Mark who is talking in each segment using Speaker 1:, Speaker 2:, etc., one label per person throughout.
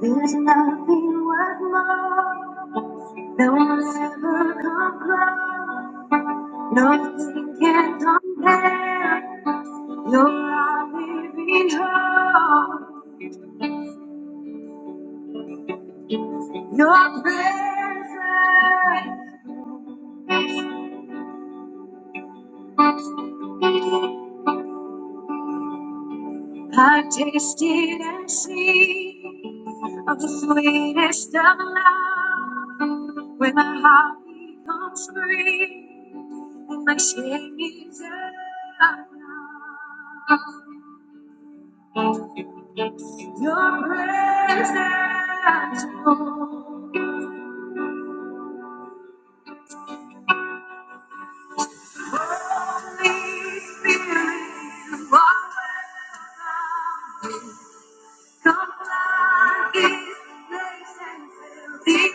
Speaker 1: There's nothing worth more that will ever come close. Nothing can compare. You're our living hope, your presence. I've tasted and seen of the sweetest of love. When my heart becomes free and my shame is undone. Your presence, Lord, leads me to walk with us. Come like it be.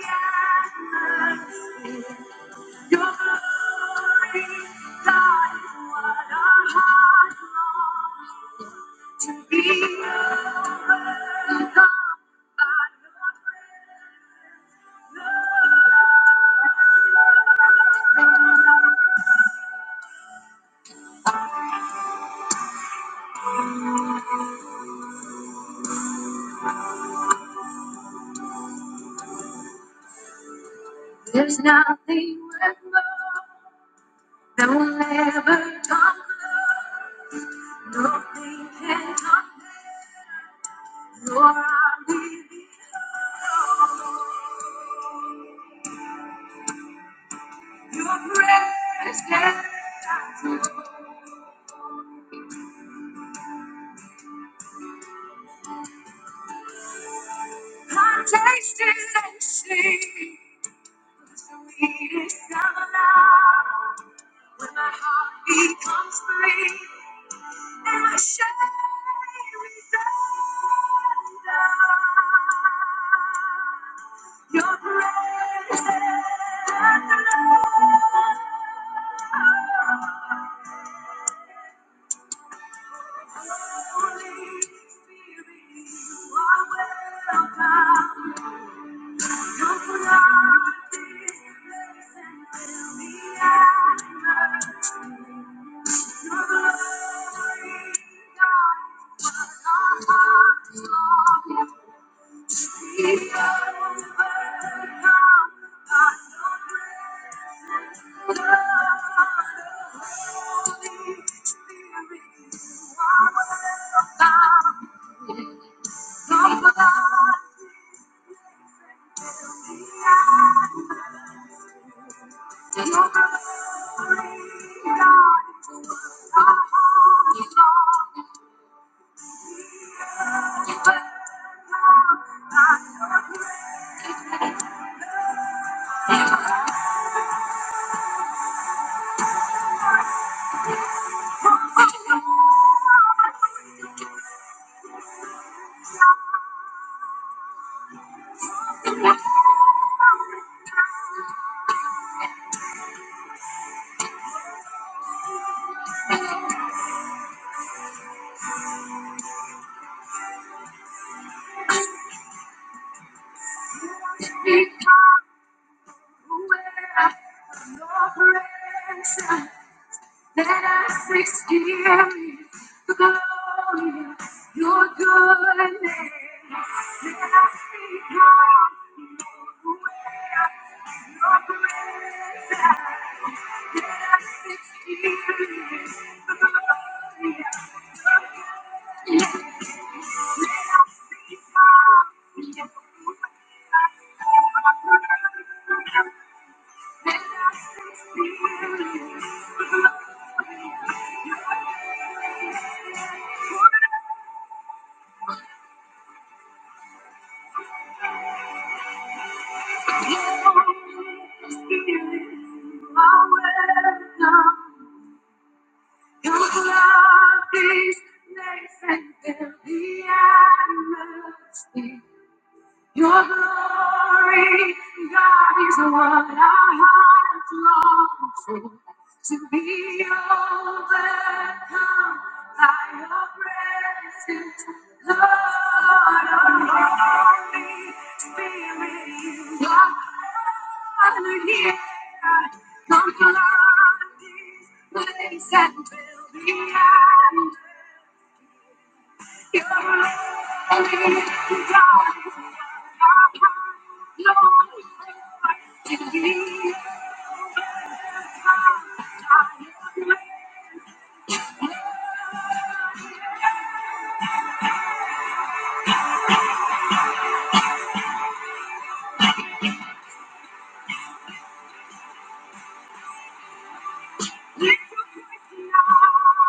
Speaker 1: There's nothing worth more that will ever come. Nothing can come. Your arms, your presence. I've tasted and seen the sweetest of love. When my heart becomes free. and I shall resound your praise your praise that I experience the glory your goodness. Your love is nice and there'll Your glory, God, is what our hearts long for. To be overcome by your presence, Lord, oh, Holy Spirit, you are here. Come flood this place and fill the atmosphere. Lord, we pray now.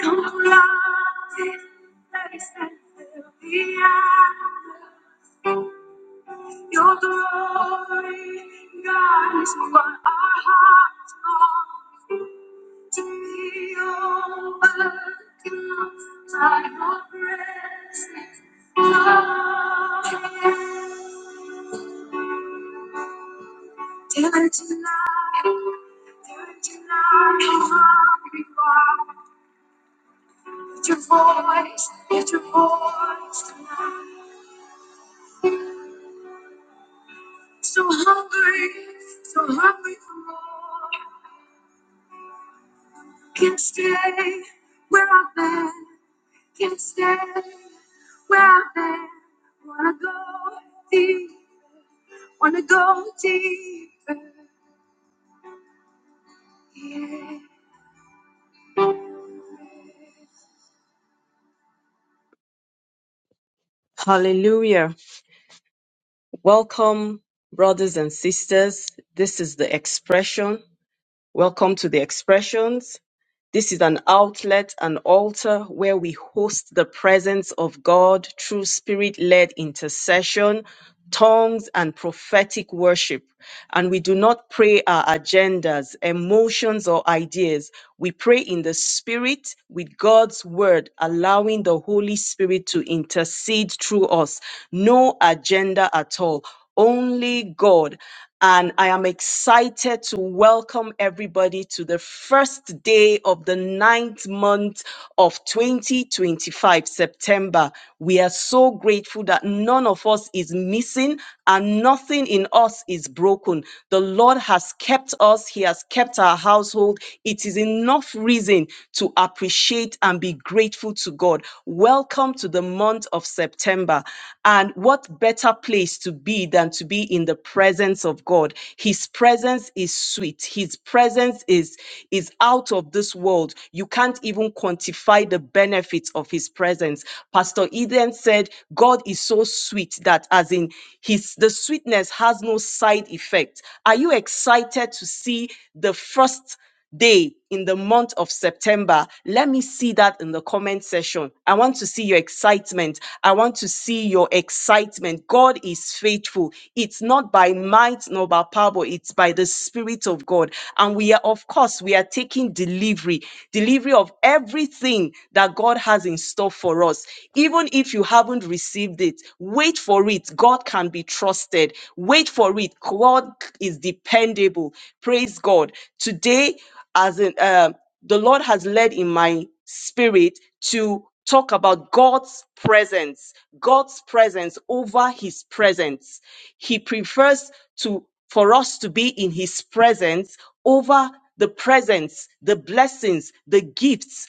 Speaker 1: Come alive, place and fill the atmosphere. Your glory, God, is what our hearts long to feel. So so Yeah. Hallelujah. Welcome, brothers and sisters. This is the expression. Welcome to the expressions. This is an outlet, an altar where we host the presence of God through spirit led intercession, tongues, and prophetic worship. And we do not pray our agendas, emotions, or ideas. We pray in the spirit with God's word, allowing the Holy Spirit to intercede through us. No agenda at all only God. And I am excited to welcome everybody to the first day of the ninth month of 2025, September. We are so grateful that none of us is missing and nothing in us is broken. The Lord has kept us, He has kept our household. It is enough reason to appreciate and be grateful to God. Welcome to the month of September. And what better place to be than to be in the presence of God? His presence is sweet. His presence is is out of this world. You can't even quantify the benefits of his presence. Pastor Eden said, God is so sweet that as in his the sweetness has no side effect. Are you excited to see the first? day in the month of September? Let me see that in the comment section. I want to see your excitement. I want to see your excitement. God is faithful. It's not by might nor by power, but it's by the Spirit of God. And we are, of course, we are taking delivery, delivery of everything that God has in store for us. Even if you haven't received it, wait for it. God God can be trusted. Wait for it. God is dependable. Praise God. Today, as in, um, the Lord has led in my spirit to talk about God's presence, God's presence over his presence. He prefers to for us to be in his presence over the presence, the blessings, the gifts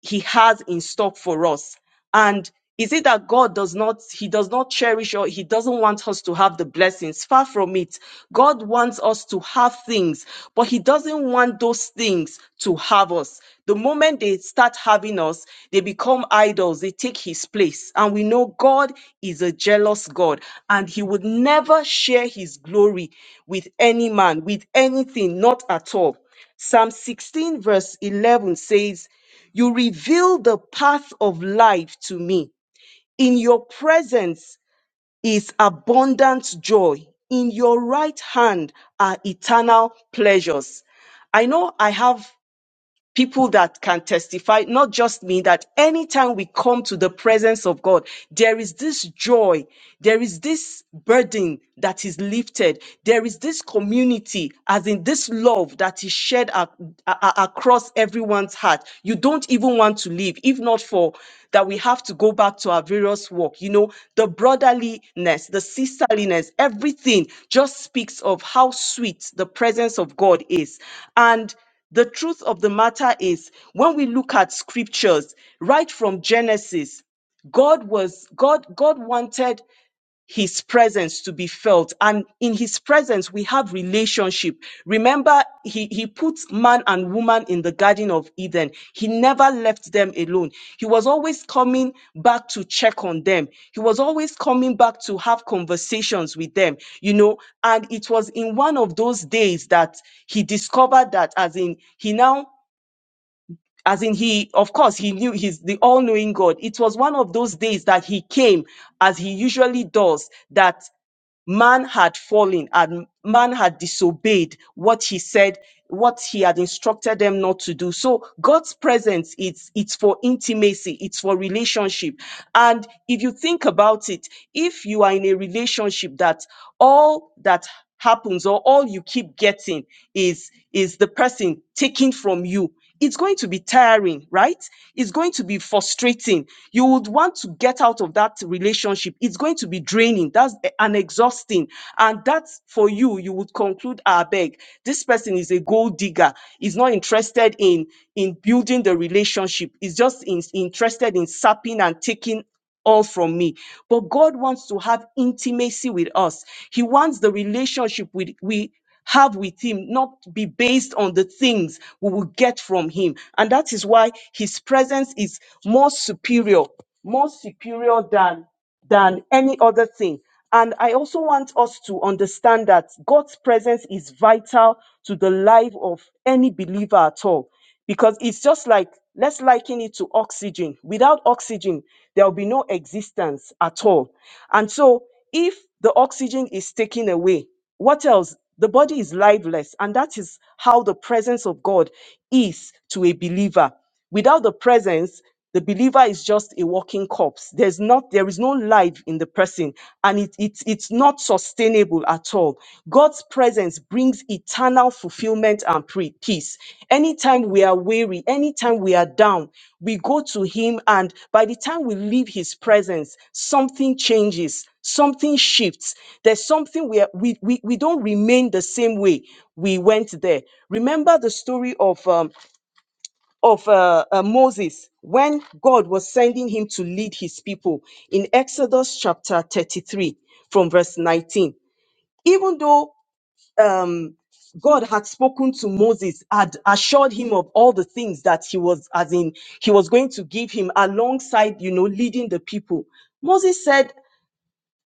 Speaker 1: he has in stock for us. And is it that God does not, he does not cherish or he doesn't want us to have the blessings? Far from it. God wants us to have things, but he doesn't want those things to have us. The moment they start having us, they become idols. They take his place. And we know God is a jealous God and he would never share his glory with any man, with anything, not at all. Psalm 16 verse 11 says, you reveal the path of life to me. In your presence is abundant joy. In your right hand are eternal pleasures. I know I have people that can testify, not just me, that anytime we come to the presence of God, there is this joy, there is this burden that is lifted, there is this community, as in this love that is shared ac- a- a- across everyone's heart. You don't even want to leave, if not for that we have to go back to our various work. You know, the brotherliness, the sisterliness, everything just speaks of how sweet the presence of God is. And the truth of the matter is, when we look at scriptures, right from Genesis, God was God, God wanted his presence to be felt. And in his presence, we have relationship. Remember, he, he put man and woman in the Garden of Eden. He never left them alone. He was always coming back to check on them. He was always coming back to have conversations with them, you know. And it was in one of those days that he discovered that, as in, he now as in he of course he knew he's the all-knowing god it was one of those days that he came as he usually does that man had fallen and man had disobeyed what he said what he had instructed them not to do so god's presence it's it's for intimacy it's for relationship and if you think about it if you are in a relationship that all that happens or all you keep getting is is the person taking from you it's going to be tiring, right? It's going to be frustrating. You would want to get out of that relationship. It's going to be draining. That's e- and exhausting. And that's for you, you would conclude, I beg, this person is a gold digger. Is not interested in in building the relationship. Is just in- interested in sapping and taking all from me. But God wants to have intimacy with us. He wants the relationship with we have with him not to be based on the things we will get from him. And that is why his presence is more superior, more superior than than any other thing. And I also want us to understand that God's presence is vital to the life of any believer at all. Because it's just like, let's liken it to oxygen. Without oxygen, there will be no existence at all. And so, if the oxygen is taken away, what else? The body is lifeless, and that is how the presence of God is to a believer. Without the presence, the believer is just a walking corpse. There's not, there is no life in the person, and it, it's it's not sustainable at all. God's presence brings eternal fulfillment and pre- peace. Anytime we are weary, anytime we are down, we go to Him, and by the time we leave His presence, something changes something shifts there's something where we, we we don't remain the same way we went there remember the story of um, of uh, uh, moses when god was sending him to lead his people in exodus chapter 33 from verse 19 even though um God had spoken to Moses, had assured him of all the things that he was, as in, he was going to give him alongside, you know, leading the people. Moses said,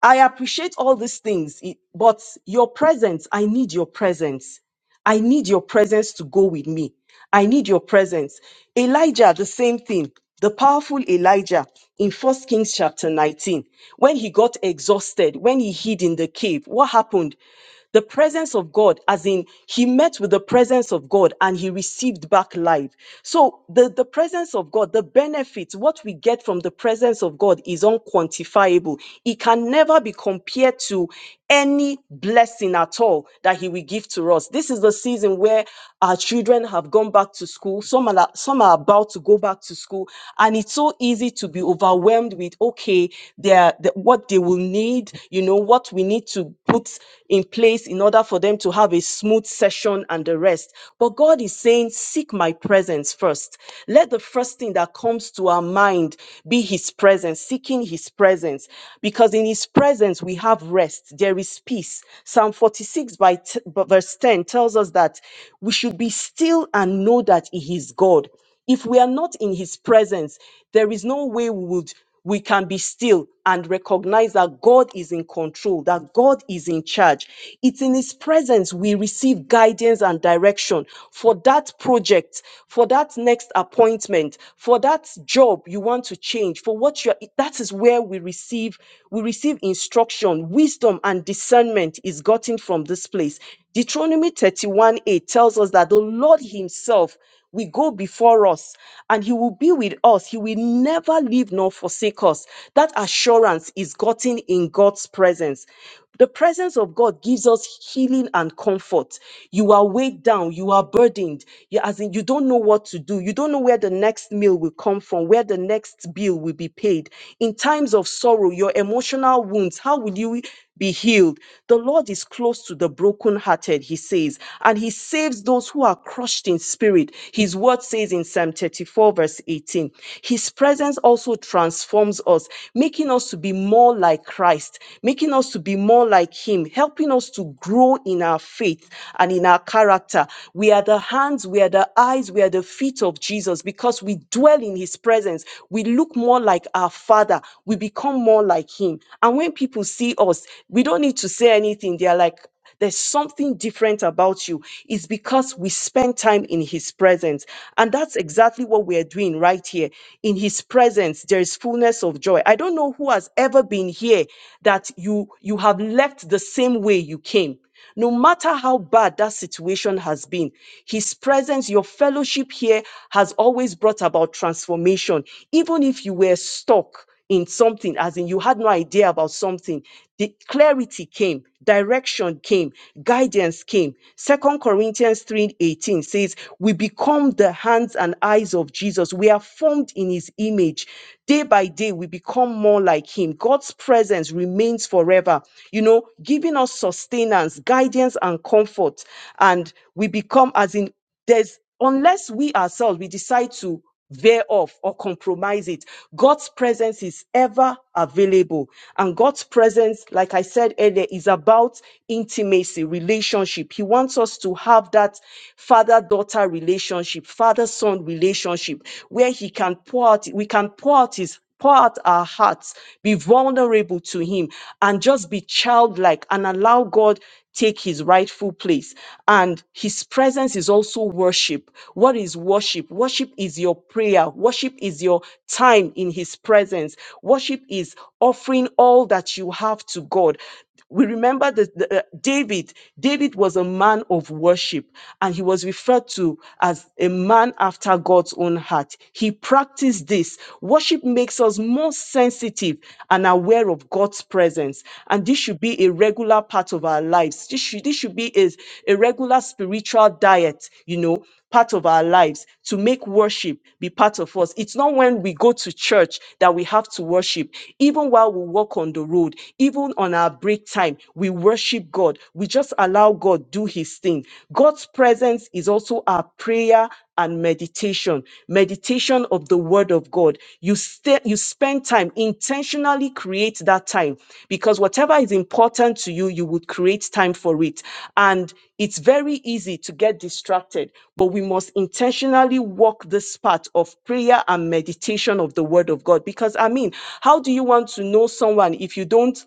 Speaker 1: I appreciate all these things, it- but your presence, I need your presence. I need your presence to go with me. I need your presence. Elijah, the same thing. The powerful Elijah in First Kings chapter 19, when he got exhausted, when he hid in the cave, what happened? The presence of God, as in he met with the presence of God and he received back life. So the, the presence of God, the benefits, what we get from the presence of God is unquantifiable. It can never be compared to any blessing at all that he will give to us. This is the season where our children have gone back to school. Some are, some are about to go back to school. And it's so easy to be overwhelmed with, okay, their, the, what they will need, you know, what we need to put in place in order for them to have a smooth session and the rest. But God is saying, seek my presence first. Let the first thing that comes to our mind be his presence, seeking his presence, because in his presence we have rest there is peace. Psalm 46 by t- b- verse 10 tells us that we should be still and know that he is God. If we are not in his presence, there is no way we would we can be still and recognize that God is in control, that God is in charge. It's in His presence we receive guidance and direction for that project, for that next appointment, for that job you want to change, for what you're, that is where we receive, we receive instruction, wisdom, wisdom and discernment is gotten from this place. Deuteronomy 31 8 tells us that the Lord Himself will go before us and He will be with us. He will never leave nor forsake us. That assurance is gotten in God's presence. The presence of God gives us healing and comfort. You are weighed down, you are burdened, you, as in you don't know what to do, you don't know where the next meal will come from, where the next bill will be paid. In times of sorrow, your emotional wounds, how will you? be healed. The Lord is close to the brokenhearted, he says, and he saves those who are crushed in spirit. His word says in Psalm 34, verse 18. His presence also transforms us, making us to be more like Christ, making us to be more like him, helping us to grow in our faith and in our character. We are the hands, we are the eyes, we are the feet of Jesus because we dwell in his presence. We look more like our Father, we become more like him. And when people see us, we don't need to say anything. They are like, there's something different about you. It's because we spend time in His presence. And that's exactly what we are doing right here. In His presence, there is fullness of joy. I don't know who has ever been here that you, you have left the same way you came. No matter how bad that situation has been, His presence, your fellowship here has always brought about transformation. Even if you were stuck in something, as in you had no idea about something, the clarity came, direction came, guidance came. Second Corinthians 3:18 says, We become the hands and eyes of Jesus. We are formed in his image. Day by day, we become more like him. God's presence presence remains forever, you know, giving us sustenance, guidance, and comfort. And we become as in there's unless we ourselves we decide to veer off or compromise it. God's presence is ever available. And God's presence, like I said earlier, is about intimacy, relationship. He wants us to have that father daughter relationship, father son relationship, where He can pour out, we can pour out His pour out our hearts, be vulnerable to Him, and just be childlike and allow God take His rightful place. And His presence is also worship. What is worship? Worship is your prayer, worship is your time in His presence, worship is offering all that you have to God we remember that the, uh, David, David was a man of worship and he was referred to as a man after God's own heart. He practiced this. Worship makes us more sensitive and aware of God's presence. And this should be a regular part of our lives. This should, this should be a, a regular spiritual diet, you know, part of our lives, to make worship be part of us. It's not when we go to church that we have to worship. Even while we walk on the road, even on our break time, we worship God. We just allow God do his thing. God's presence is also our prayer and meditation meditation of the word of god you stay you spend time intentionally create that time because whatever is important to you you would create time for it and it's very easy to get distracted but we must intentionally walk this path of prayer and meditation of the word of god because i mean how do you want to know someone if you don't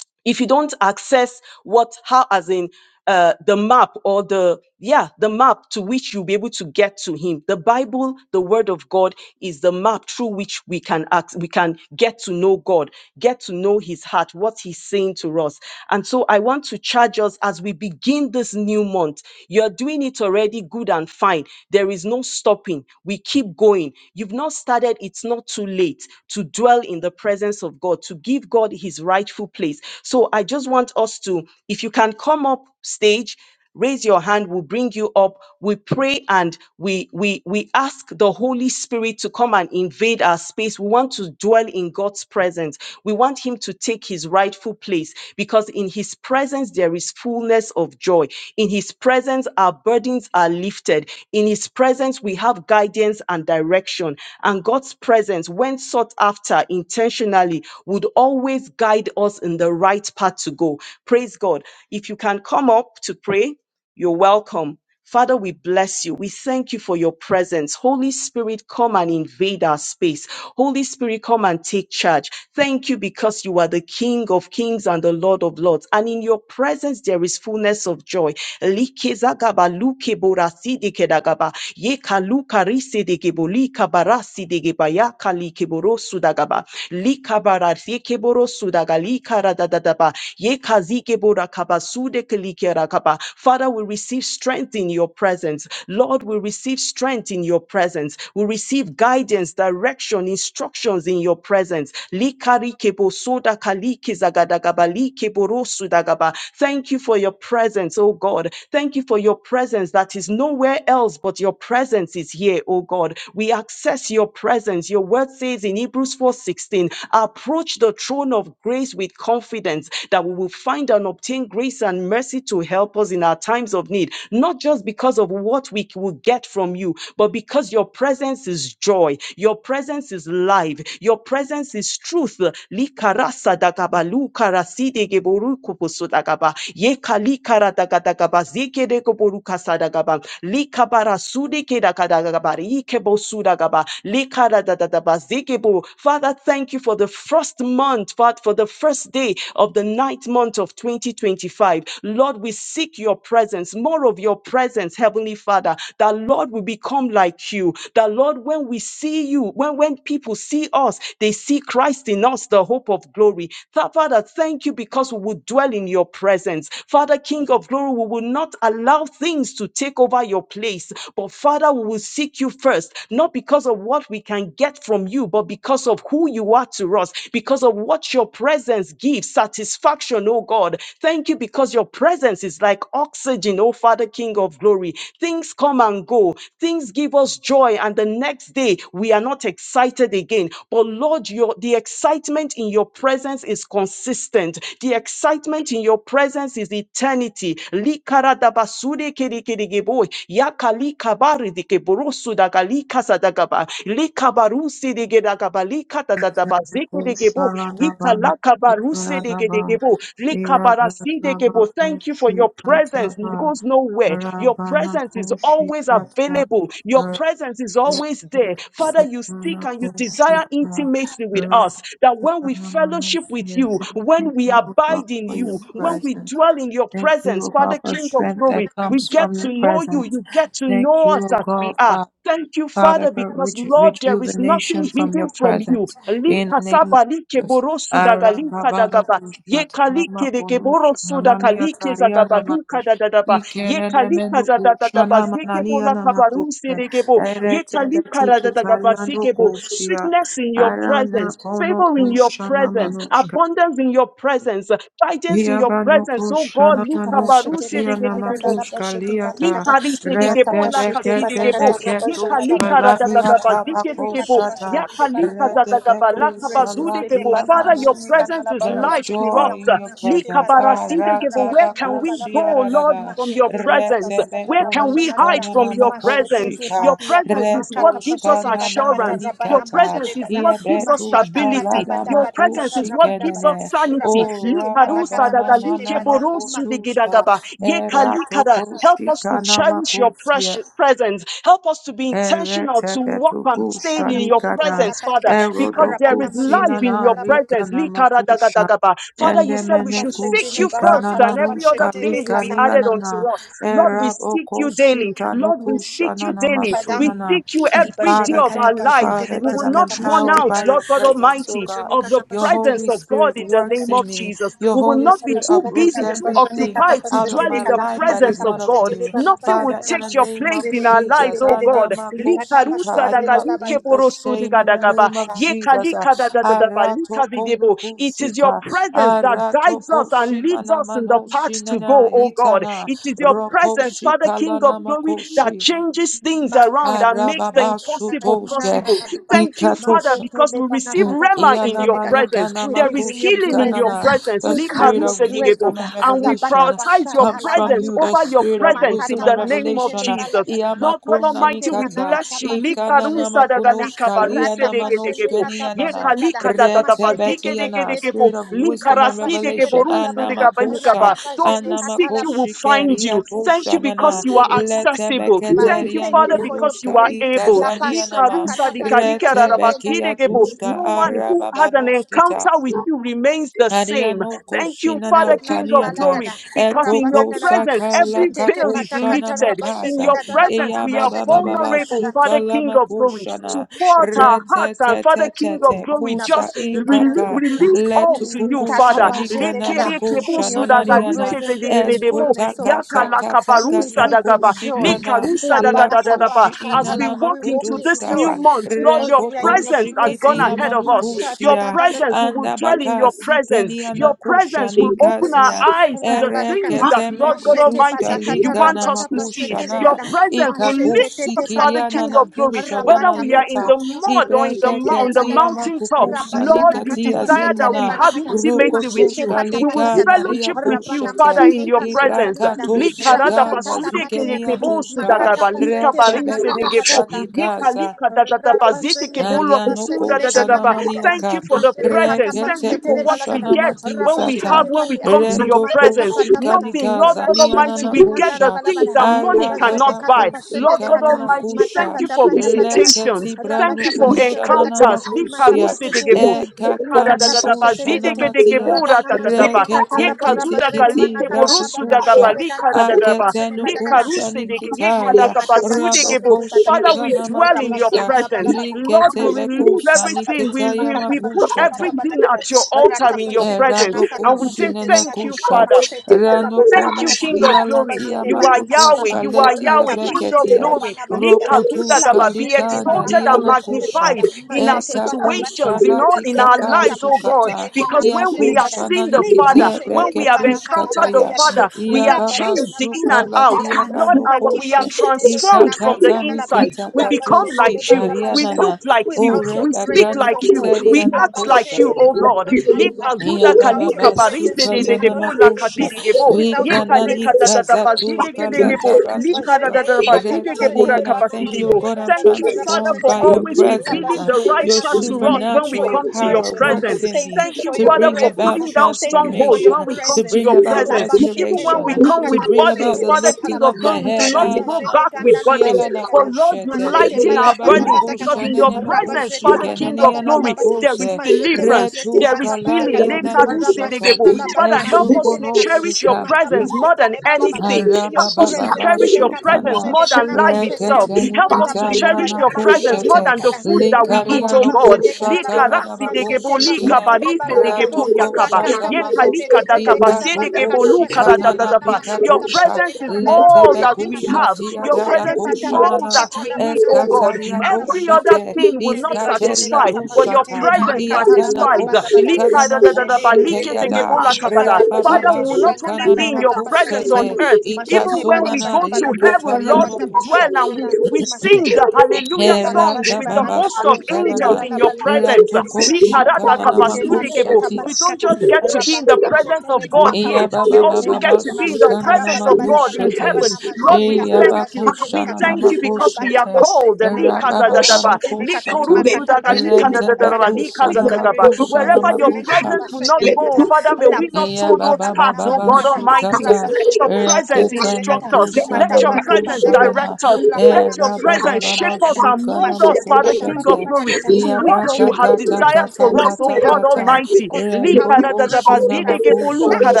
Speaker 1: if you don't access what how as in uh, the map or the yeah the map to which you'll be able to get to him the bible the word of god is the map through which we can act we can get to know god get to know his heart what he's saying to us and so i want to charge us as we begin this new month you're doing it already good and fine fine. There is no stopping. We keep going. You've not started, it's not too late to dwell in the presence of God, to give God his rightful place. So I just want us to, if you can come up stage, raise your hand we'll bring you up we pray and we we we ask the holy spirit to come and invade our space we want to dwell in god's presence presence. We want him to take his rightful place because in his presence there is fullness of joy. In his presence, our burdens are lifted. In his presence, we have guidance and direction. And God's presence, when sought after intentionally, would always guide us in the right path to go. Praise God. If you can come up to pray, you're welcome. Father, we bless you. We thank you for your presence. Holy Spirit, come and invade our space. Holy Spirit, come and take charge. Thank you because you are the King of kings and the Lord of lords. And in your presence, there is fullness of joy. Likezagaba lukeborasidikedagaba, yekalukarisdegebo, likabarasidegebaya, kalikeborosu dagaba, likabarasikeborosudagalikarada dadaba, yekazikeborakabasudekelikerakaba, helper. Father, we receive strength in your presence. Lord, we receive strength in your presence. We receive guidance, direction, instructions in your presence. Likari kebo soda kali kizagadagaba, likebo rosu dagaba. Thank you for your presence, oh God. Thank you for your presence that is nowhere else but your presence is here, oh God. We access your presence. Your word says in Hebrews 4:16, approach the throne of grace with confidence that we will find and obtain grace and mercy mercy to help us in our times of need, not just because of what we will get from you, but because your presence is joy, your presence is life, your presence is truth. Likarasa dagabalukarasidegeborukubusudagaba, yekalikaradatagabazekedekeborukasadagaba, likabarasudekedakadagabarikebosudagaba, likaradadadabazekebo. Father, thank you for the first month, but for the first day of the ninth month of 2025 glorified. Lord, we seek your presence, more of your presence, Heavenly Father, that Lord we become like you. That Lord, when we see you, when, when people see us, they see Christ in us, the hope of glory. Tha- Father, thank you because we will dwell in your presence. Father, King of glory, we will not allow things to take over your place. But Father, we will seek you first, not because of what we can get from you, but because of who you are to us, because of what your presence gives satisfaction, oh God. God. Thank you because your presence is like oxygen, oh Father, King of glory. Things come and go, things give us joy, and the next day we are not excited again. But Lord, your the excitement in your presence is consistent. The excitement in your presence is eternity. Likaradabasude kedikidigibo, yakalikabaridikiborosudagalikazadagaba, likabarusidegedagaba, likatadadaba,
Speaker 2: Thank you,
Speaker 1: zikidigibo,
Speaker 2: O God,
Speaker 1: yikalakabarusidegedegebo. Likabarasidekibo. Thank you for your presence. It goes nowhere. Your presence is always available. Your presence is always there. Father, you seek and you desire intimacy with us. That when we fellowship with you, when we abide in
Speaker 2: for your
Speaker 1: you, when we
Speaker 2: presence.
Speaker 1: dwell in your
Speaker 2: Thank you,
Speaker 1: presence,
Speaker 2: O God,
Speaker 1: Father,
Speaker 2: for
Speaker 1: King of
Speaker 2: strength
Speaker 1: glory,
Speaker 2: that
Speaker 1: we
Speaker 2: comes
Speaker 1: get
Speaker 2: from your
Speaker 1: to know you.
Speaker 2: presence.
Speaker 1: You get to
Speaker 2: Thank
Speaker 1: know us
Speaker 2: you,
Speaker 1: as we
Speaker 2: O
Speaker 1: are.
Speaker 2: God,
Speaker 1: Thank you,
Speaker 2: Father,
Speaker 1: Father,
Speaker 2: for
Speaker 1: because
Speaker 2: reju-
Speaker 1: Lord, there is nothing
Speaker 2: rejuvenation from
Speaker 1: hidden
Speaker 2: your
Speaker 1: from you.
Speaker 2: presence. In the name of
Speaker 1: Likasaba,
Speaker 2: Jesus.
Speaker 1: likeboro, sudaga,
Speaker 2: Arababano
Speaker 1: likadagaba.
Speaker 2: kusha
Speaker 1: Ye
Speaker 2: tanama
Speaker 1: kaliki de keboro
Speaker 2: konusha
Speaker 1: suda
Speaker 2: namania
Speaker 1: kaliki
Speaker 2: taria
Speaker 1: zagabaduka
Speaker 2: namanush.
Speaker 1: da da da ba. Ye
Speaker 2: Ikelele
Speaker 1: kalika
Speaker 2: menu
Speaker 1: za da da
Speaker 2: kusha
Speaker 1: da ba zike bo
Speaker 2: namanania
Speaker 1: la kabaru se
Speaker 2: namakushe.
Speaker 1: de gebo. Ye
Speaker 2: Erete
Speaker 1: kalika
Speaker 2: beti
Speaker 1: da da da ga ba
Speaker 2: kitariano
Speaker 1: zike bo.
Speaker 2: kushia.
Speaker 1: Sweetness in your
Speaker 2: Arana
Speaker 1: presence,
Speaker 2: kono
Speaker 1: favor in your presence,
Speaker 2: kusha
Speaker 1: abundance in your presence, guidance in your presence. Oh God, li kabaru
Speaker 3: Matapashete le
Speaker 1: se de ge de
Speaker 3: maganda
Speaker 1: gebo.
Speaker 3: la bajete patakata
Speaker 1: Likari Likarizegebo,
Speaker 3: matapashete
Speaker 1: lakazidegebo,
Speaker 3: patakata rabajana la banana legada majene
Speaker 1: yekalikaradagadabazidegebo,
Speaker 3: katapashete le patakata
Speaker 1: yakalikaradagaba,
Speaker 3: yo princess le
Speaker 1: lakabazudegebo.
Speaker 3: bana
Speaker 1: Father, your
Speaker 3: majene kana
Speaker 1: presence
Speaker 3: la
Speaker 1: is
Speaker 2: there is
Speaker 1: light to
Speaker 3: barabajete
Speaker 1: us.
Speaker 2: joy
Speaker 3: kata
Speaker 2: in your
Speaker 3: machete
Speaker 2: presence.
Speaker 3: patapatakata
Speaker 1: Likabarazidegebo, Where
Speaker 3: rabajana
Speaker 1: can
Speaker 3: la
Speaker 1: we
Speaker 3: balabada
Speaker 1: go, Lord,
Speaker 2: Aratabakoshiaradada
Speaker 1: from your
Speaker 3: machete
Speaker 1: presence?
Speaker 3: patapatakata
Speaker 1: Where can we
Speaker 3: rabajana
Speaker 1: hide
Speaker 3: gada
Speaker 1: from your
Speaker 3: machete
Speaker 1: presence?
Speaker 3: te
Speaker 2: retebekonuskananamakosika
Speaker 1: Your
Speaker 3: patiata
Speaker 1: presence is what
Speaker 3: makata
Speaker 1: gives us
Speaker 3: pashete patapata
Speaker 1: assurance. Your
Speaker 3: rabana
Speaker 2: retoshkanamanenikata
Speaker 1: presence
Speaker 3: majete
Speaker 1: is
Speaker 3: gada
Speaker 1: what gives us stability
Speaker 3: mashata
Speaker 1: stability.
Speaker 3: patapata
Speaker 1: Your presence
Speaker 3: patikata
Speaker 1: is what
Speaker 3: rabada
Speaker 1: gives
Speaker 3: bada
Speaker 1: us
Speaker 2: iebretushkaladamakusikenene
Speaker 1: sanity.
Speaker 2: O
Speaker 3: Rapazete
Speaker 2: rababa
Speaker 3: panakata pazete
Speaker 2: manana
Speaker 3: pata makata
Speaker 2: makotushka
Speaker 1: Likarusadagalikiborosudegidagaba.
Speaker 2: erato
Speaker 1: Yekalikada. Help us
Speaker 2: koshika
Speaker 1: to cherish your
Speaker 2: namakosia
Speaker 1: precious presence. Help us to be intentional to walk and stay
Speaker 2: ereteketukusha
Speaker 1: in your
Speaker 3: pazete
Speaker 2: nikana
Speaker 3: pata
Speaker 1: presence, Father,
Speaker 3: patikata
Speaker 1: because there
Speaker 3: rabana
Speaker 1: is
Speaker 2: erodokushina
Speaker 1: life
Speaker 3: mazete
Speaker 1: in your
Speaker 3: ganala
Speaker 1: presence.
Speaker 2: narikana makusha
Speaker 1: Likaradagadaga. Father, you said we
Speaker 2: endemene
Speaker 1: should seek
Speaker 3: pazete le
Speaker 1: you
Speaker 2: kushika
Speaker 1: first,
Speaker 3: banakata
Speaker 1: and every
Speaker 2: nananushka
Speaker 1: other
Speaker 3: pazete
Speaker 1: thing
Speaker 3: le
Speaker 1: will be
Speaker 3: kata
Speaker 1: added
Speaker 2: likanianana
Speaker 1: unto us. Lord, we seek you daily.
Speaker 2: erabokoshika
Speaker 1: Lord, we
Speaker 2: nukusha
Speaker 1: seek you daily. We
Speaker 3: padam
Speaker 2: nanamasuna
Speaker 1: seek you
Speaker 3: liba
Speaker 1: every day
Speaker 3: jene
Speaker 2: Father,
Speaker 1: of
Speaker 3: kata
Speaker 1: our
Speaker 2: thank you,
Speaker 1: life.
Speaker 3: pazete le
Speaker 2: Father,
Speaker 1: We
Speaker 2: because
Speaker 1: will
Speaker 2: I'm
Speaker 1: not
Speaker 3: banakata
Speaker 1: run
Speaker 3: pazete
Speaker 2: empowered
Speaker 3: le
Speaker 1: out,
Speaker 2: by
Speaker 3: kata
Speaker 1: Lord
Speaker 2: your
Speaker 1: God
Speaker 2: presence, oh
Speaker 3: liba
Speaker 1: Almighty,
Speaker 2: God.
Speaker 3: jene
Speaker 1: of the
Speaker 3: kata
Speaker 2: Your
Speaker 3: pazete
Speaker 1: presence
Speaker 3: le
Speaker 2: Holy
Speaker 1: of God
Speaker 2: Spirit
Speaker 1: in the
Speaker 3: kata
Speaker 2: works
Speaker 1: name of
Speaker 2: in me.
Speaker 1: Jesus.
Speaker 2: Your
Speaker 1: We will
Speaker 2: Holy
Speaker 3: kata
Speaker 1: not be
Speaker 3: kata
Speaker 2: Spirit
Speaker 3: kata
Speaker 1: too
Speaker 3: kata
Speaker 2: uproots
Speaker 3: kata
Speaker 1: busy, too
Speaker 3: liba jene
Speaker 2: everything
Speaker 3: kata
Speaker 1: occupied to
Speaker 2: out of
Speaker 3: pazete
Speaker 1: dwell
Speaker 3: le
Speaker 2: my
Speaker 1: in the
Speaker 3: kata
Speaker 2: life that is
Speaker 1: presence
Speaker 3: makata
Speaker 2: not
Speaker 1: of
Speaker 2: of
Speaker 3: pazete
Speaker 1: God.
Speaker 3: le
Speaker 2: you.
Speaker 1: Nothing
Speaker 3: banakata
Speaker 1: will
Speaker 2: Father,
Speaker 3: kata
Speaker 2: in the
Speaker 3: laba
Speaker 1: take your
Speaker 2: name
Speaker 1: place
Speaker 2: of
Speaker 1: in
Speaker 3: zete
Speaker 1: our
Speaker 3: de de
Speaker 1: life
Speaker 2: Jesus,
Speaker 3: de
Speaker 1: eyes,
Speaker 3: de
Speaker 1: oh
Speaker 3: de de
Speaker 1: God.
Speaker 3: libata
Speaker 2: Anamakoshika,
Speaker 1: Likarusa
Speaker 2: I
Speaker 3: pazete
Speaker 2: do
Speaker 3: le
Speaker 1: daga
Speaker 2: not
Speaker 3: balaba
Speaker 1: like
Speaker 2: leave the
Speaker 1: borosu
Speaker 2: shame
Speaker 1: diga
Speaker 2: in the
Speaker 1: daga ba.
Speaker 2: name of
Speaker 1: Yeka
Speaker 2: Jesus. uh,
Speaker 1: lika da da da da ba, lika videbo. It is your
Speaker 2: Aratokonukushika,
Speaker 1: presence that guides us and leads us in the path to go,
Speaker 2: Aratokoshinanamanashinana,
Speaker 1: oh God.
Speaker 2: Itana,
Speaker 1: It is your presence, Father King of glory, that
Speaker 2: Rokoshikalanamakoshiha.
Speaker 1: changes things around and makes the
Speaker 3: Makata
Speaker 2: Arababasu
Speaker 1: impossible
Speaker 2: toske
Speaker 1: possible. Thank you,
Speaker 2: ikatosh,
Speaker 1: Father, because we receive Rema in your
Speaker 2: Iyanamanika
Speaker 1: presence.
Speaker 3: We
Speaker 1: There
Speaker 3: live
Speaker 1: is
Speaker 3: in your
Speaker 1: healing in your
Speaker 3: presence.
Speaker 1: presence.
Speaker 2: The
Speaker 3: We carry
Speaker 2: spirit
Speaker 3: your
Speaker 2: of
Speaker 1: Likarusedigebo.
Speaker 3: presence.
Speaker 2: wisdom and
Speaker 1: And
Speaker 3: La
Speaker 1: we
Speaker 3: Labata
Speaker 2: revelation
Speaker 1: prioritize your
Speaker 3: Pashata
Speaker 2: comes from
Speaker 1: presence
Speaker 2: you. The
Speaker 3: Labanikata.
Speaker 1: over your
Speaker 2: spirit of
Speaker 1: presence in
Speaker 2: wisdom
Speaker 3: Makata
Speaker 2: and
Speaker 1: the name of
Speaker 2: revelation.
Speaker 3: Pashetele
Speaker 1: Jesus.
Speaker 3: Balagada.
Speaker 1: Lord God Almighty,
Speaker 3: Mashete
Speaker 1: we
Speaker 2: Iyamakunanikata.
Speaker 3: Panakata
Speaker 1: bless you.
Speaker 3: Pati
Speaker 1: Likarusa
Speaker 3: Pashetele Gada.
Speaker 1: dagalika
Speaker 2: Ikananamakunushka
Speaker 1: baruse
Speaker 3: Rata Pashene
Speaker 1: degedegebo.
Speaker 3: Kata
Speaker 2: liyanamanoshkeniyanana.
Speaker 3: Pashene Gada.
Speaker 1: Yekalika
Speaker 3: Mashete
Speaker 1: dadadabazike
Speaker 3: Tete
Speaker 2: Retebetiyana.
Speaker 3: Tete
Speaker 1: degedegebo.
Speaker 2: Spirit
Speaker 3: Tete.
Speaker 2: of wisdom
Speaker 3: Likata
Speaker 2: and
Speaker 1: Likarasi
Speaker 3: pashete le
Speaker 2: revelation.
Speaker 1: degeborusu
Speaker 3: Balabada.
Speaker 2: Anamakusha.
Speaker 1: degabalikaba.
Speaker 3: Rata
Speaker 1: Those who
Speaker 3: Pashene kata
Speaker 1: seek
Speaker 3: la
Speaker 1: you will find you.
Speaker 4: You have to have the right
Speaker 1: Thank you because
Speaker 2: Anamakushikeriatoshanana.
Speaker 1: you are
Speaker 4: kind of
Speaker 1: accessible.
Speaker 4: people. You have
Speaker 3: Ba.
Speaker 4: to
Speaker 1: Thank you,
Speaker 3: Thank you
Speaker 1: Father,
Speaker 4: have
Speaker 3: for your
Speaker 1: because you
Speaker 2: Letebeketerianukunushka
Speaker 1: are
Speaker 3: presence.
Speaker 1: able.
Speaker 3: La pashana
Speaker 2: ikazanianama.
Speaker 1: Likarusa
Speaker 3: katapati
Speaker 1: dikarika
Speaker 3: pajetega.
Speaker 1: rarabasi
Speaker 2: Retebekia
Speaker 1: degebo.
Speaker 2: tushka
Speaker 1: No one who has an
Speaker 2: arababanoskita.
Speaker 1: encounter with you remains the same.
Speaker 2: Ariano
Speaker 1: Thank you, Father,
Speaker 2: Koshinana
Speaker 1: King
Speaker 3: Nali
Speaker 1: of
Speaker 2: Kaniata
Speaker 1: glory,
Speaker 3: balagada
Speaker 1: because
Speaker 2: Eko
Speaker 1: in your
Speaker 3: rabaganda laba
Speaker 1: presence,
Speaker 2: Kosaka
Speaker 1: every
Speaker 3: jete
Speaker 2: Laka
Speaker 3: te
Speaker 1: veil is
Speaker 2: Koshana
Speaker 3: patakata
Speaker 1: lifted. In
Speaker 3: rabajede
Speaker 2: Makasa
Speaker 1: your
Speaker 3: gada laba
Speaker 1: presence,
Speaker 2: Eya
Speaker 1: we are
Speaker 2: Baba Baba
Speaker 3: namashete le
Speaker 2: Baba
Speaker 1: vulnerable,
Speaker 2: Suka
Speaker 1: Father, King
Speaker 2: Lama
Speaker 1: of glory, to
Speaker 2: Koshana
Speaker 1: pour out our
Speaker 2: Rete
Speaker 1: hearts. And
Speaker 2: Te
Speaker 1: Father,
Speaker 2: Te Te
Speaker 1: King of
Speaker 2: Te
Speaker 1: glory, just
Speaker 2: Kusa
Speaker 3: labajene
Speaker 1: rele-
Speaker 2: Ikaka
Speaker 3: banakanda
Speaker 1: release all
Speaker 2: Letu
Speaker 1: to you,
Speaker 4: the
Speaker 1: Father.
Speaker 2: Kukushani
Speaker 3: katapajede
Speaker 4: right
Speaker 2: Kanama
Speaker 3: gada
Speaker 1: Lekerekebo
Speaker 3: in your
Speaker 2: Koshana
Speaker 3: full
Speaker 4: kind of
Speaker 2: Nariana
Speaker 3: presence there is
Speaker 2: Esko
Speaker 1: sudagaliketedededebo,
Speaker 4: people.
Speaker 3: fullness of
Speaker 2: Taka
Speaker 3: joy
Speaker 2: Taka Taka
Speaker 3: we live
Speaker 2: Taku
Speaker 3: in joy
Speaker 1: yakalakabarusadagaba,
Speaker 2: Shikana
Speaker 3: labata
Speaker 2: Lako Shi
Speaker 1: as
Speaker 3: pashata
Speaker 1: we
Speaker 2: Inana
Speaker 3: laba
Speaker 1: walk
Speaker 3: we walk
Speaker 1: into this
Speaker 3: in
Speaker 1: new
Speaker 2: Makutuska
Speaker 3: joy
Speaker 1: month, Lord,
Speaker 3: because
Speaker 1: your
Speaker 2: Reko
Speaker 3: we are in your
Speaker 1: presence has gone
Speaker 2: Koshikiti
Speaker 3: presence
Speaker 1: ahead of us. Your
Speaker 2: Yamanukusia
Speaker 3: Mashata
Speaker 1: presence, we will dwell in
Speaker 2: andabaka
Speaker 1: your presence.
Speaker 2: sikenia na
Speaker 1: Your presence
Speaker 2: kushani
Speaker 1: will open our
Speaker 3: Tata,
Speaker 2: kazia
Speaker 1: eyes to the things
Speaker 3: Rabalikata,
Speaker 1: that,
Speaker 2: ereketeme
Speaker 1: Lord God
Speaker 3: Machete
Speaker 2: kutuska
Speaker 1: Almighty,
Speaker 3: Patakata,
Speaker 1: you
Speaker 2: lika
Speaker 1: want
Speaker 2: na
Speaker 1: us
Speaker 3: Rabata
Speaker 1: to see.
Speaker 3: Pachete
Speaker 1: Your
Speaker 2: makushana
Speaker 3: Legada,
Speaker 1: presence
Speaker 4: not
Speaker 1: will
Speaker 3: Machete
Speaker 1: lift us,
Speaker 3: Tete
Speaker 1: Father
Speaker 2: ikakusikiriana
Speaker 1: King
Speaker 2: na
Speaker 3: Patikata,
Speaker 1: of Glory,
Speaker 4: you.
Speaker 2: kushana
Speaker 1: whether
Speaker 2: na na
Speaker 3: Rabata
Speaker 1: we are
Speaker 4: I'm
Speaker 1: in
Speaker 2: yata
Speaker 1: the mud or in the,
Speaker 3: Pachete
Speaker 1: mou- on the
Speaker 2: ibrekeketia
Speaker 3: Lebadagada,
Speaker 1: mountaintop.
Speaker 2: makukusa
Speaker 1: Lord,
Speaker 3: Rabajana
Speaker 1: you
Speaker 3: Kata
Speaker 2: nikatia
Speaker 1: desire
Speaker 3: Pachete
Speaker 1: that we
Speaker 2: zinana
Speaker 1: have
Speaker 3: Lebanakata,
Speaker 1: intimacy with
Speaker 3: Machete
Speaker 1: you.
Speaker 2: rukotuska
Speaker 1: We will
Speaker 2: lika na
Speaker 3: Patapatakata,
Speaker 2: ria
Speaker 1: fellowship with you,
Speaker 3: Rabana
Speaker 2: kushete
Speaker 1: Father, in
Speaker 3: Majene
Speaker 1: your
Speaker 3: Kanda
Speaker 1: presence.
Speaker 3: Labalibada,
Speaker 1: Likarada
Speaker 3: Rashata
Speaker 2: ibrakatusikanda
Speaker 1: basude
Speaker 2: zikenia
Speaker 3: Tapateata,
Speaker 1: kelekebo
Speaker 2: tuska
Speaker 3: Makata
Speaker 1: sidagaba,
Speaker 3: Pachete
Speaker 1: likabarinse
Speaker 3: Panakata
Speaker 1: degebo,
Speaker 2: retebekusa
Speaker 3: Pata.
Speaker 2: nikaza
Speaker 1: yekalika dadadaba,
Speaker 3: Rabashene
Speaker 1: zetekebolo
Speaker 2: Ariano
Speaker 1: kesuda
Speaker 3: le kana
Speaker 1: dadadaba.
Speaker 3: madigada.
Speaker 1: Thank you
Speaker 2: koshanamaniaka
Speaker 1: for the
Speaker 3: Majene
Speaker 1: presence. Thank
Speaker 2: rekete
Speaker 1: you for
Speaker 3: katapashetele
Speaker 1: what we
Speaker 3: balagada.
Speaker 1: get when we have,
Speaker 2: kushanamatizata
Speaker 3: Rabashete
Speaker 1: when we come
Speaker 3: patiata.
Speaker 1: to your
Speaker 2: reto
Speaker 3: Makata
Speaker 1: presence.
Speaker 3: patapata.
Speaker 1: Nothing,
Speaker 2: koshikanika
Speaker 1: Lord God Almighty,
Speaker 2: zanianana
Speaker 3: Ratapajene
Speaker 1: we get
Speaker 3: kana la
Speaker 1: the
Speaker 2: kusha
Speaker 1: things
Speaker 3: balabada.
Speaker 1: that money cannot
Speaker 3: Libajene
Speaker 2: arababa
Speaker 1: buy. Lord
Speaker 3: katapashetele
Speaker 1: God
Speaker 3: kata.
Speaker 2: kusikanana
Speaker 1: Almighty,
Speaker 3: Mata
Speaker 1: thank
Speaker 2: kusha
Speaker 1: you
Speaker 3: pata
Speaker 1: for
Speaker 3: pata
Speaker 4: not
Speaker 3: pata Matapata
Speaker 4: sure.
Speaker 3: patapatakata.
Speaker 1: visitations.
Speaker 2: leketi
Speaker 1: Thank
Speaker 2: branu
Speaker 1: you for
Speaker 3: Rabatapajete patakata.
Speaker 1: encounters.
Speaker 2: kushananamakusia
Speaker 3: Matapajete
Speaker 1: Liparusidegebo,
Speaker 3: tete.
Speaker 2: ekakanu
Speaker 3: Likatapashete tete.
Speaker 2: kushanamatia
Speaker 3: Rabana
Speaker 1: likaradadadabazidegedegeboratatataba,
Speaker 3: majene kata
Speaker 2: rekete
Speaker 3: la
Speaker 2: kiti
Speaker 3: barabajene
Speaker 2: kiti
Speaker 3: banakata
Speaker 2: bratu
Speaker 3: la
Speaker 1: yekazudakalikiborosudagaba,
Speaker 2: kusha
Speaker 3: barabajene kana la
Speaker 1: likaradadadaba,
Speaker 3: barabajene
Speaker 2: aketenu
Speaker 3: badagada.
Speaker 1: likarusidege-
Speaker 3: Shete
Speaker 2: kushanikitaya
Speaker 3: pata pati pa
Speaker 1: yekadakabasudegebo.
Speaker 3: pata
Speaker 1: Father,
Speaker 3: kata.
Speaker 1: we dwell in your
Speaker 2: rabokoshikanamatushka
Speaker 3: Rapasana la
Speaker 4: Yeah.
Speaker 3: bala
Speaker 1: presence.
Speaker 3: bala.
Speaker 4: I'm not
Speaker 1: Lord,
Speaker 3: Na
Speaker 1: we
Speaker 2: Riketebe
Speaker 3: shete
Speaker 1: relieve
Speaker 3: pata pata
Speaker 2: kusani
Speaker 3: pata.
Speaker 1: everything. We,
Speaker 2: kitaya
Speaker 1: we,
Speaker 3: Makata
Speaker 1: we
Speaker 3: pa
Speaker 1: put
Speaker 2: makushata.
Speaker 3: pata pata
Speaker 1: everything
Speaker 3: kata.
Speaker 1: at your altar
Speaker 3: Rata
Speaker 1: in
Speaker 3: pa
Speaker 1: your
Speaker 3: shete
Speaker 1: presence.
Speaker 3: bana kata
Speaker 1: And we
Speaker 3: pa
Speaker 1: say,
Speaker 3: shete le
Speaker 1: Thank you,
Speaker 2: Eradokushinenekusha,
Speaker 3: Ma
Speaker 1: Father.
Speaker 3: shete pata pata
Speaker 1: Thank
Speaker 3: pata
Speaker 1: you,
Speaker 3: kata.
Speaker 1: King of
Speaker 2: Ranokonuskia
Speaker 3: Mati pa
Speaker 1: Glory.
Speaker 2: latia
Speaker 3: shete
Speaker 1: You are
Speaker 3: bana kata
Speaker 1: Yahweh.
Speaker 3: laba.
Speaker 2: makutushka
Speaker 1: You are
Speaker 2: letia
Speaker 1: Yahweh,
Speaker 3: Rata pa
Speaker 1: King of
Speaker 3: shete
Speaker 2: breketia,
Speaker 3: le
Speaker 1: Glory.
Speaker 3: bana bani gada. La ba
Speaker 2: Rokotushka
Speaker 1: Likazudagaba, Be
Speaker 3: le
Speaker 2: lika
Speaker 3: bana
Speaker 1: exalted
Speaker 3: kata
Speaker 1: and
Speaker 2: nariana
Speaker 3: pa shete le
Speaker 2: kusha,
Speaker 1: magnified
Speaker 3: Ma
Speaker 1: in our
Speaker 3: shete
Speaker 2: Eka
Speaker 3: pata pata
Speaker 2: kusha
Speaker 1: situations,
Speaker 3: pata
Speaker 1: in all
Speaker 3: kata.
Speaker 1: in
Speaker 2: latika
Speaker 1: our
Speaker 3: Rata
Speaker 1: lives,
Speaker 3: pa
Speaker 1: oh God.
Speaker 3: shete
Speaker 2: kasukata,
Speaker 3: le kana
Speaker 1: Because
Speaker 3: ma
Speaker 1: when we
Speaker 3: shete
Speaker 1: have
Speaker 3: gada.
Speaker 2: Iakusha
Speaker 1: seen the
Speaker 3: Le ba
Speaker 1: Father,
Speaker 2: nanikite
Speaker 1: when
Speaker 3: shete
Speaker 1: we
Speaker 3: le
Speaker 1: have
Speaker 3: bana kata
Speaker 1: encountered the
Speaker 2: breketushkataya,
Speaker 3: patiata.
Speaker 1: Father, we are
Speaker 2: Iababa
Speaker 1: changed
Speaker 3: Rabajana
Speaker 1: in
Speaker 3: kata
Speaker 2: suka
Speaker 3: pa
Speaker 1: and
Speaker 3: shete
Speaker 1: out.
Speaker 2: latia
Speaker 1: Lord, our, we
Speaker 3: Matipa
Speaker 1: are
Speaker 2: branokushe,
Speaker 3: shete le
Speaker 1: transformed
Speaker 3: banama
Speaker 1: from the
Speaker 2: Ikakata
Speaker 3: nikada laba.
Speaker 1: inside.
Speaker 2: nikata
Speaker 4: a
Speaker 1: We
Speaker 4: man.
Speaker 3: Laba
Speaker 1: become
Speaker 3: shete
Speaker 1: like
Speaker 2: katuski
Speaker 3: le
Speaker 1: you.
Speaker 4: Thank
Speaker 3: baraba
Speaker 1: We
Speaker 3: nikada.
Speaker 1: look
Speaker 2: tarianana,
Speaker 1: like you.
Speaker 3: Without your
Speaker 1: We speak
Speaker 2: Orebakani
Speaker 3: presence,
Speaker 1: like
Speaker 3: oh
Speaker 1: you.
Speaker 3: God.
Speaker 1: We
Speaker 2: nikitariano
Speaker 3: Laba
Speaker 1: act like
Speaker 2: kusha.
Speaker 1: you,
Speaker 3: shete le
Speaker 1: oh
Speaker 3: ba, We
Speaker 1: God.
Speaker 3: don't have life.
Speaker 1: Lepazuda
Speaker 2: Ia baba
Speaker 3: Without your
Speaker 1: kalika
Speaker 3: presence,
Speaker 1: bariste
Speaker 2: basuka
Speaker 1: de
Speaker 3: we
Speaker 1: de de
Speaker 2: tana
Speaker 1: bo
Speaker 3: cannot
Speaker 1: la
Speaker 3: live in
Speaker 1: kasi
Speaker 2: makusha
Speaker 1: de de
Speaker 3: peace.
Speaker 1: bo.
Speaker 3: Without
Speaker 1: Ye
Speaker 2: rika
Speaker 3: your
Speaker 1: kalika da
Speaker 3: presence, we
Speaker 1: da
Speaker 2: nanika
Speaker 1: da
Speaker 3: cannot
Speaker 1: bazi
Speaker 3: live
Speaker 1: de ge
Speaker 2: zatushka
Speaker 3: in
Speaker 1: de ge
Speaker 3: joy.
Speaker 1: bo.
Speaker 3: Liba
Speaker 1: Lika da
Speaker 3: shene
Speaker 2: latabatushka
Speaker 1: da
Speaker 3: le
Speaker 1: da bazi
Speaker 3: kata pa
Speaker 1: de ge bo
Speaker 3: shete
Speaker 1: ra
Speaker 3: le
Speaker 1: ka
Speaker 2: reteniana.
Speaker 3: banama
Speaker 2: Thank
Speaker 1: de
Speaker 2: you,
Speaker 1: bo.
Speaker 3: shene
Speaker 2: God. I'm
Speaker 3: ganda
Speaker 1: Thank
Speaker 3: laba
Speaker 1: you,
Speaker 3: raba
Speaker 1: Father,
Speaker 2: transformed
Speaker 3: shene
Speaker 1: for
Speaker 2: by
Speaker 3: kaba.
Speaker 2: your
Speaker 1: always
Speaker 3: Laba
Speaker 2: presence.
Speaker 1: revealing
Speaker 2: Uh,
Speaker 1: the
Speaker 3: shete le
Speaker 1: right
Speaker 2: Your
Speaker 1: path
Speaker 3: kata.
Speaker 1: to us
Speaker 3: Thank you
Speaker 1: when we
Speaker 3: for
Speaker 2: supernatural
Speaker 3: your
Speaker 1: come to your
Speaker 2: power
Speaker 3: presence.
Speaker 1: presence.
Speaker 2: works in
Speaker 3: Thank
Speaker 2: me
Speaker 3: you
Speaker 1: Thank you,
Speaker 3: for
Speaker 2: to
Speaker 3: your
Speaker 1: Father,
Speaker 2: bring
Speaker 1: for
Speaker 3: presence.
Speaker 2: about
Speaker 1: pulling down
Speaker 3: Thank you for
Speaker 1: strongholds
Speaker 3: your
Speaker 1: when
Speaker 2: transformation, uh,
Speaker 1: we come
Speaker 2: to
Speaker 1: to
Speaker 3: presence.
Speaker 2: bring
Speaker 1: your
Speaker 2: about
Speaker 3: La
Speaker 1: presence. Even
Speaker 3: pashete le
Speaker 1: when
Speaker 2: restoration,
Speaker 1: we
Speaker 2: uh,
Speaker 1: come
Speaker 2: to
Speaker 1: with
Speaker 3: banakata
Speaker 2: bring about
Speaker 1: burdens,
Speaker 3: pashete
Speaker 2: the
Speaker 1: Father,
Speaker 4: you.
Speaker 1: King
Speaker 2: lifting
Speaker 3: le
Speaker 1: of
Speaker 2: of
Speaker 1: glory,
Speaker 2: my
Speaker 1: we do
Speaker 2: head.
Speaker 1: not go
Speaker 2: Anana
Speaker 3: Ratapajene
Speaker 1: back with
Speaker 3: ganda la
Speaker 2: kushia
Speaker 1: burdens.
Speaker 3: bajene
Speaker 2: nana
Speaker 1: But
Speaker 3: gada.
Speaker 1: Lord, you
Speaker 2: kushete
Speaker 3: Majete
Speaker 1: lighten our
Speaker 2: iya
Speaker 3: pata pata
Speaker 2: bano
Speaker 1: burdens
Speaker 3: pata
Speaker 1: because
Speaker 2: kusha
Speaker 3: kata.
Speaker 1: in your
Speaker 2: nene
Speaker 1: presence,
Speaker 2: banokusha
Speaker 3: Rabajete
Speaker 1: Father
Speaker 3: pata
Speaker 1: King
Speaker 2: keneni
Speaker 1: of
Speaker 3: pata
Speaker 2: keneniana
Speaker 3: pata
Speaker 1: glory,
Speaker 3: pata.
Speaker 1: there
Speaker 2: makuse.
Speaker 1: is
Speaker 3: Majete
Speaker 1: deliverance,
Speaker 3: pajete
Speaker 1: there is
Speaker 2: Retushka
Speaker 3: pata pata
Speaker 1: healing.
Speaker 3: kata.
Speaker 2: Ladia Danushata,
Speaker 1: Lekarusedegebo.
Speaker 3: Rabajana la bani
Speaker 1: Father, help us
Speaker 3: machete
Speaker 1: to
Speaker 3: le kata.
Speaker 1: cherish your
Speaker 2: Esukonosika,
Speaker 3: Mata
Speaker 1: presence more
Speaker 3: pachete
Speaker 1: than
Speaker 3: le balabada.
Speaker 1: anything.
Speaker 3: Your
Speaker 1: Help us to
Speaker 2: Arabababa
Speaker 3: presence
Speaker 1: cherish
Speaker 3: le
Speaker 1: your
Speaker 3: kata
Speaker 1: presence
Speaker 2: sukana
Speaker 1: more
Speaker 3: pajene
Speaker 1: than
Speaker 3: gana
Speaker 1: life
Speaker 3: machete.
Speaker 1: itself.
Speaker 2: rekete
Speaker 1: Help us
Speaker 3: Mata
Speaker 1: to
Speaker 3: pata
Speaker 1: cherish
Speaker 2: nikitariana
Speaker 3: pata
Speaker 1: your
Speaker 3: pati
Speaker 1: presence more
Speaker 2: kushete
Speaker 3: pajete
Speaker 1: than the
Speaker 3: gada.
Speaker 1: food that we eat,
Speaker 3: Rabana
Speaker 1: oh
Speaker 2: likariano
Speaker 1: God.
Speaker 3: majene gada
Speaker 2: kushata
Speaker 3: laba.
Speaker 1: Likarasidegebo,
Speaker 3: Majete
Speaker 2: radabakushikene
Speaker 3: pachete le balabada.
Speaker 1: likabarisegebo, yakaba.
Speaker 3: Rakata
Speaker 2: ratokoshata
Speaker 1: Ye
Speaker 2: manos
Speaker 3: pajete
Speaker 1: kalika
Speaker 3: de
Speaker 1: da
Speaker 3: de de
Speaker 1: kapa,
Speaker 3: gada
Speaker 1: sede
Speaker 3: bana
Speaker 1: ke
Speaker 3: kata
Speaker 1: bolu kara
Speaker 2: ibrakukushikana
Speaker 3: pajete
Speaker 1: da
Speaker 3: le
Speaker 1: da da
Speaker 3: bana
Speaker 1: ba.
Speaker 3: mana
Speaker 1: Your
Speaker 3: kata
Speaker 2: nabrikatosha
Speaker 3: pajete
Speaker 1: presence is
Speaker 4: Thank
Speaker 3: gada
Speaker 4: you.
Speaker 3: la
Speaker 4: I'm
Speaker 3: bara
Speaker 1: all that
Speaker 3: bajene
Speaker 1: we
Speaker 3: kata
Speaker 1: have.
Speaker 2: letebekusatia
Speaker 1: Your
Speaker 3: machete
Speaker 1: presence is
Speaker 3: pata
Speaker 1: all
Speaker 3: pati
Speaker 1: that
Speaker 2: radakoshanana
Speaker 3: kata
Speaker 1: we
Speaker 3: la
Speaker 1: need,
Speaker 3: bana
Speaker 1: oh God.
Speaker 3: majene
Speaker 2: eskataria
Speaker 3: gada la ba.
Speaker 1: Every other
Speaker 2: doshete
Speaker 1: thing
Speaker 3: Rabana
Speaker 1: will not
Speaker 2: iskateria
Speaker 1: satisfy, but your
Speaker 2: doshata
Speaker 1: presence
Speaker 2: iakana
Speaker 1: satisfies.
Speaker 2: koshikana
Speaker 1: Lika da da da da ba, like de ke
Speaker 2: nakoshikeriada
Speaker 1: bola kaba da. Father, we
Speaker 2: rababa
Speaker 1: will not only
Speaker 2: sukana
Speaker 1: be in your presence
Speaker 2: namakosete
Speaker 1: on earth, even when we
Speaker 2: Ikasonana
Speaker 1: go to heaven, Lord,
Speaker 2: rikatariano
Speaker 1: we dwell
Speaker 2: kusha.
Speaker 1: and we, we sing sing the hallelujah song
Speaker 2: Erata
Speaker 1: with the
Speaker 2: baba
Speaker 1: host of angels
Speaker 2: sukanana.
Speaker 1: in your presence.
Speaker 2: Ratoko shikanana makushatia.
Speaker 1: We don't just get to be in the presence of
Speaker 4: not
Speaker 1: God
Speaker 4: a
Speaker 1: here,
Speaker 2: Iya
Speaker 1: we
Speaker 2: baba
Speaker 1: also
Speaker 2: baba
Speaker 1: get to
Speaker 4: man.
Speaker 1: be
Speaker 2: basu
Speaker 1: in the
Speaker 2: kanana
Speaker 1: presence of God in
Speaker 2: makushete.
Speaker 1: heaven. Lord, we
Speaker 2: Iya
Speaker 1: thank you. We
Speaker 2: bakushana na
Speaker 1: thank you
Speaker 3: La
Speaker 1: because we
Speaker 3: bata
Speaker 1: are
Speaker 2: makushete.
Speaker 1: called.
Speaker 3: pashete legana
Speaker 2: Raba
Speaker 3: la
Speaker 2: baba no
Speaker 3: bashete lekata
Speaker 2: kushata.
Speaker 3: makata pashete le
Speaker 2: Rete
Speaker 3: balagada. We
Speaker 2: bekushana
Speaker 3: carry your
Speaker 2: makushana
Speaker 1: Wherever
Speaker 3: presence
Speaker 1: your
Speaker 3: lekata
Speaker 2: makusha.
Speaker 1: presence will
Speaker 3: pashete
Speaker 1: not go,
Speaker 3: lekata.
Speaker 1: Father, may
Speaker 3: La
Speaker 1: we not to
Speaker 2: Iya
Speaker 3: bashata
Speaker 1: those
Speaker 3: la
Speaker 2: baba
Speaker 1: paths,
Speaker 2: baba
Speaker 1: oh
Speaker 3: banama
Speaker 1: God
Speaker 3: nikata.
Speaker 1: Almighty.
Speaker 2: basukata
Speaker 1: Let your
Speaker 3: Rabazene kata
Speaker 1: presence
Speaker 3: pashete
Speaker 2: reketene
Speaker 1: instruct
Speaker 3: lekata.
Speaker 1: us. Let
Speaker 2: kushana
Speaker 1: your
Speaker 3: Matapata
Speaker 1: presence
Speaker 2: makushana
Speaker 3: patakata.
Speaker 2: na
Speaker 1: direct us. Let
Speaker 3: Rabana
Speaker 1: your
Speaker 2: era
Speaker 3: majete
Speaker 2: baba
Speaker 1: presence
Speaker 3: le
Speaker 1: shape
Speaker 2: baba
Speaker 1: us
Speaker 3: balagada.
Speaker 1: and
Speaker 2: shukana
Speaker 1: mold us,
Speaker 3: Machete
Speaker 1: Father
Speaker 3: pata
Speaker 1: King
Speaker 3: pata
Speaker 1: of
Speaker 2: makushate
Speaker 1: Glory,
Speaker 3: patakata.
Speaker 1: to
Speaker 2: iya
Speaker 3: We
Speaker 1: what
Speaker 3: go
Speaker 1: you
Speaker 2: braka
Speaker 3: with
Speaker 1: have
Speaker 3: your
Speaker 2: kata
Speaker 1: desired
Speaker 3: presence.
Speaker 1: for
Speaker 2: kata
Speaker 1: us, oh
Speaker 3: We
Speaker 2: kata
Speaker 3: have
Speaker 1: God
Speaker 2: kata
Speaker 3: rest
Speaker 1: Almighty.
Speaker 3: because we have your
Speaker 2: rekoko
Speaker 1: Likadadadaba,
Speaker 3: presence
Speaker 2: shina
Speaker 3: with us.
Speaker 2: makushani
Speaker 4: Let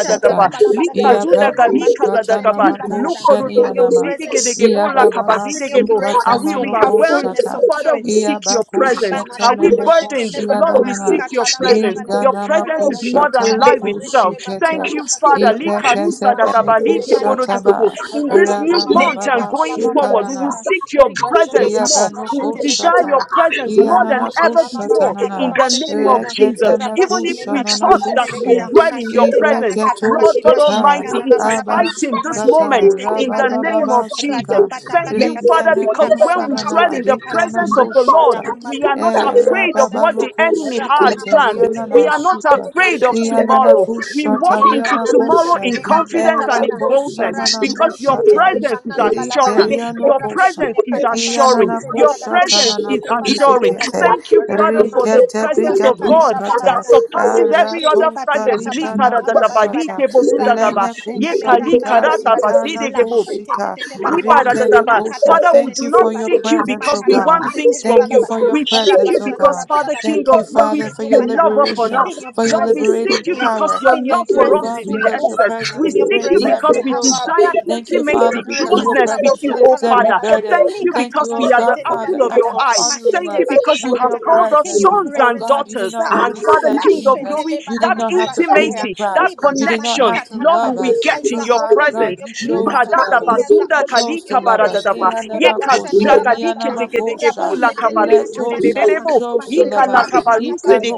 Speaker 4: I'm
Speaker 3: la balabadagada.
Speaker 2: iya bratush
Speaker 3: Rabana
Speaker 2: kata na
Speaker 3: machete
Speaker 1: likazudagalikazadagaba,
Speaker 3: le balagada.
Speaker 2: makushani
Speaker 3: In your
Speaker 1: lukodototopo,
Speaker 2: anama
Speaker 3: presence we
Speaker 2: iya
Speaker 3: rest.
Speaker 2: baba
Speaker 1: zidegedegebolakaba,
Speaker 3: In your
Speaker 1: zidegebo.
Speaker 2: basukata
Speaker 1: Are
Speaker 3: presence,
Speaker 1: we
Speaker 3: we have
Speaker 1: overwhelmed?
Speaker 3: fullness
Speaker 2: manokoshata
Speaker 3: of
Speaker 1: Father,
Speaker 3: joy.
Speaker 1: we
Speaker 2: iya
Speaker 1: seek your presence.
Speaker 3: Jibana
Speaker 2: bakushate
Speaker 1: Are
Speaker 3: kata
Speaker 1: we
Speaker 2: mene
Speaker 3: pashete
Speaker 1: burdened?
Speaker 2: kushia
Speaker 3: lebana
Speaker 1: Lord, we seek
Speaker 3: manika
Speaker 1: your presence.
Speaker 3: talabalabada.
Speaker 2: Rika
Speaker 1: Your presence is
Speaker 2: namakusha
Speaker 1: more
Speaker 3: Rabazuni
Speaker 1: than
Speaker 3: kata
Speaker 1: life
Speaker 3: pashete
Speaker 2: tamakushi
Speaker 1: itself.
Speaker 3: lebana
Speaker 2: kete.
Speaker 1: Thank
Speaker 3: kata
Speaker 1: you,
Speaker 3: pashete
Speaker 1: Father.
Speaker 3: legada.
Speaker 2: Ibrekete
Speaker 1: Likarusa
Speaker 3: Mashete
Speaker 1: dagabali
Speaker 2: benukusha
Speaker 3: tepani kata.
Speaker 1: keborototopo.
Speaker 2: taba.
Speaker 1: In this
Speaker 3: Rabana
Speaker 1: new month
Speaker 3: mazene
Speaker 1: and
Speaker 2: Rabababa
Speaker 3: kata
Speaker 1: going forward, we
Speaker 3: labarabada
Speaker 2: shukanana.
Speaker 1: will
Speaker 3: gada.
Speaker 1: seek your
Speaker 3: Ribazene
Speaker 1: presence
Speaker 3: kata
Speaker 1: more.
Speaker 2: Yabrano
Speaker 1: We will
Speaker 3: pashete le
Speaker 1: desire
Speaker 3: kata
Speaker 1: your
Speaker 2: koshata,
Speaker 3: pata.
Speaker 1: presence more than
Speaker 2: yanana
Speaker 1: ever
Speaker 3: Rabazana
Speaker 2: koshata
Speaker 1: before
Speaker 3: labana kata
Speaker 1: in
Speaker 2: nana,
Speaker 1: the
Speaker 3: pashete
Speaker 1: name of
Speaker 3: legada.
Speaker 1: Jesus.
Speaker 2: reketeme
Speaker 1: Even if
Speaker 3: Rabazene
Speaker 1: we
Speaker 3: kata
Speaker 4: not a
Speaker 2: kushanana
Speaker 1: thought
Speaker 3: pashete
Speaker 1: that
Speaker 4: man.
Speaker 1: we
Speaker 3: legada.
Speaker 2: kusia,
Speaker 1: dwell in your
Speaker 3: Mashete pana
Speaker 1: presence,
Speaker 2: ibreket
Speaker 3: kata
Speaker 1: Lord
Speaker 3: pati
Speaker 1: God
Speaker 3: pajede
Speaker 1: Almighty,
Speaker 3: gana
Speaker 1: it is
Speaker 3: labalabada.
Speaker 1: heightened this
Speaker 2: abasukata,
Speaker 1: moment
Speaker 3: Mashete tete
Speaker 1: in the name
Speaker 3: patatata.
Speaker 1: of
Speaker 2: rabababa
Speaker 1: Jesus.
Speaker 3: Rata
Speaker 2: suka,
Speaker 3: pata
Speaker 1: Thank
Speaker 3: pata
Speaker 1: you,
Speaker 3: kata.
Speaker 1: Father,
Speaker 2: rikene
Speaker 1: because when
Speaker 3: Labana
Speaker 1: we dwell
Speaker 2: kusanana,
Speaker 1: in the
Speaker 3: majetele kana
Speaker 2: rikana
Speaker 1: presence of the
Speaker 3: majetele
Speaker 1: Lord,
Speaker 3: kada
Speaker 2: koshata,
Speaker 1: we are
Speaker 2: e
Speaker 3: matapa
Speaker 1: not
Speaker 3: shetele
Speaker 1: afraid of
Speaker 3: pata
Speaker 1: what
Speaker 2: rababano
Speaker 3: kata.
Speaker 1: the enemy has
Speaker 3: Rabana
Speaker 2: koshikete,
Speaker 1: planned.
Speaker 3: majetele
Speaker 1: We
Speaker 2: rianana
Speaker 1: are not
Speaker 3: kana
Speaker 2: suka,
Speaker 3: matipa
Speaker 1: afraid of
Speaker 3: shetele kada.
Speaker 2: yanana
Speaker 1: tomorrow. We walk
Speaker 2: kushata,
Speaker 3: Ele
Speaker 1: into
Speaker 2: riana
Speaker 3: bana
Speaker 1: tomorrow
Speaker 3: mashete
Speaker 2: koshe,
Speaker 1: in
Speaker 3: le katia
Speaker 1: confidence and
Speaker 2: era
Speaker 1: in
Speaker 3: tapata
Speaker 1: boldness
Speaker 2: koshanana
Speaker 3: ranne
Speaker 1: because your
Speaker 3: mashete
Speaker 2: kushata,
Speaker 3: le
Speaker 1: presence is
Speaker 3: kana la balabada
Speaker 1: assuring.
Speaker 2: likeriano
Speaker 1: Your
Speaker 3: rapa
Speaker 1: presence
Speaker 3: jene
Speaker 1: is
Speaker 3: kata
Speaker 1: assuring.
Speaker 3: pashete le
Speaker 1: Your
Speaker 3: badagada
Speaker 2: Iananakushata
Speaker 1: presence is
Speaker 3: mashete pata pata
Speaker 1: assuring.
Speaker 3: pata
Speaker 2: nanakusikete
Speaker 1: Thank you, Father,
Speaker 3: ranna
Speaker 1: for the
Speaker 2: rikete
Speaker 3: mashete le
Speaker 1: presence
Speaker 3: bani
Speaker 1: of
Speaker 4: Let me see
Speaker 3: kata
Speaker 1: God
Speaker 3: la
Speaker 4: your face. Let me see. Let me see.
Speaker 1: that
Speaker 2: brigadushkata
Speaker 3: balabada
Speaker 1: surpasses every
Speaker 3: mashete te
Speaker 1: other
Speaker 2: aratoshka
Speaker 3: patia
Speaker 4: Let
Speaker 1: presence.
Speaker 3: tapaka tala badibada
Speaker 2: likanakushata
Speaker 3: lani
Speaker 1: Likaradadabadikebosudagaba,
Speaker 3: mashete le ganda la
Speaker 2: lenekusanikazi
Speaker 3: badibada la
Speaker 1: yekalikaratabasidigebo.
Speaker 3: shete te
Speaker 2: kanakusika
Speaker 3: te te patiata
Speaker 1: Lipa-da-da-da-ba.
Speaker 3: makata
Speaker 2: rikenekosha.
Speaker 1: Father, we
Speaker 2: Thank
Speaker 1: do
Speaker 2: you
Speaker 3: pashete te
Speaker 1: not
Speaker 2: for your
Speaker 3: pata
Speaker 1: seek you
Speaker 2: presence,
Speaker 1: because
Speaker 2: O
Speaker 1: we
Speaker 3: makata
Speaker 2: God.
Speaker 1: want
Speaker 3: pashete
Speaker 1: things
Speaker 3: le
Speaker 1: from
Speaker 2: Thank you
Speaker 1: you.
Speaker 2: for
Speaker 3: balabada
Speaker 2: your
Speaker 1: We seek
Speaker 3: rapa
Speaker 2: presence,
Speaker 1: you
Speaker 2: O
Speaker 3: jana la
Speaker 1: because,
Speaker 2: God.
Speaker 1: Father, King
Speaker 3: balabada
Speaker 2: Thank you,
Speaker 1: of glory,
Speaker 2: Father, for
Speaker 3: mashete
Speaker 1: you
Speaker 2: your
Speaker 3: pata
Speaker 1: love
Speaker 3: pata
Speaker 1: upon
Speaker 2: liberation,
Speaker 3: in
Speaker 1: us.
Speaker 3: your
Speaker 2: for your
Speaker 1: Lord, we
Speaker 3: presence we
Speaker 1: seek
Speaker 2: liberating
Speaker 1: you
Speaker 3: live
Speaker 1: because
Speaker 2: power.
Speaker 1: your
Speaker 3: in your
Speaker 1: love
Speaker 2: Thank you, O
Speaker 1: for us
Speaker 3: presence
Speaker 2: God,
Speaker 1: is in
Speaker 3: we
Speaker 2: because your
Speaker 3: move.
Speaker 1: excess. We
Speaker 2: presence
Speaker 3: In your
Speaker 1: seek you
Speaker 2: breaks
Speaker 3: presence
Speaker 1: because
Speaker 2: every
Speaker 3: we
Speaker 1: we
Speaker 3: have
Speaker 2: yoke.
Speaker 3: our
Speaker 1: desire
Speaker 3: being.
Speaker 2: Thank you,
Speaker 3: In your
Speaker 2: Father,
Speaker 1: intimacy,
Speaker 2: because
Speaker 3: presence,
Speaker 2: your
Speaker 1: closeness with
Speaker 2: presence
Speaker 1: you, oh
Speaker 3: labashata
Speaker 2: lifts every
Speaker 1: Father.
Speaker 3: labalabada.
Speaker 2: burden.
Speaker 1: Thank you
Speaker 2: Thank
Speaker 3: Likata
Speaker 1: because
Speaker 2: you,
Speaker 1: we
Speaker 2: oh
Speaker 1: are the
Speaker 2: God,
Speaker 3: pashete
Speaker 1: apple
Speaker 2: Father,
Speaker 1: of
Speaker 2: uh,
Speaker 1: your
Speaker 3: lebanikata.
Speaker 4: me
Speaker 2: for
Speaker 1: eye.
Speaker 4: see.
Speaker 2: honoring
Speaker 1: Thank
Speaker 3: Mashete
Speaker 1: you
Speaker 2: us
Speaker 1: because you
Speaker 2: with
Speaker 1: have
Speaker 2: your
Speaker 3: patapatakata.
Speaker 4: Let
Speaker 1: called
Speaker 3: In
Speaker 4: me
Speaker 1: us
Speaker 2: presence.
Speaker 3: your
Speaker 4: see.
Speaker 1: sons
Speaker 2: Oh
Speaker 1: and
Speaker 3: presence
Speaker 2: God, you
Speaker 3: we
Speaker 2: did
Speaker 1: daughters.
Speaker 2: not
Speaker 4: Look!
Speaker 3: serve.
Speaker 2: have
Speaker 1: And
Speaker 2: to
Speaker 1: Father,
Speaker 2: send
Speaker 1: King of
Speaker 3: Lashete
Speaker 1: glory,
Speaker 2: Jesus. You did
Speaker 1: that
Speaker 2: not
Speaker 3: lebanakata
Speaker 2: have to pay the
Speaker 3: pashete.
Speaker 1: intimacy, that
Speaker 2: price. You did not
Speaker 1: connection,
Speaker 2: have to
Speaker 3: Libanamanikata
Speaker 1: Lord,
Speaker 2: love
Speaker 3: laba.
Speaker 1: we
Speaker 2: us.
Speaker 1: get
Speaker 3: Eyes
Speaker 1: in
Speaker 2: But
Speaker 3: are
Speaker 1: your
Speaker 2: Father
Speaker 3: opened in
Speaker 2: God,
Speaker 1: presence.
Speaker 3: your
Speaker 2: you chose
Speaker 3: presence.
Speaker 2: to
Speaker 1: Likadada
Speaker 2: love us.
Speaker 3: Ears are
Speaker 1: basuda
Speaker 2: You
Speaker 3: opened
Speaker 2: chose
Speaker 3: in
Speaker 2: to
Speaker 3: your
Speaker 1: kalika
Speaker 2: love us.
Speaker 3: presence.
Speaker 1: baradadaba.
Speaker 3: Rabashata
Speaker 1: Yekazuda
Speaker 2: Iyanamakosha,
Speaker 3: labadabada.
Speaker 2: niyanamakosha,
Speaker 3: Rabashete
Speaker 2: letosa. You
Speaker 3: lekatapatiata.
Speaker 2: chose to love
Speaker 3: Mashete
Speaker 2: us.
Speaker 3: panakatapata.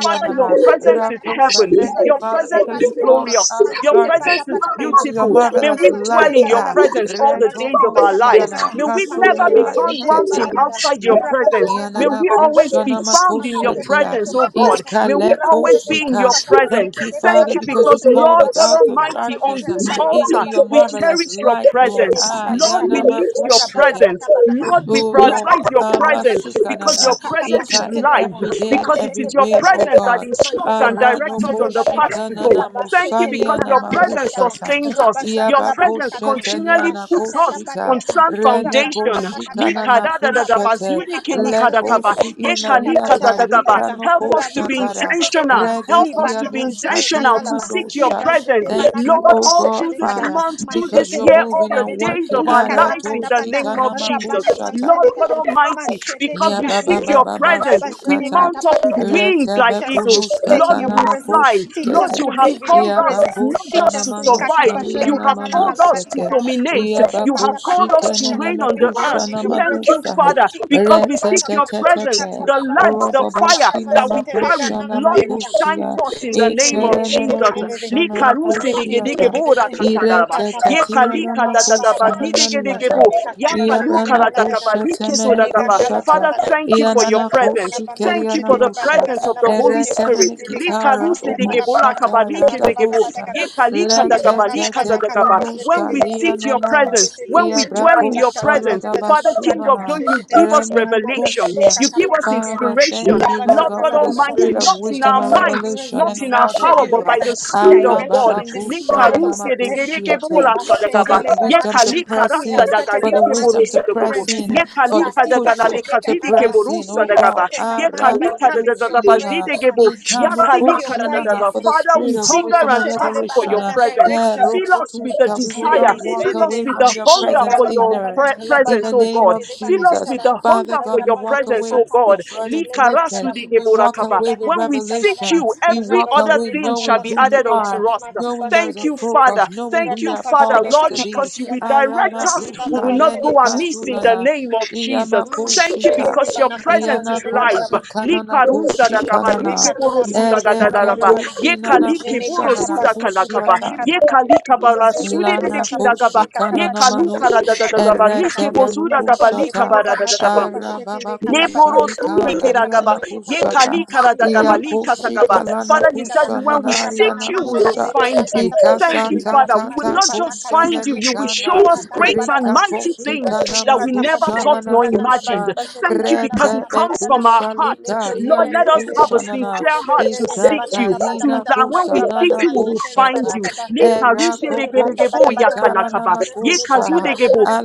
Speaker 1: Father, your
Speaker 3: majene
Speaker 1: presence is
Speaker 3: gadalaba
Speaker 2: rakosa.
Speaker 1: heaven.
Speaker 2: Thank you,
Speaker 1: Your
Speaker 2: Father,
Speaker 3: rabashete
Speaker 1: presence
Speaker 2: because
Speaker 1: is
Speaker 2: you called
Speaker 3: patiata,
Speaker 2: us
Speaker 1: glorious.
Speaker 2: out of
Speaker 1: Your
Speaker 3: majete
Speaker 1: presence
Speaker 3: pata
Speaker 2: darkness
Speaker 1: is
Speaker 3: patakata,
Speaker 2: into your
Speaker 1: beautiful. May
Speaker 4: Look!
Speaker 3: labana
Speaker 2: marvelous
Speaker 1: we
Speaker 4: Look!
Speaker 1: dwell
Speaker 3: majene
Speaker 2: light.
Speaker 1: in your
Speaker 2: Ah.
Speaker 3: gadalaba,
Speaker 1: presence all the days
Speaker 3: rabajete
Speaker 1: of
Speaker 2: Retoko
Speaker 1: our
Speaker 3: pata
Speaker 1: lives.
Speaker 2: shinana
Speaker 1: May
Speaker 3: patakata,
Speaker 1: we never
Speaker 3: majete
Speaker 1: be
Speaker 2: kasonana
Speaker 1: found
Speaker 3: pachete le
Speaker 2: rikete.
Speaker 1: wanting
Speaker 3: balagada,
Speaker 1: outside your presence.
Speaker 3: rabajene
Speaker 1: May
Speaker 2: Yanana
Speaker 1: we
Speaker 3: manakata
Speaker 1: always
Speaker 2: kushana
Speaker 1: be
Speaker 3: patiata,
Speaker 1: found in your
Speaker 3: majete
Speaker 2: makoshatia.
Speaker 3: pachete
Speaker 1: presence, oh
Speaker 3: pata
Speaker 1: God.
Speaker 3: pata,
Speaker 1: May we
Speaker 2: Iskaleko
Speaker 1: always
Speaker 3: rabajete
Speaker 1: be in
Speaker 2: shika.
Speaker 1: your
Speaker 3: banakata
Speaker 1: presence.
Speaker 2: Thank
Speaker 3: pachete
Speaker 2: you,
Speaker 3: le
Speaker 1: Thank
Speaker 2: Father,
Speaker 1: you
Speaker 3: banakata
Speaker 2: because you
Speaker 1: because,
Speaker 3: pachete le
Speaker 2: called
Speaker 1: Lord
Speaker 2: us
Speaker 1: God
Speaker 2: out of
Speaker 3: banamanikata
Speaker 1: Almighty, on
Speaker 3: pachete
Speaker 2: darkness uh,
Speaker 3: le
Speaker 1: this
Speaker 3: balabada
Speaker 2: into
Speaker 1: altar,
Speaker 2: your
Speaker 1: we
Speaker 3: banakata,
Speaker 2: marvelous
Speaker 1: cherish your
Speaker 2: light,
Speaker 1: presence
Speaker 2: Lord.
Speaker 3: Shete
Speaker 1: presence.
Speaker 2: Ah,
Speaker 3: pata tata
Speaker 1: Lord, we
Speaker 3: tata,
Speaker 2: yanama
Speaker 1: lift your
Speaker 3: rabata
Speaker 2: kushike.
Speaker 1: presence.
Speaker 3: pata pata kata,
Speaker 1: Lord, we
Speaker 2: Oh Lord,
Speaker 1: prioritize
Speaker 3: rabata
Speaker 1: your
Speaker 3: pata pata
Speaker 1: presence
Speaker 3: pata,
Speaker 1: because your
Speaker 2: Amasukanana,
Speaker 3: rakata
Speaker 1: presence is
Speaker 2: Ika
Speaker 3: pashete
Speaker 2: in
Speaker 3: legada,
Speaker 1: life,
Speaker 2: every day, in
Speaker 1: because it
Speaker 2: every
Speaker 1: is
Speaker 3: mashete
Speaker 1: your
Speaker 3: pata
Speaker 2: way,
Speaker 3: pata
Speaker 2: oh
Speaker 1: presence
Speaker 3: kata,
Speaker 1: that
Speaker 2: God.
Speaker 1: instructs
Speaker 3: mashete
Speaker 1: and
Speaker 3: pati
Speaker 1: directs us
Speaker 2: Aranoko
Speaker 3: pashete
Speaker 1: on the
Speaker 3: pata
Speaker 1: path
Speaker 3: kata,
Speaker 1: to go.
Speaker 2: Shikanana
Speaker 1: Thank you
Speaker 3: labashete
Speaker 1: because
Speaker 2: Musaniana
Speaker 3: lekana
Speaker 1: your
Speaker 3: mashete
Speaker 1: presence
Speaker 3: kata,
Speaker 2: Makushata,
Speaker 1: sustains us. Your
Speaker 3: rabazana
Speaker 4: Thank
Speaker 2: Iabako
Speaker 3: labani
Speaker 1: presence
Speaker 3: kata,
Speaker 4: you.
Speaker 1: continually
Speaker 2: Shetaniana
Speaker 1: puts
Speaker 3: rashata
Speaker 1: us
Speaker 3: tapati
Speaker 2: Koshika,
Speaker 1: on
Speaker 3: kata,
Speaker 1: sound
Speaker 3: rabana
Speaker 2: Reneko
Speaker 1: foundation.
Speaker 3: mana kata pata,
Speaker 2: Shikanana Kushete,
Speaker 3: labazene kata pashete
Speaker 2: Leko
Speaker 3: legada,
Speaker 1: Ye
Speaker 3: mata
Speaker 1: kali
Speaker 2: Siinania
Speaker 3: pata pati
Speaker 1: Yekalikazadagaba.
Speaker 2: Tarika
Speaker 3: kata,
Speaker 2: no
Speaker 1: Help us to
Speaker 3: rana
Speaker 1: be
Speaker 2: Koshatara,
Speaker 3: mashete
Speaker 1: intentional.
Speaker 3: legada,
Speaker 1: Help us to
Speaker 3: libana
Speaker 1: be
Speaker 3: mashene
Speaker 2: Redekianuskatia
Speaker 1: intentional
Speaker 3: kata
Speaker 1: to
Speaker 3: laba,
Speaker 1: seek your
Speaker 2: Madosha.
Speaker 3: libazene
Speaker 1: presence,
Speaker 3: bana
Speaker 2: Thank you,
Speaker 3: kata
Speaker 1: Lord,
Speaker 2: oh
Speaker 1: all
Speaker 2: God,
Speaker 3: pashete
Speaker 1: through this
Speaker 3: legada,
Speaker 2: Father
Speaker 1: month, through
Speaker 2: because
Speaker 1: this
Speaker 2: you're
Speaker 3: Mashekete
Speaker 1: year,
Speaker 3: te
Speaker 1: all
Speaker 2: moving
Speaker 1: the
Speaker 2: and
Speaker 1: days
Speaker 2: working.
Speaker 1: of our
Speaker 3: Likata
Speaker 1: lives in
Speaker 3: pata
Speaker 1: the
Speaker 3: pata.
Speaker 1: name of
Speaker 2: Aratoskitana
Speaker 1: Jesus.
Speaker 3: Rabana
Speaker 2: makushata.
Speaker 1: Lord
Speaker 3: majene
Speaker 1: God
Speaker 3: gada.
Speaker 1: Almighty,
Speaker 3: Mashete te
Speaker 1: because
Speaker 2: Ya
Speaker 1: we seek
Speaker 2: baba
Speaker 3: patiata.
Speaker 1: your
Speaker 2: baba
Speaker 1: presence, we
Speaker 3: Rabajene
Speaker 2: basukata
Speaker 1: mount
Speaker 3: kata
Speaker 1: up with
Speaker 3: patiata.
Speaker 1: wings like
Speaker 2: retebe
Speaker 3: Teach us to
Speaker 1: eagles.
Speaker 3: stay
Speaker 1: Lord,
Speaker 3: in
Speaker 2: kunushkata
Speaker 3: your
Speaker 1: we will
Speaker 3: presence.
Speaker 1: fly.
Speaker 3: Teach
Speaker 1: Lord,
Speaker 3: us
Speaker 2: namakoshikete
Speaker 1: you
Speaker 3: to
Speaker 1: have
Speaker 3: live in your
Speaker 1: called
Speaker 2: ya
Speaker 1: us
Speaker 3: presence.
Speaker 1: not
Speaker 2: bakosha
Speaker 3: Teach
Speaker 1: just
Speaker 3: us
Speaker 1: to
Speaker 3: likata
Speaker 1: survive,
Speaker 2: namanoshka
Speaker 1: you
Speaker 3: pajene
Speaker 2: liana
Speaker 1: have
Speaker 3: gana la
Speaker 1: called us
Speaker 3: balabadi
Speaker 1: to
Speaker 2: manasete
Speaker 3: gada.
Speaker 1: dominate,
Speaker 2: ya
Speaker 3: Mashete
Speaker 1: you have
Speaker 3: pata
Speaker 1: called
Speaker 3: pata
Speaker 1: us to
Speaker 2: bakoshikene
Speaker 3: patikata
Speaker 1: reign
Speaker 3: to
Speaker 1: on
Speaker 3: be
Speaker 1: the earth
Speaker 2: nemekusha
Speaker 3: glued in your
Speaker 1: thank you,
Speaker 3: presence.
Speaker 2: namadushka
Speaker 1: Father,
Speaker 3: Teach us
Speaker 1: because we seek
Speaker 3: likata
Speaker 2: retete
Speaker 1: your
Speaker 3: pajene
Speaker 1: presence.
Speaker 3: kata
Speaker 2: tete
Speaker 1: The
Speaker 3: labana
Speaker 1: light, the
Speaker 3: majene
Speaker 1: fire
Speaker 3: kata
Speaker 2: roboboski
Speaker 1: that we
Speaker 3: pajete le
Speaker 1: carry,
Speaker 2: namakosha
Speaker 3: gana la
Speaker 1: Lord, will
Speaker 3: balibada.
Speaker 1: shine
Speaker 2: namakushia
Speaker 1: forth in the
Speaker 3: Rabazana
Speaker 1: name of
Speaker 2: ikere
Speaker 1: Jesus.
Speaker 2: nemekusha namakushiata
Speaker 1: Likarusidegedegebo
Speaker 4: Thank you.
Speaker 1: rakasadaraba.
Speaker 2: irete tete namakusha
Speaker 1: Yekalikadatadabazidegedegebo.
Speaker 2: Iabrana kusha temene
Speaker 1: Yakalukaratakabalikesoragaba.
Speaker 2: kushata.
Speaker 1: Father, thank you for your
Speaker 2: Ianana
Speaker 1: presence.
Speaker 2: koshi
Speaker 1: Thank you
Speaker 2: keriana
Speaker 1: for the
Speaker 2: nosha.
Speaker 1: presence of the Holy Spirit.
Speaker 2: Eretene kitara boko
Speaker 1: Likarusidegebo lakabalikizegebo.
Speaker 2: ratadoshka. Lete tete
Speaker 1: Yekalikadatakabalikazadagaba. When
Speaker 2: kunushka
Speaker 1: we seek your
Speaker 2: lianana.
Speaker 1: presence, when we
Speaker 2: Iabra
Speaker 1: dwell in your
Speaker 2: kosha
Speaker 1: presence, Father, King of
Speaker 2: ladabasunana.
Speaker 1: glory, you give us
Speaker 2: Renenu
Speaker 1: revelation.
Speaker 2: kushia.
Speaker 1: You give us
Speaker 2: Father,
Speaker 1: inspiration.
Speaker 2: thank you, Lord
Speaker 1: Lord
Speaker 2: God,
Speaker 1: God
Speaker 3: la
Speaker 2: for the
Speaker 3: balabada,
Speaker 1: Almighty,
Speaker 2: spirit of
Speaker 1: not in
Speaker 3: Give
Speaker 2: wisdom
Speaker 1: our
Speaker 2: and
Speaker 3: us
Speaker 4: Thank
Speaker 3: your
Speaker 4: you.
Speaker 1: minds,
Speaker 2: revelation
Speaker 1: not
Speaker 2: and the
Speaker 3: presence,
Speaker 1: in our
Speaker 2: knowledge of
Speaker 3: Mashete
Speaker 1: power,
Speaker 2: you.
Speaker 1: but by
Speaker 3: Legada,
Speaker 1: the Spirit of
Speaker 3: direction
Speaker 1: God.
Speaker 3: in this month of
Speaker 1: Likarusie
Speaker 3: September.
Speaker 2: Arababakushananamakushiate.
Speaker 1: degerekebora
Speaker 3: Liba
Speaker 2: For
Speaker 3: Shete
Speaker 1: sadagaba.
Speaker 2: the wisdom to
Speaker 3: Lebanakata.
Speaker 2: press
Speaker 3: We
Speaker 2: in
Speaker 3: have started
Speaker 2: for
Speaker 3: the
Speaker 2: the
Speaker 3: month
Speaker 2: wisdom
Speaker 3: in
Speaker 2: to
Speaker 3: your
Speaker 1: Yekalikaрасадагаликеборосодогобо.
Speaker 2: press
Speaker 3: presence.
Speaker 2: in, for the
Speaker 3: Latipa
Speaker 2: push
Speaker 3: Shede
Speaker 2: to
Speaker 3: Ganalaba.
Speaker 2: press in,
Speaker 3: We
Speaker 2: oh
Speaker 3: have
Speaker 1: Yekalikadaganalekabidikeborosadagaba.
Speaker 2: God.
Speaker 3: started the month by coming to your
Speaker 2: Aratukushinana,
Speaker 3: presence uh,
Speaker 1: Yekalikadadadadabazidegebo.
Speaker 3: to seek your
Speaker 2: ikanokushinana,
Speaker 1: Yakalikadadadaba.
Speaker 3: guidance,
Speaker 2: For
Speaker 3: uh,
Speaker 2: the
Speaker 1: Father,
Speaker 3: to
Speaker 2: spirit
Speaker 1: we
Speaker 2: of
Speaker 3: seek
Speaker 1: hunger
Speaker 2: wisdom
Speaker 1: and
Speaker 2: and
Speaker 3: Mashete
Speaker 1: thirst for
Speaker 2: revelation.
Speaker 1: your
Speaker 3: Lebalaba
Speaker 2: uh,
Speaker 3: the
Speaker 1: presence.
Speaker 3: direction.
Speaker 1: Fill us with the
Speaker 2: erokotuska. We will
Speaker 1: desire.
Speaker 2: not
Speaker 3: Ramanda
Speaker 2: walk
Speaker 1: Fill us
Speaker 2: away
Speaker 1: with
Speaker 2: from
Speaker 1: the
Speaker 2: your
Speaker 1: hunger
Speaker 2: presence
Speaker 1: for your
Speaker 2: ignorant.
Speaker 1: pre-
Speaker 2: In
Speaker 1: presence,
Speaker 2: the
Speaker 1: oh
Speaker 2: name
Speaker 1: God.
Speaker 2: of
Speaker 1: Fill us
Speaker 2: Jesus.
Speaker 1: with the
Speaker 2: Father
Speaker 1: hunger for
Speaker 2: God, we
Speaker 1: your
Speaker 2: walk
Speaker 1: presence,
Speaker 2: away
Speaker 1: oh God.
Speaker 2: with burdens lifted. We walk
Speaker 1: Likarasu-di-geborakaba.
Speaker 2: away with
Speaker 1: When we seek
Speaker 2: revelation.
Speaker 1: you,
Speaker 2: We
Speaker 1: every
Speaker 2: walk
Speaker 1: other
Speaker 2: away
Speaker 1: thing shall
Speaker 2: knowing
Speaker 1: be
Speaker 2: who you
Speaker 1: added unto
Speaker 2: are,
Speaker 1: us.
Speaker 2: knowing there is
Speaker 1: Thank
Speaker 2: a
Speaker 1: you, Father.
Speaker 2: focus, knowing who
Speaker 1: Thank you,
Speaker 2: you have
Speaker 1: Father,
Speaker 2: called us
Speaker 1: Lord,
Speaker 2: to
Speaker 4: Thank
Speaker 2: be.
Speaker 1: because you
Speaker 4: you.
Speaker 1: will direct us. We
Speaker 3: la
Speaker 2: Aramatushka
Speaker 1: will not go
Speaker 3: bajede
Speaker 2: lenika
Speaker 3: gada.
Speaker 1: amiss in the
Speaker 2: sunana.
Speaker 1: name of Jesus.
Speaker 3: Mm,
Speaker 1: Thank you
Speaker 2: Iyamakoshita.
Speaker 3: shetele
Speaker 1: because your
Speaker 3: bana katapa
Speaker 1: presence is
Speaker 3: jede gada
Speaker 1: life.
Speaker 2: Iyanakoshi
Speaker 3: laba.
Speaker 2: kanana koshi
Speaker 1: Likaruzadagaba,
Speaker 2: kanana.
Speaker 3: Shetele kanala bana kanala bana
Speaker 1: likeborosudagadadadaba.
Speaker 2: Ereketo
Speaker 3: bana.
Speaker 1: Ye
Speaker 2: shinana
Speaker 1: kali
Speaker 3: Jene
Speaker 1: keboro
Speaker 2: kushanana
Speaker 3: katapa
Speaker 1: suda
Speaker 3: shetele
Speaker 1: kalakaba.
Speaker 2: kusiata.
Speaker 3: bana
Speaker 1: Ye
Speaker 3: katapati.
Speaker 1: kali kabara
Speaker 3: Mazele
Speaker 1: sude
Speaker 3: bana
Speaker 1: de de
Speaker 2: Lana
Speaker 3: katapa
Speaker 1: kiragaba.
Speaker 2: kushi
Speaker 3: shetele
Speaker 1: Ye
Speaker 2: kanana
Speaker 3: katapati pa
Speaker 1: kalu
Speaker 2: manush
Speaker 1: kara da
Speaker 3: shetele
Speaker 1: da da da ba.
Speaker 3: katamani
Speaker 1: Li
Speaker 3: kata.
Speaker 2: errete
Speaker 1: kebo
Speaker 2: benu
Speaker 1: suda
Speaker 3: Matapa
Speaker 1: gaba li
Speaker 2: kushata
Speaker 3: shetele
Speaker 1: kabara da
Speaker 3: bana
Speaker 1: da da ba.
Speaker 3: katapa
Speaker 2: arababa
Speaker 3: shetele katapata.
Speaker 2: kushani
Speaker 3: Makatapa
Speaker 1: Leporosudikiragaba,
Speaker 2: kandariana
Speaker 3: jete bana
Speaker 2: kushata
Speaker 3: katapati ata.
Speaker 2: iya
Speaker 3: Mazene
Speaker 2: kushi
Speaker 1: yekalikaragadagabalikasakaba.
Speaker 3: katapa
Speaker 2: kalana
Speaker 1: Father,
Speaker 3: shetele
Speaker 1: you said
Speaker 3: gada.
Speaker 2: kushana
Speaker 1: when we seek
Speaker 3: Rabana
Speaker 2: nariana
Speaker 1: you, we will
Speaker 2: kusha
Speaker 3: majetele
Speaker 1: find
Speaker 3: bana
Speaker 1: you.
Speaker 3: katapa
Speaker 1: Thank you,
Speaker 3: shetele
Speaker 2: ikasata
Speaker 3: gada.
Speaker 1: Father. We will
Speaker 3: Mati
Speaker 2: tata
Speaker 1: not
Speaker 3: pana
Speaker 1: just find
Speaker 2: kushene
Speaker 3: katapa
Speaker 1: you, you will
Speaker 3: shetele
Speaker 1: show
Speaker 2: nikanda
Speaker 1: us
Speaker 3: makata la
Speaker 1: great
Speaker 3: bala
Speaker 1: and
Speaker 3: bada.
Speaker 1: mighty
Speaker 2: rikatoski
Speaker 3: Liba
Speaker 1: things
Speaker 3: jene
Speaker 1: that
Speaker 2: tanama
Speaker 1: we
Speaker 3: katapa
Speaker 1: never
Speaker 2: kushana
Speaker 1: thought
Speaker 3: shetele
Speaker 2: na
Speaker 1: nor
Speaker 3: kanala bala.
Speaker 1: imagined.
Speaker 2: kusha
Speaker 3: Liba jene
Speaker 1: Thank you
Speaker 3: kanala
Speaker 1: because it
Speaker 2: rete
Speaker 3: bana
Speaker 2: be
Speaker 1: comes
Speaker 3: madagada.
Speaker 1: from our
Speaker 2: kusha
Speaker 1: heart.
Speaker 3: Matapa
Speaker 1: Lord,
Speaker 2: likarianu
Speaker 1: let us have a
Speaker 2: kushana na
Speaker 1: sincere heart to seek you.
Speaker 4: Thank you.
Speaker 1: To,
Speaker 2: iskataina
Speaker 1: that when
Speaker 4: I'm
Speaker 1: we
Speaker 2: kushana
Speaker 1: seek
Speaker 2: na
Speaker 1: you, we will find
Speaker 2: kushata
Speaker 1: you.
Speaker 2: Erakokos
Speaker 1: Leparusedegeregebo yakalakaba. Ye
Speaker 2: intaranamakosa.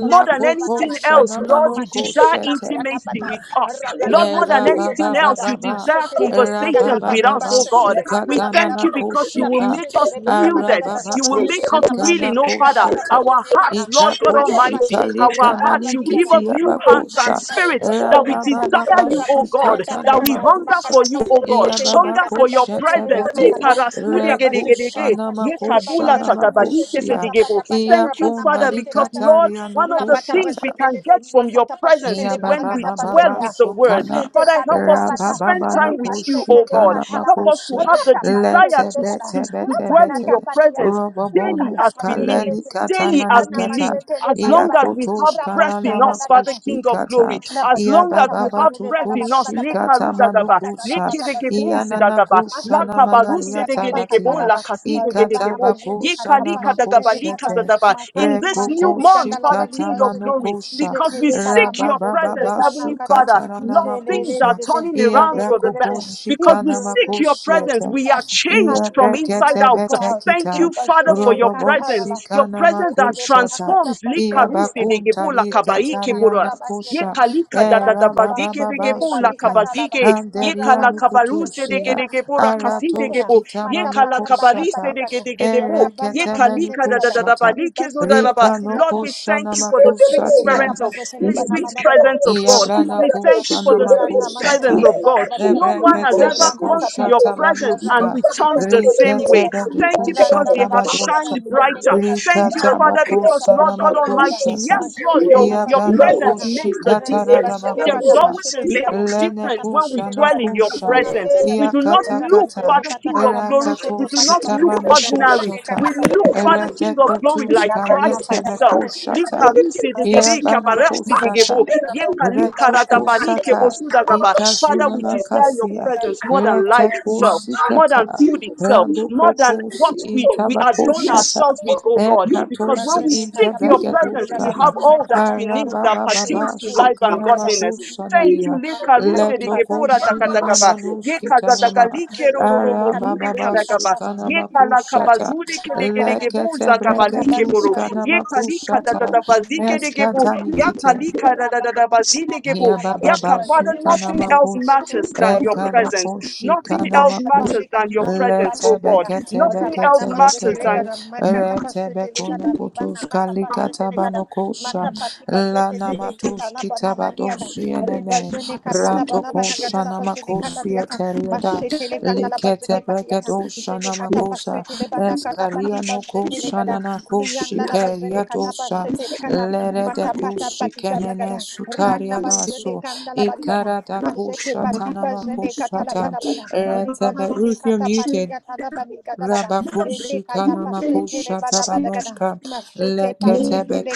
Speaker 1: More than anything else, Lord, you desire
Speaker 2: namanokosete.
Speaker 1: intimacy with us. Lord, more than anything else, you
Speaker 2: Rabababa,
Speaker 1: desire conversations with us,
Speaker 2: Rabababa,
Speaker 1: oh God. We
Speaker 2: Sukatana
Speaker 1: thank
Speaker 2: na
Speaker 1: you because you will
Speaker 2: Koshika,
Speaker 1: make us yielded
Speaker 2: Arababa
Speaker 1: you will make us
Speaker 2: Koshika na
Speaker 1: willing, oh Father,
Speaker 2: Koshete,
Speaker 1: our hearts,
Speaker 2: Ika
Speaker 1: Lord God Almighty,
Speaker 2: Koshika
Speaker 3: shete le
Speaker 1: our
Speaker 2: Lika
Speaker 1: hearts. You
Speaker 3: balabadi
Speaker 1: give
Speaker 3: gada.
Speaker 1: us
Speaker 2: Nanikiti
Speaker 1: new
Speaker 3: Wili
Speaker 1: hearts and
Speaker 2: Abakosha,
Speaker 3: kata pa
Speaker 1: spirits
Speaker 3: shete le
Speaker 1: that we desire
Speaker 3: banakata.
Speaker 2: Rabababa
Speaker 1: you, oh
Speaker 3: Rabajete
Speaker 1: God, that
Speaker 2: Sukatana
Speaker 1: we
Speaker 3: palekata
Speaker 1: hunger
Speaker 2: Makosha.
Speaker 1: for
Speaker 3: makata
Speaker 1: you, oh
Speaker 3: pajete
Speaker 1: God,
Speaker 3: tete
Speaker 2: Iyababa
Speaker 1: hunger
Speaker 3: makata
Speaker 1: for your
Speaker 2: kosha
Speaker 3: pajete
Speaker 4: not a
Speaker 1: presence.
Speaker 2: tebete,
Speaker 4: good person.
Speaker 3: lebanakata rabajene
Speaker 2: rekusha
Speaker 3: kata
Speaker 1: Likarasudegedegedege,
Speaker 3: pajete
Speaker 2: namakosha
Speaker 3: lebanagada machete
Speaker 2: namakosia,
Speaker 3: pata
Speaker 1: yekabulatakabalikisedigebo.
Speaker 3: pata pata
Speaker 1: Thank you,
Speaker 3: rabana
Speaker 2: iyakonda
Speaker 1: Father,
Speaker 3: majete
Speaker 1: because
Speaker 3: pata
Speaker 1: Lord,
Speaker 3: kata
Speaker 2: rikataria no
Speaker 1: one
Speaker 3: la
Speaker 1: of the
Speaker 3: pata
Speaker 1: things we
Speaker 3: pajete
Speaker 1: can get
Speaker 3: tete
Speaker 1: from your
Speaker 3: makata
Speaker 1: presence
Speaker 3: pajete
Speaker 1: is when we
Speaker 3: lebanakata
Speaker 1: dwell
Speaker 3: pajete
Speaker 2: Yabababa
Speaker 1: with
Speaker 3: ah,
Speaker 1: the word.
Speaker 2: sokana
Speaker 3: machete
Speaker 1: Father, help
Speaker 3: pata ta
Speaker 1: us to
Speaker 3: pata
Speaker 1: spend
Speaker 2: rabababa
Speaker 1: time
Speaker 2: na
Speaker 1: with you, oh
Speaker 3: ribachete le
Speaker 1: God.
Speaker 2: koshikana
Speaker 3: kata
Speaker 1: Help
Speaker 3: laba
Speaker 1: us to
Speaker 2: makose
Speaker 1: have the
Speaker 3: rata
Speaker 1: desire
Speaker 3: pajete
Speaker 2: lete
Speaker 1: to,
Speaker 3: legada
Speaker 1: to,
Speaker 2: bete
Speaker 1: to
Speaker 3: la
Speaker 2: bete
Speaker 1: dwell in
Speaker 2: bete
Speaker 3: banata
Speaker 1: your presence
Speaker 3: patiata
Speaker 1: daily
Speaker 3: likata
Speaker 1: as
Speaker 2: robobonus
Speaker 1: we
Speaker 3: pajete
Speaker 1: live,
Speaker 2: kaleni
Speaker 3: lika
Speaker 1: daily
Speaker 2: katana
Speaker 1: as
Speaker 3: likana
Speaker 1: we
Speaker 2: nikata
Speaker 1: live,
Speaker 3: majete
Speaker 1: as long as
Speaker 3: lebanabada
Speaker 1: we have
Speaker 2: iakotos
Speaker 1: breath in
Speaker 2: kalana
Speaker 3: rapashata
Speaker 1: us, Father
Speaker 3: nakata,
Speaker 1: King of Glory,
Speaker 2: makoshikata
Speaker 1: as
Speaker 3: Rabazene
Speaker 1: long as we
Speaker 2: yabababa
Speaker 1: have
Speaker 3: katapazene
Speaker 1: breath
Speaker 3: bala
Speaker 1: in
Speaker 3: bada
Speaker 1: us,
Speaker 3: bada bada la
Speaker 2: tukushikata
Speaker 3: mazene
Speaker 1: Lekarudagaba,
Speaker 3: bakanda la
Speaker 2: manukusa
Speaker 3: bala bazene anda
Speaker 2: ianana
Speaker 1: Lekidegebusidagaba,
Speaker 2: kushana
Speaker 3: mashete te pati ya
Speaker 2: manariata
Speaker 3: tapaka
Speaker 1: Lakabarusedegedegebon,
Speaker 2: batia
Speaker 3: talaba
Speaker 2: ikata
Speaker 3: rabana
Speaker 1: Lakasidegedegebo,
Speaker 3: mazene
Speaker 2: bakoshana
Speaker 3: katapashete
Speaker 1: Yekalikadagaba,
Speaker 3: le kata
Speaker 2: makoshete
Speaker 1: in
Speaker 3: makani
Speaker 1: this new
Speaker 3: bazene
Speaker 1: month,
Speaker 3: ganda la
Speaker 1: Father
Speaker 3: bali
Speaker 2: Rekokoshikata
Speaker 1: King of
Speaker 3: bazene
Speaker 1: Glory,
Speaker 2: manokosha
Speaker 1: because
Speaker 3: jete
Speaker 1: we
Speaker 3: le kana
Speaker 1: seek your
Speaker 3: mazete le
Speaker 1: presence,
Speaker 2: Rabababa
Speaker 3: bana
Speaker 1: Heavenly
Speaker 3: kata
Speaker 1: Father, Lord,
Speaker 3: jele
Speaker 1: things
Speaker 3: le le
Speaker 1: are
Speaker 2: Sukatanamakusa
Speaker 3: le
Speaker 1: turning
Speaker 3: le
Speaker 1: around
Speaker 3: le
Speaker 1: for
Speaker 3: le le
Speaker 1: the
Speaker 3: le
Speaker 2: Iabracocos
Speaker 1: best.
Speaker 3: le
Speaker 1: Because
Speaker 3: your
Speaker 1: we seek
Speaker 3: presence
Speaker 1: your
Speaker 3: is going
Speaker 1: presence,
Speaker 2: Shikanamakusieta
Speaker 3: with
Speaker 1: we are
Speaker 3: us
Speaker 2: Ia
Speaker 3: as
Speaker 1: changed
Speaker 3: we
Speaker 1: from
Speaker 3: come in
Speaker 1: inside
Speaker 3: as we go
Speaker 1: out.
Speaker 3: out
Speaker 1: Thank you,
Speaker 2: betekita
Speaker 1: Father,
Speaker 3: ribazene
Speaker 1: for
Speaker 3: le
Speaker 1: your
Speaker 2: robobo
Speaker 3: kata la la
Speaker 1: presence, your
Speaker 2: shikana
Speaker 1: presence
Speaker 3: mazete
Speaker 1: that
Speaker 3: le bana
Speaker 2: makushata
Speaker 3: kata
Speaker 1: transforms.
Speaker 2: ia
Speaker 3: pashete le
Speaker 1: Likaruse
Speaker 3: kata
Speaker 1: de
Speaker 2: bakunta
Speaker 1: gebo lakabai
Speaker 2: likataria
Speaker 1: keboras. Ye
Speaker 2: nakusha
Speaker 1: kalika da da da
Speaker 2: era
Speaker 3: libati
Speaker 2: baba
Speaker 1: bazike de
Speaker 3: bashete
Speaker 2: baba
Speaker 3: le
Speaker 1: gebo
Speaker 3: katala
Speaker 1: lakabazike. Ye
Speaker 3: rabana mashete
Speaker 1: kalakabaruse de
Speaker 3: le
Speaker 1: gede
Speaker 3: kami
Speaker 1: gebo
Speaker 3: mati
Speaker 1: rakasi de
Speaker 3: bashete ya
Speaker 1: gebo. Ye
Speaker 3: mata pata pata
Speaker 1: kalakabarise
Speaker 3: pati
Speaker 1: de
Speaker 3: kata
Speaker 1: gede gede bo. Ye
Speaker 3: rabana
Speaker 2: erekete
Speaker 3: mashete
Speaker 1: kalika
Speaker 3: le
Speaker 1: da da da
Speaker 3: kada
Speaker 1: da ba.
Speaker 2: menukushata
Speaker 1: Like oh, da da
Speaker 3: libashete
Speaker 1: ba.
Speaker 2: rika
Speaker 1: Lord,
Speaker 3: patiata
Speaker 1: we
Speaker 2: nukushana
Speaker 1: thank you for the sweet
Speaker 3: Jene
Speaker 2: makusatia
Speaker 3: kata
Speaker 1: presence of
Speaker 3: pazetele bana
Speaker 1: sweet
Speaker 3: managada
Speaker 1: presence of God.
Speaker 3: mazete pata
Speaker 2: Iabrana
Speaker 1: We
Speaker 3: patakada
Speaker 1: thank you for
Speaker 2: kushana
Speaker 1: the speech
Speaker 3: rana
Speaker 2: makusata.
Speaker 1: presence
Speaker 3: mashetele
Speaker 1: of God.
Speaker 3: bala
Speaker 1: No
Speaker 3: badagada
Speaker 1: one has
Speaker 2: Ebrekete
Speaker 3: mazene
Speaker 1: ever
Speaker 3: bana
Speaker 1: gone to your
Speaker 2: bekushata
Speaker 3: tatalaba
Speaker 1: presence
Speaker 2: banuska.
Speaker 1: and
Speaker 3: rabazene
Speaker 1: returned
Speaker 3: kata
Speaker 1: the same
Speaker 3: pashetele
Speaker 2: Rikete
Speaker 1: way.
Speaker 3: gada
Speaker 1: Thank you because
Speaker 3: randa
Speaker 1: they
Speaker 3: la
Speaker 2: bedukushata
Speaker 1: have
Speaker 3: bajede gada
Speaker 2: baduska.
Speaker 1: shined brighter.
Speaker 3: mazete pati
Speaker 1: Thank
Speaker 3: la
Speaker 1: you,
Speaker 2: Rikata
Speaker 3: talaba
Speaker 1: Father, because
Speaker 3: rikata
Speaker 1: Lord
Speaker 2: mokusana
Speaker 1: God
Speaker 3: pashetele gada
Speaker 1: Almighty,
Speaker 2: makushata.
Speaker 1: yes, Lord,
Speaker 3: majene kata
Speaker 1: your, your
Speaker 2: Iabrana
Speaker 3: pashetele
Speaker 1: presence
Speaker 3: bana
Speaker 1: makes the
Speaker 2: kushikata
Speaker 3: rene
Speaker 1: difference.
Speaker 3: bajene
Speaker 1: There is
Speaker 3: kata
Speaker 2: radabakusa.
Speaker 1: always a
Speaker 3: pashetele
Speaker 1: stark
Speaker 3: gada
Speaker 4: Lake
Speaker 2: Lene
Speaker 3: makata
Speaker 1: difference when we
Speaker 3: pashetele
Speaker 2: kushana
Speaker 1: dwell in
Speaker 3: gada
Speaker 1: your
Speaker 2: kusha.
Speaker 3: libana
Speaker 1: presence. We
Speaker 3: managada
Speaker 1: do not
Speaker 2: Iakata
Speaker 1: look,
Speaker 2: kata.
Speaker 3: rabazete
Speaker 1: Father, King
Speaker 3: patakata
Speaker 1: of glory. We
Speaker 3: mashete
Speaker 2: Erakatos
Speaker 1: do
Speaker 3: pata
Speaker 1: not look
Speaker 3: patakata
Speaker 2: kitabano
Speaker 1: ordinary.
Speaker 3: rabazene
Speaker 2: kushata.
Speaker 3: kata
Speaker 1: We look,
Speaker 3: pashetele
Speaker 1: Father, King of glory, like
Speaker 2: Redekutuska
Speaker 3: Labana
Speaker 1: Christ
Speaker 2: lete
Speaker 3: katapa
Speaker 1: Himself.
Speaker 3: setele kada.
Speaker 2: bekushata.
Speaker 3: Rabazana
Speaker 2: Iabrana
Speaker 3: labana kada.
Speaker 2: kusata.
Speaker 1: Yekali
Speaker 3: Rabaziki pata
Speaker 2: Retoko
Speaker 3: kada.
Speaker 1: karadabari
Speaker 2: sata
Speaker 1: kebosudagaba. Father,
Speaker 2: ikazuna
Speaker 1: we desire your
Speaker 2: nakasia
Speaker 1: presence more than life
Speaker 2: reteko
Speaker 1: itself, more than
Speaker 2: sikata
Speaker 1: food itself, more
Speaker 2: randoko
Speaker 1: than what
Speaker 2: kosi
Speaker 1: we, we
Speaker 2: intabako
Speaker 1: adorn
Speaker 4: Yes,
Speaker 2: shata
Speaker 1: ourselves with,
Speaker 4: Lord,
Speaker 1: oh God.
Speaker 4: your
Speaker 1: Because
Speaker 2: ekatosi
Speaker 1: when we
Speaker 3: Rabazene
Speaker 4: presence,
Speaker 1: seek
Speaker 3: katapa
Speaker 1: your
Speaker 4: your
Speaker 3: setele
Speaker 1: presence,
Speaker 2: intabegadushka
Speaker 4: presence,
Speaker 3: kada.
Speaker 1: we
Speaker 4: you
Speaker 1: have
Speaker 4: come
Speaker 1: all
Speaker 4: back.
Speaker 1: that
Speaker 3: Nakapa
Speaker 1: we need that
Speaker 2: arabababa
Speaker 1: pertains to life and
Speaker 3: setele kada.
Speaker 1: godliness. Thank
Speaker 4: We
Speaker 1: you.
Speaker 2: sukanamakusanania
Speaker 4: do
Speaker 1: Lekaruse
Speaker 3: Aki pata.
Speaker 1: degebora
Speaker 2: letokoshi
Speaker 1: takatagaba.
Speaker 2: inamanuskitanama
Speaker 1: Yekazadagali
Speaker 3: Rabazani
Speaker 1: kerororobosudi
Speaker 2: arabababa
Speaker 3: katapene
Speaker 1: kadagaba.
Speaker 3: katapa
Speaker 2: sukanamakusata
Speaker 1: Yekalakabazudi
Speaker 3: pata.
Speaker 1: kedegedegebozagabali keboro.
Speaker 3: Rabazana
Speaker 1: Yekali
Speaker 2: leketebreketushkanamakusata
Speaker 1: kadadadabazike
Speaker 2: eskatanikite
Speaker 1: Yakalika da da da da ba
Speaker 3: Rabana
Speaker 1: zide gebo.
Speaker 2: Hia
Speaker 3: matala
Speaker 2: baba
Speaker 1: Yaka,
Speaker 2: basu
Speaker 1: Father,
Speaker 3: baribazene
Speaker 1: nothing
Speaker 3: katapa
Speaker 1: else
Speaker 2: tanamakus
Speaker 1: matters than
Speaker 3: setele
Speaker 1: your presence.
Speaker 2: ekanokoshi
Speaker 1: Nothing else
Speaker 3: Rabanda
Speaker 2: kanamakus
Speaker 1: matters
Speaker 3: Barika
Speaker 1: than your
Speaker 3: Mati
Speaker 1: presence,
Speaker 2: lete
Speaker 1: oh God.
Speaker 3: Patikata
Speaker 2: bekete
Speaker 1: Nothing else
Speaker 2: bekete
Speaker 3: Rabanda Mazete
Speaker 1: matters
Speaker 2: bekete
Speaker 1: than
Speaker 3: Legada Makata
Speaker 2: rete
Speaker 3: Pasete Legada
Speaker 2: bekunukutus
Speaker 3: Libana Kata
Speaker 2: kalikata
Speaker 3: Pasete Legada
Speaker 2: banokosha
Speaker 3: Mata Pati Pasete Tete
Speaker 2: lanamatus
Speaker 3: Kata Labana Maniana
Speaker 2: kitabadosi enene
Speaker 3: Ribazene
Speaker 4: not
Speaker 3: Kata Labana
Speaker 4: mistake.
Speaker 2: ratokosha
Speaker 3: Banagada Labazene Kata
Speaker 2: namakosi
Speaker 3: Tiata
Speaker 2: eteriada
Speaker 3: Machete Leganda
Speaker 2: likete
Speaker 3: Labazete Patiata
Speaker 2: beketosha
Speaker 3: Zene Kata
Speaker 2: namakosa
Speaker 3: Pasete Lebana Kata
Speaker 2: eskaria
Speaker 3: Pati Pasete
Speaker 2: nokosha
Speaker 3: Legada
Speaker 2: nanakoshi
Speaker 3: Lianda Labazene Kata
Speaker 2: keriatosa
Speaker 3: Pasete Legada Mata
Speaker 2: Lerede
Speaker 3: Pata Pati Gada
Speaker 2: kuşikenene
Speaker 3: Gada Rana
Speaker 2: sutaryana
Speaker 3: Mazene
Speaker 2: su
Speaker 3: Ganda Labalibada
Speaker 2: ikarada
Speaker 3: Mazete Pati
Speaker 2: kuşatanama
Speaker 3: Pazene Kata
Speaker 2: kuşata
Speaker 3: Labana
Speaker 2: retebe
Speaker 3: Ribajene
Speaker 2: Ruth you're muted
Speaker 3: katapatia talabani gadalaba. Ele
Speaker 2: Rabakushikanama
Speaker 3: katapashete le
Speaker 4: Thank you.
Speaker 3: banabadagada.
Speaker 2: kushatabanoshka
Speaker 3: Mashete
Speaker 4: Thank
Speaker 2: leketebe
Speaker 3: pashete le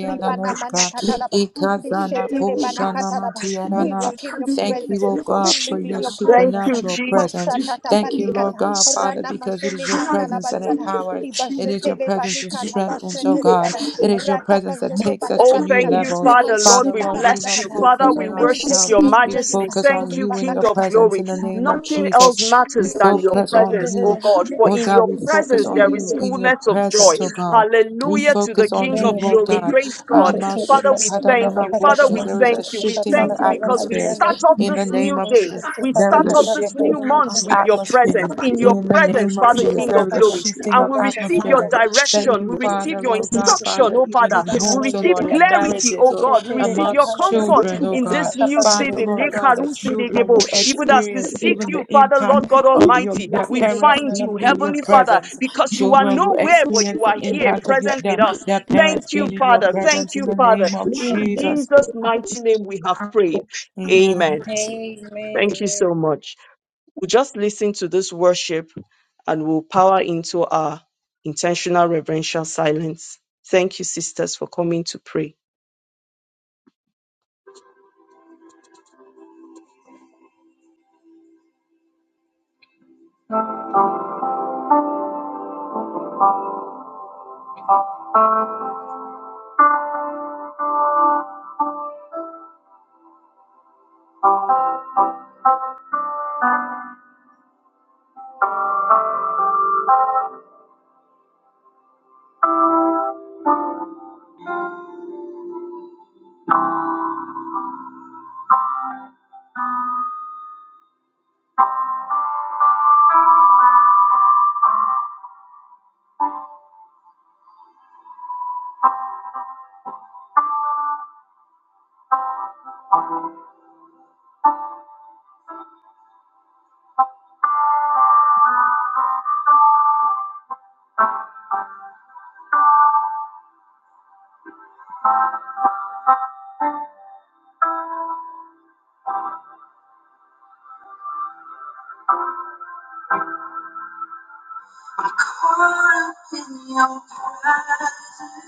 Speaker 3: Ribana mana katalaba.
Speaker 2: ikazana
Speaker 3: Bishete le bana We
Speaker 2: kushanamatiarana
Speaker 3: walk in your
Speaker 2: Thank you,
Speaker 3: presence.
Speaker 2: O
Speaker 3: We
Speaker 2: God, for
Speaker 3: live in
Speaker 2: your
Speaker 3: your
Speaker 1: Thank
Speaker 3: presence.
Speaker 1: you,
Speaker 2: supernatural
Speaker 1: Jesus.
Speaker 2: presence.
Speaker 3: Mashata
Speaker 2: Thank you, Lord
Speaker 3: tapatikata.
Speaker 2: God, Father,
Speaker 3: Rana
Speaker 2: because it is
Speaker 3: majene
Speaker 2: your
Speaker 3: ganda
Speaker 2: presence that empowers. It is your
Speaker 3: Libajete le
Speaker 2: presence that
Speaker 3: banikata
Speaker 2: strengthens, oh
Speaker 3: pashete
Speaker 2: God. It is your
Speaker 3: Rata
Speaker 2: presence that
Speaker 3: pajete
Speaker 2: takes us to
Speaker 1: Oh,
Speaker 2: new
Speaker 1: thank
Speaker 3: patapatikata.
Speaker 1: you,
Speaker 2: levels.
Speaker 1: Father. Lord,
Speaker 2: Father,
Speaker 3: Mashete
Speaker 1: we
Speaker 2: Lord, we do
Speaker 1: bless
Speaker 2: not
Speaker 1: you.
Speaker 3: patapatakata.
Speaker 1: Father,
Speaker 2: focus
Speaker 3: We
Speaker 1: we
Speaker 2: on
Speaker 1: worship
Speaker 3: meditate
Speaker 2: ourselves.
Speaker 1: your
Speaker 3: in your
Speaker 2: We
Speaker 3: presence.
Speaker 1: majesty.
Speaker 2: focus
Speaker 1: Thank
Speaker 2: on
Speaker 1: you,
Speaker 2: you and
Speaker 1: King
Speaker 2: your
Speaker 1: of
Speaker 3: Libanakata.
Speaker 2: presence
Speaker 1: glory.
Speaker 2: in the name of
Speaker 1: Nothing else
Speaker 2: Jesus. We
Speaker 1: matters than your
Speaker 2: focus on
Speaker 1: presence,
Speaker 2: you.
Speaker 1: oh
Speaker 3: Amen.
Speaker 1: God. For
Speaker 2: Oh
Speaker 1: in
Speaker 2: God,
Speaker 1: your
Speaker 2: we focus
Speaker 1: presence,
Speaker 2: on
Speaker 1: there is
Speaker 2: you in your
Speaker 1: fullness of joy.
Speaker 2: presence, oh God. We
Speaker 4: you.
Speaker 1: Hallelujah to the
Speaker 2: focus on
Speaker 1: King
Speaker 2: you,
Speaker 1: of
Speaker 2: Lord
Speaker 3: Amen.
Speaker 1: glory.
Speaker 2: God.
Speaker 4: Yes,
Speaker 1: Praise God. Father, we thank you. Father, we
Speaker 2: Amasukadanamakusha. There is a
Speaker 1: thank you. We
Speaker 2: shifting of
Speaker 1: thank you because we
Speaker 2: atmospheres
Speaker 1: start off
Speaker 2: in
Speaker 1: this
Speaker 2: the name
Speaker 1: new
Speaker 2: of
Speaker 1: day.
Speaker 2: Jesus.
Speaker 1: We
Speaker 2: There is
Speaker 1: start
Speaker 2: a
Speaker 1: off this
Speaker 2: shifting
Speaker 1: new month
Speaker 2: of
Speaker 1: with your presence.
Speaker 2: atmospheres
Speaker 1: In your
Speaker 2: in the
Speaker 1: presence,
Speaker 2: name of
Speaker 1: Father,
Speaker 2: Jesus.
Speaker 1: King
Speaker 2: There
Speaker 1: of
Speaker 2: is a
Speaker 1: glory
Speaker 2: shifting
Speaker 1: and
Speaker 2: of
Speaker 1: we receive your
Speaker 2: atmospheres. Thank
Speaker 1: direction.
Speaker 2: you,
Speaker 1: We receive
Speaker 2: Father,
Speaker 1: your
Speaker 2: Lord God,
Speaker 1: instruction,
Speaker 2: Father,
Speaker 1: oh
Speaker 2: even
Speaker 1: Father.
Speaker 2: in homes.
Speaker 1: We
Speaker 2: So,
Speaker 1: receive
Speaker 2: Lord, in
Speaker 1: clarity,
Speaker 2: marriages
Speaker 1: oh
Speaker 2: or
Speaker 1: God. We receive your
Speaker 2: amongst
Speaker 1: comfort
Speaker 2: children, oh
Speaker 1: in
Speaker 2: God.
Speaker 1: this new season.
Speaker 2: Father, Lord God, that children
Speaker 1: Lekarusidegebo.
Speaker 2: will
Speaker 1: Even as we
Speaker 2: experience
Speaker 1: seek
Speaker 2: even
Speaker 1: you,
Speaker 2: the
Speaker 1: Father,
Speaker 2: impact
Speaker 1: Lord God
Speaker 2: of your
Speaker 1: Almighty,
Speaker 2: their
Speaker 1: we
Speaker 2: parents
Speaker 1: find
Speaker 2: being
Speaker 1: you,
Speaker 4: yes,
Speaker 2: in your
Speaker 1: Heavenly
Speaker 4: yes.
Speaker 1: Father,
Speaker 2: presence.
Speaker 1: because you are
Speaker 2: Children will
Speaker 1: nowhere, but you
Speaker 2: experience the
Speaker 1: are here,
Speaker 2: impact of your
Speaker 1: present
Speaker 2: their,
Speaker 1: with us.
Speaker 2: their
Speaker 1: Thank
Speaker 2: parents
Speaker 1: you,
Speaker 2: being in your
Speaker 1: Father. Thank
Speaker 2: presence in
Speaker 1: you,
Speaker 2: the
Speaker 1: Father.
Speaker 2: name of
Speaker 1: In
Speaker 2: Jesus.
Speaker 1: Jesus' mighty name we have prayed.
Speaker 2: Amen.
Speaker 1: Amen.
Speaker 4: Thank you.
Speaker 1: Thank you so much. We'll just listen to this worship and we'll power into our intentional reverential silence. Thank you, sisters, for coming to pray. Caught up in your presence,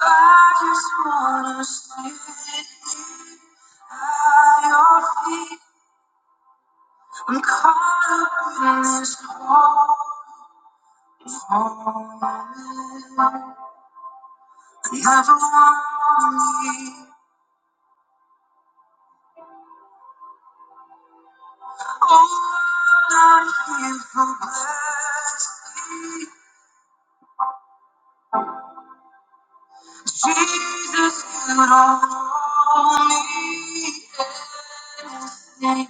Speaker 1: I just wanna sit at your feet. I'm caught up in this whole moment. You have a warning. I'm for blessing, Jesus, you don't owe me anything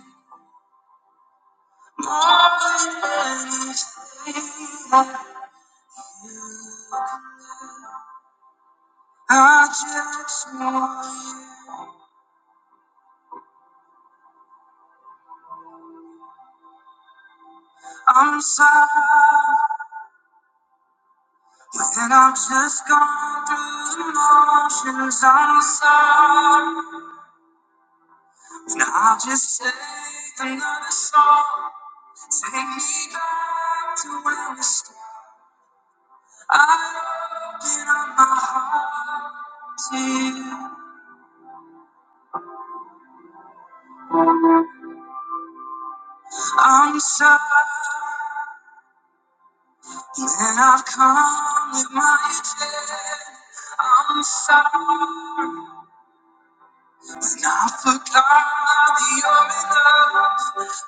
Speaker 1: more than anything. I just know I'm sorry, and I've just gone through the motions. I'm sorry, and I'll just say another song. Take me back to where we started. I'm sorry when I've come with my I'm sorry when I forgot that you're in love.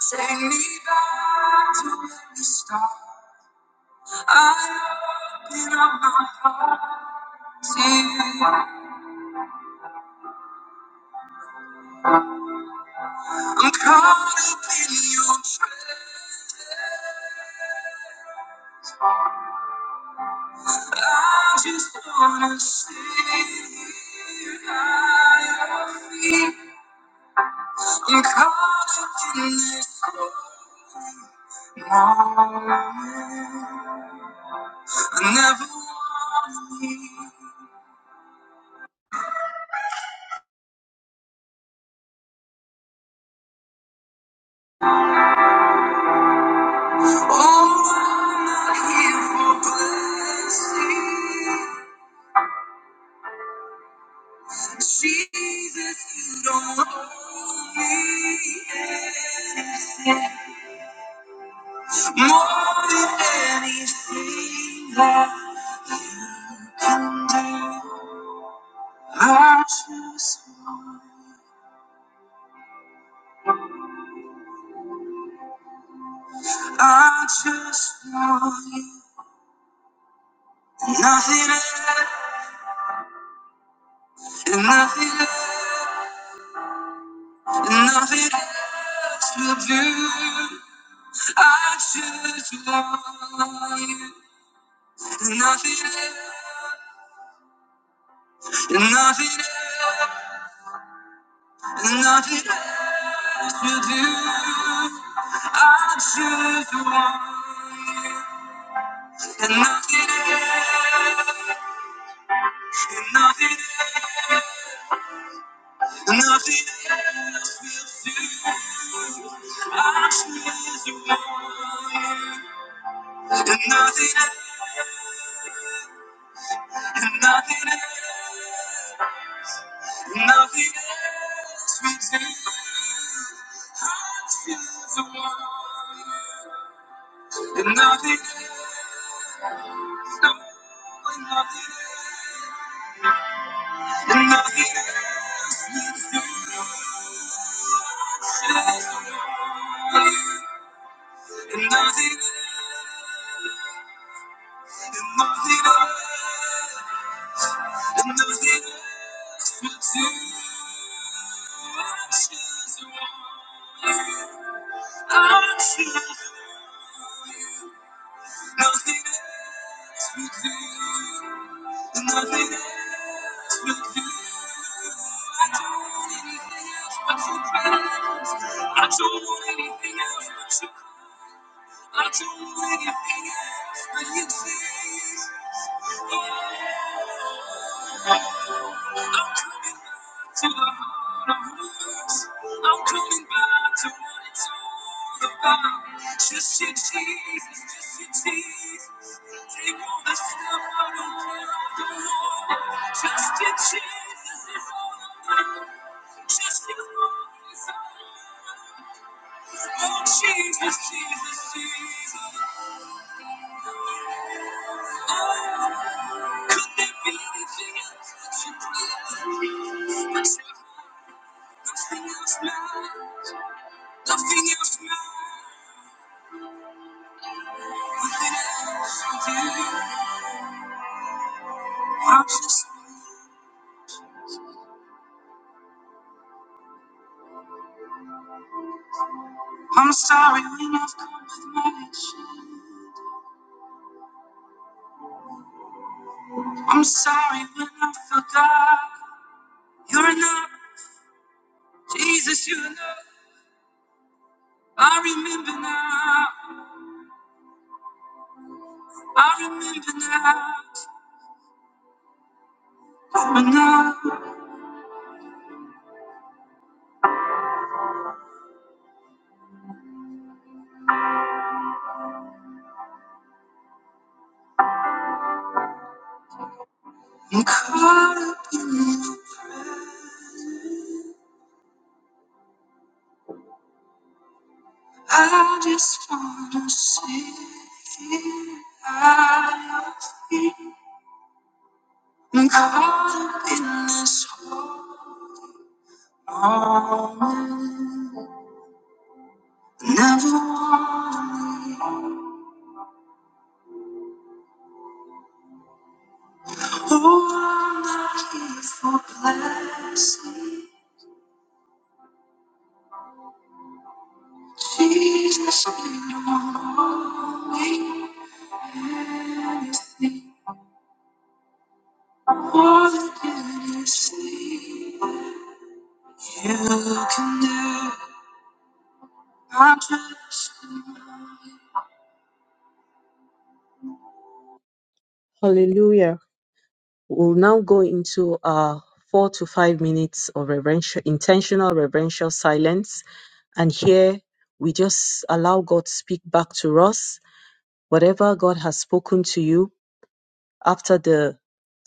Speaker 1: Take me back to where we started. I open up my heart to you. I'm caught up in your transformers. I'm caught up in this moment. I never wanted you. Oh, I'm not here for blessings. Jesus, You don't own me more than anything that I can do. I just, I just want You. Nothing else, nothing else, nothing else will do. I just want You. Nothing else, nothing else, nothing else. you do. I choose the one, and nothing else, and nothing else, and nothing else. I choose the one, and nothing and nothing and nothing else. We do. I choose the one, and nothing no, and nothing, and nothing and nothing and nothing else. I choose nothing else. We do. I don't need else but you, better. I don't want anything else but you. I don't want anything else but you. See, I'm coming back to the heart of words. I'm coming back to what it's all about. Just your Jesus, just your Jesus. Take all the stuff I don't care, I don't want it. Just your Jesus is all I want. Just your love is all I want. Oh Jesus, Jesus, Jesus. Nothing else matters, nothing else matters. I'm sorry when I've come with my issues. I'm sorry when I forgot. You're enough, Jesus, you're enough. I remember now, I remember now. I'm enough. I'm caught up I'm caught up. Never wanted. Oh, I'm not here for blessing. Jesus, you know me. anything. Hallelujah. We'll now go into our four to five minutes of reverential, intentional reverential silence. And here we just allow God to speak back to us. Whatever God has spoken to you after the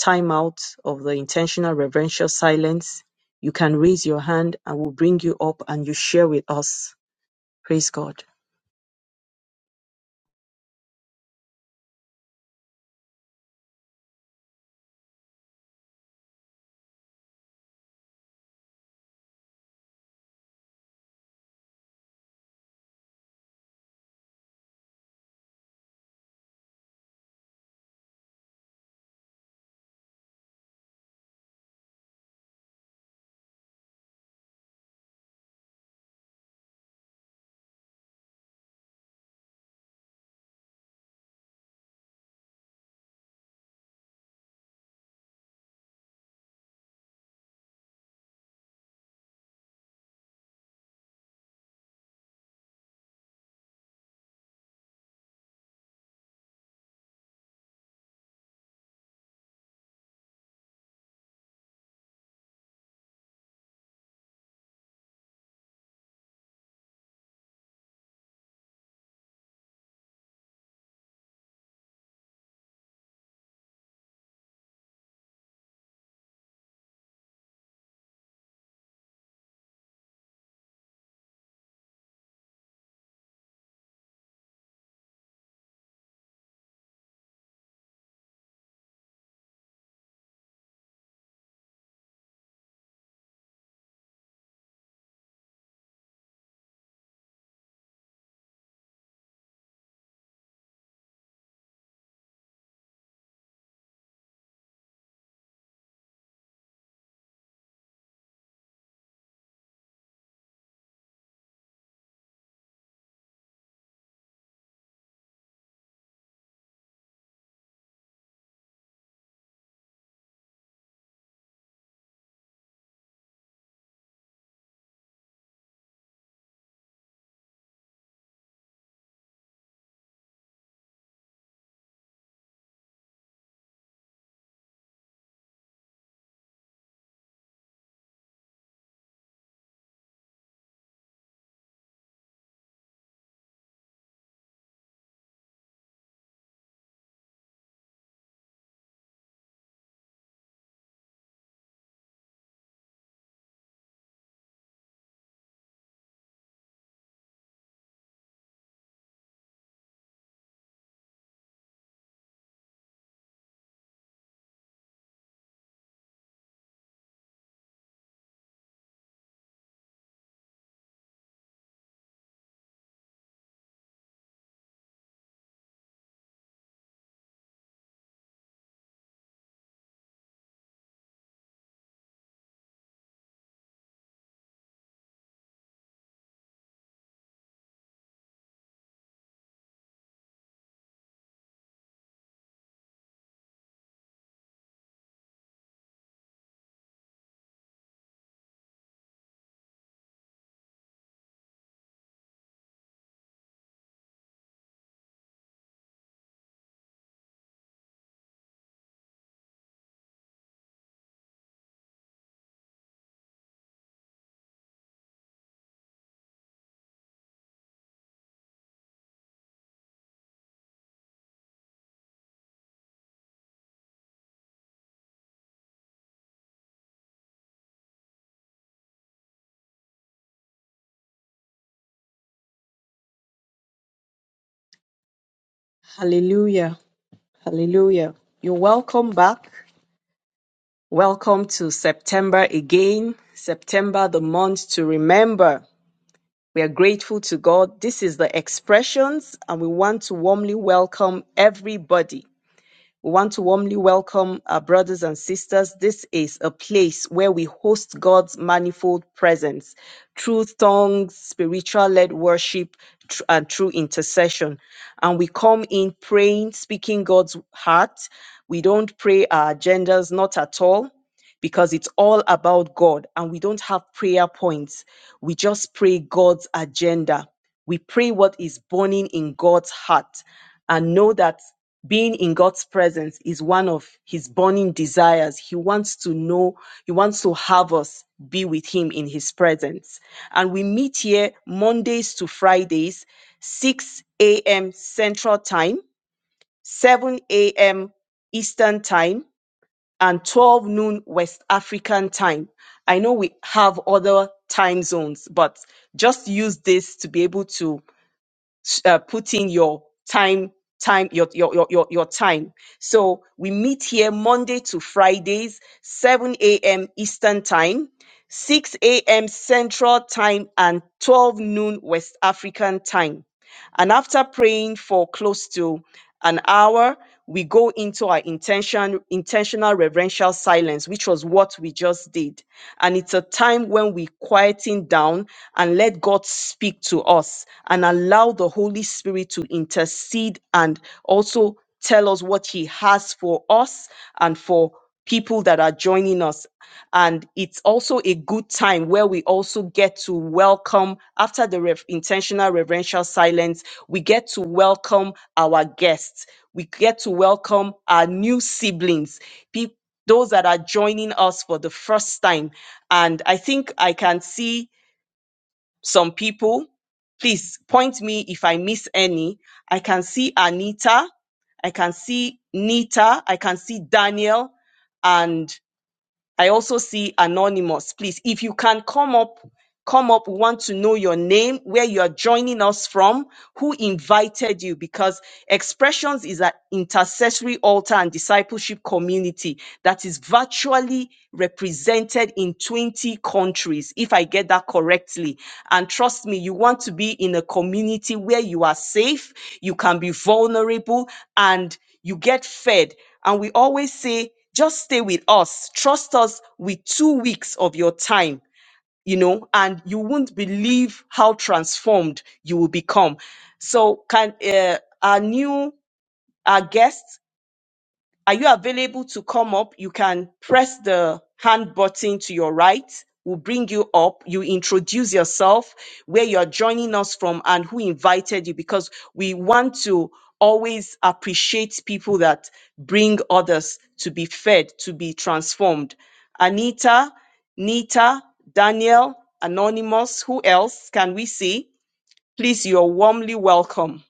Speaker 1: timeout of the intentional reverential silence, you can raise your hand and we'll bring you up and you share with us. Praise God. Hallelujah. Hallelujah. You're welcome back. Welcome to September again. September, the month to remember. We are grateful to God. This is the expressions, and we want to warmly welcome everybody. We want to warmly welcome our brothers and sisters. This is a place where we host God's manifold presence, through tongues, spiritual led worship, tr- and through intercession. And we come in praying, speaking God's heart. We don't pray our agendas, not at all because it's all about God and we don't have prayer points. We just pray God's agenda. We pray what is burning in God's heart and know that being in God's presence is one of his burning desires. He wants to know, he wants to have us be with him in his presence. And we meet here Mondays to Fridays, 6 a.m. Central Time, 7 a.m. Eastern Time, and 12 noon West African time. I know we have other time zones, but just use this to be able to uh, put in your time time your, your your your your time so we meet here monday to fridays 7 a.m eastern time 6 a.m central time and 12 noon west african time and after praying for close to an hour we go into our intention intentional reverential silence which was what we just did and it's a time when we quieting down and let god speak to us and allow the holy spirit to intercede and also tell us what he has for us and for people that are joining us. And it's also a good time where we also get to welcome, after the rev- intentional reverential silence, we get to welcome our guests. We get to welcome our new siblings, peop those that are joining us for the first time. And I think I can see some people. Please point me if I miss any. I can see Anita. I can see Nita. I can see Daniel and I also see Anonymous. Please, if you can come up, Come up. We want to know your name, where you are joining us from, who invited you, because Expressions is an intercessory altar and discipleship community that is virtually represented in 20 countries, if I get that correctly. And trust me, you want to be in a community where you are safe, you can be vulnerable, and you get fed. And we always say, just stay with us. Trust us with two weeks of your time you know, and you won't believe how transformed you will become. So, can uh, our new our guest are you available to come up? You can press the hand button to your right. We'll bring you up. You introduce yourself, where you're joining us from, and who invited you, because we want to always appreciate people that bring others to be fed, to be transformed. Anita, Nita, Daniel, Anonymous, who else can we see? Please, you're warmly welcome.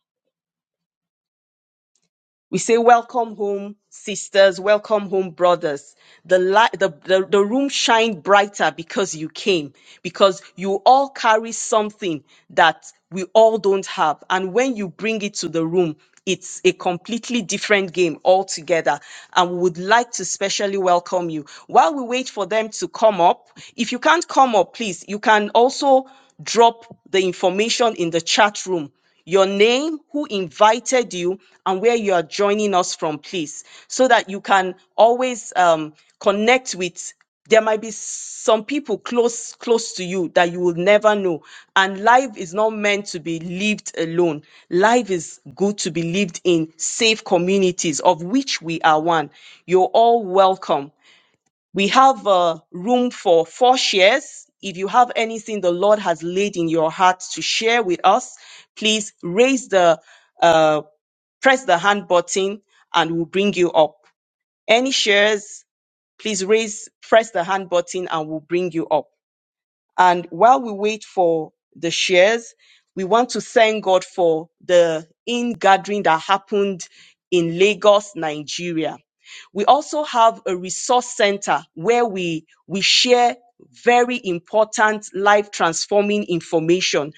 Speaker 1: We say, Welcome home, sisters. Welcome home, brothers. The, light, the, the, the room shined brighter because you came, because you all carry something that we all don't have. And when you bring it to the room, it's a completely different game altogether. And we would like to specially welcome you. While we wait for them to come up, if you can't come up, please, you can also drop the information in the chat room your name, who invited you, and where you are joining us from, please, so that you can always um, connect with. There might be some people close close to you that you will never know. And life is not meant to be lived alone. Life is good to be lived in safe communities, of which we are one. You're all welcome. We have uh, room for four shares. If you have anything the Lord has laid in your heart to share with us, please raise the, uh, press the hand button and we'll bring you up. Any shares, please raise, press the hand button and we'll bring you up. And while we wait for the shares, we want to thank God for the in gathering that happened in Lagos, Nigeria. We also have a resource center where we, we share very important life transforming information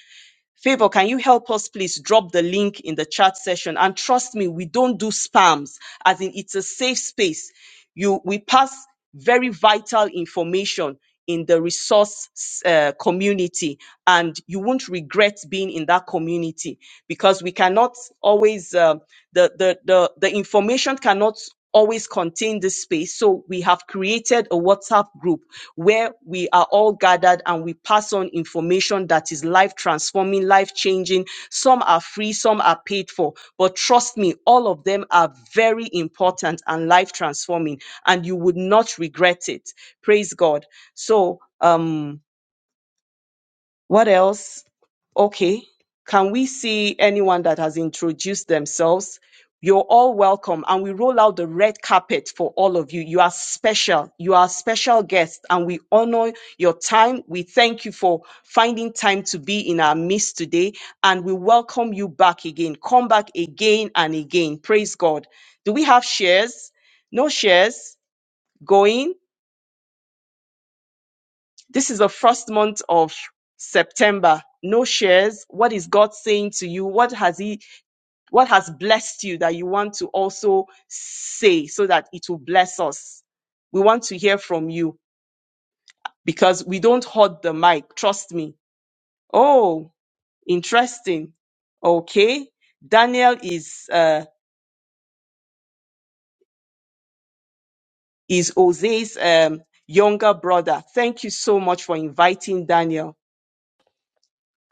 Speaker 1: Favor, can you help us please drop the link in the chat session? And trust me, we don't do spams, as in it's a safe space. You, we pass very vital information in the resource uh, community, and you won't regret being in that community because we cannot always um the, the the the information cannot always contain this space. So we have created a WhatsApp WhatsApp group where we are all gathered and we pass on information that is life transforming, life changing. Some are free, some are paid for. But trust me, all of them are very important and life transforming, and you would not regret it. Praise God. So, um, what else? Okay. Can we see anyone that has introduced themselves? You're all welcome. And we roll out the red carpet for all of you. You are special. You are special guests and we honor your time. We thank you for finding time to be in our midst today and we welcome you back again. Come back again and again. Praise God. Do we have shares? No shares going? This is the first month of September. No shares. What is God saying to you? What has He, what has blessed you that you want to also say so that it will bless us? We want to hear from you because we don't hold the mic. Trust me. Oh, interesting. Okay. Daniel is, uh, is Jose's, um, younger brother. Thank you so much for inviting Daniel.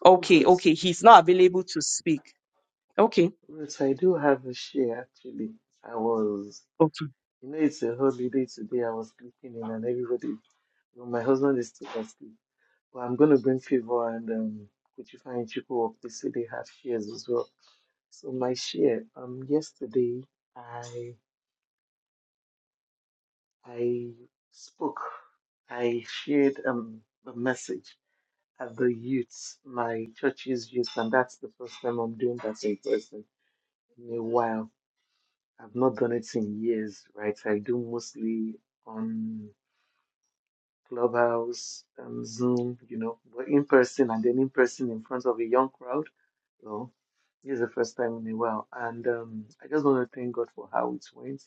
Speaker 1: Okay.
Speaker 5: Yes,
Speaker 1: Okay. He's not available to speak. Okay.
Speaker 5: yes, I do have a share actually. I was,
Speaker 1: Okay.
Speaker 5: you know, it's a holiday today. I was sleeping in and everybody, well, my husband is still asleep. But I'm going to bring Favor and um, Kuchifa and Chiku up. They say they have shares as well. So my share, um, yesterday I I spoke, I shared um a message at the youths, my church's youth, and that's the first time I'm doing that in person in a while I've not done it in years, right? I do mostly on Clubhouse, um, Zoom, you know, but in person and then in person in front of a young crowd. So this is the first time in a while. And um, I just want to thank God for how it went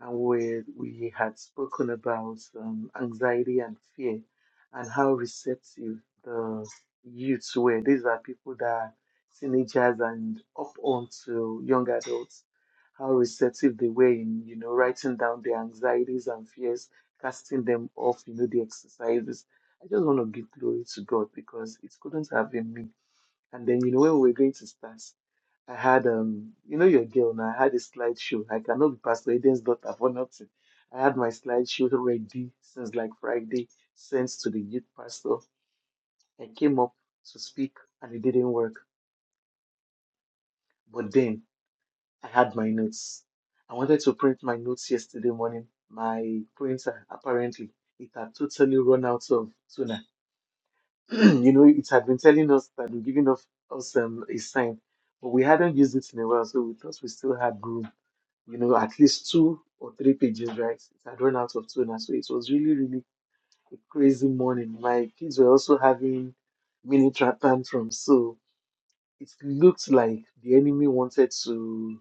Speaker 5: and where we had spoken about um, anxiety and fear and how receptive the youths were. These are people that are teenagers and up onto young adults, how receptive they were in, you know, writing down their anxieties and fears, casting them off, you know, the exercises. I just want to give glory to God because it couldn't have been me. And then, you know, when we were going to start, I had um, you know your girl now. I had a slideshow. like, I cannot be Pastor Eden's daughter for nothing. I had my slideshow ready since like Friday, sent to the youth pastor. I came up to speak and it didn't work. But then I had my notes. I wanted to print my notes yesterday morning. My printer apparently it had totally run out of toner. you know, it had been telling us that we're giving us, us um, a sign, but we hadn't used it in a while, so we thought we still had room you know, at least two or three pages, right? It had run out of toner. So it was really, really a crazy morning. My kids were also having mini tra- tantrums. So it looked like the enemy wanted to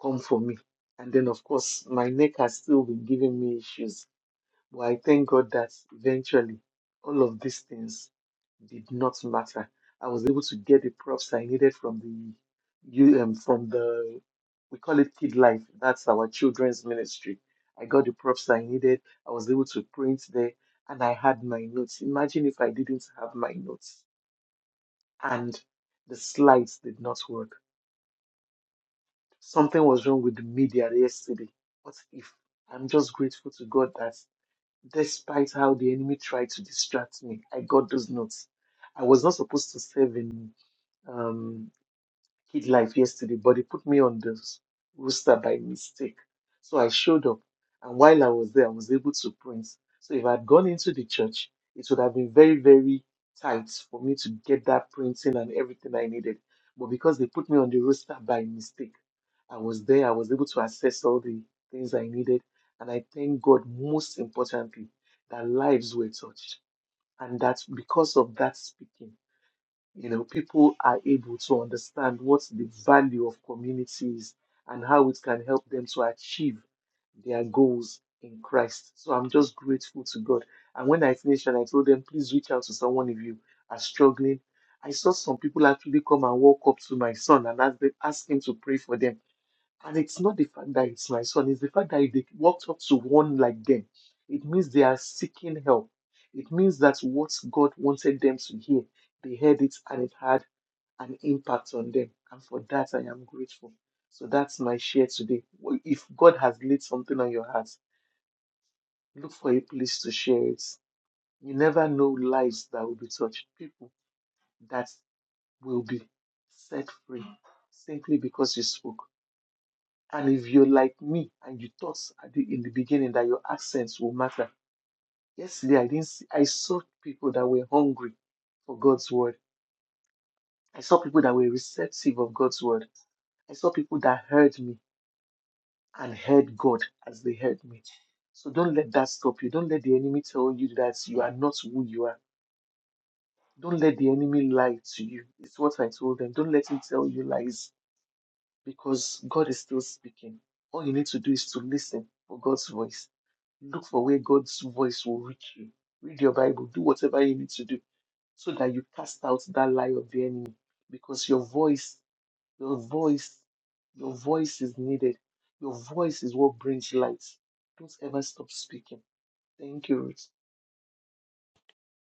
Speaker 5: come for me. And then, of course, my neck has still been giving me issues but I thank God that eventually all of these things did not matter. I was able to get the props I needed from the you um, from the we call it Kid Life. That's our children's ministry. I got the props I needed. I was able to print there and I had my notes. Imagine if I didn't have my notes and the slides did not work. Something was wrong with the media yesterday. What if I'm just grateful to God that Despite how the enemy tried to distract me, I got those notes. I was not supposed to serve in. Um, kid life yesterday, but they put me on the rooster by mistake. So I showed up, and while I was there, I was able to print. So if I'd gone into the church, it would have been very, very tight for me to get that printing and everything I needed. But because they put me on the rooster by mistake, I was there, I was able to access all the things I needed. And I thank God, most importantly, that lives were touched. And that because of that speaking you know, people are able to understand what the value of community is and how it can help them to achieve their goals in Christ. So I'm just grateful to God. And when I finished and I told them, please reach out to someone if you are struggling, I saw some people actually come and walk up to my son and ask, them, ask him to pray for them and it's not the fact that it's my son, it's the fact that if they walked up to one like them, it means they are seeking help. It means that what God wanted them to hear, they heard it and it had an impact on them. And for that, I am grateful. So that's my share today. Well, If God has laid something on your heart, look for a place to share it. You never know lives that will be touched, people that will be set free simply because you spoke. And if you're like me and you thought at the, in the beginning that your accents will matter, yesterday I didn't see, I saw people that were hungry for God's word. I saw people that were receptive of God's word. I saw people that heard me and heard God as they heard me. So don't let that stop you. Don't let the enemy tell you that you are not who you are. Don't let the enemy lie to you. It's what I told them. Don't let him tell you lies because God is still speaking. All you need to do is to listen for God's voice Look for where God's voice will reach you. Read your Bible, do whatever you need to do so that you cast out that lie of the enemy because your voice, your voice, your voice is needed. Your voice is what brings light. Don't ever stop speaking. Thank you, Ruth.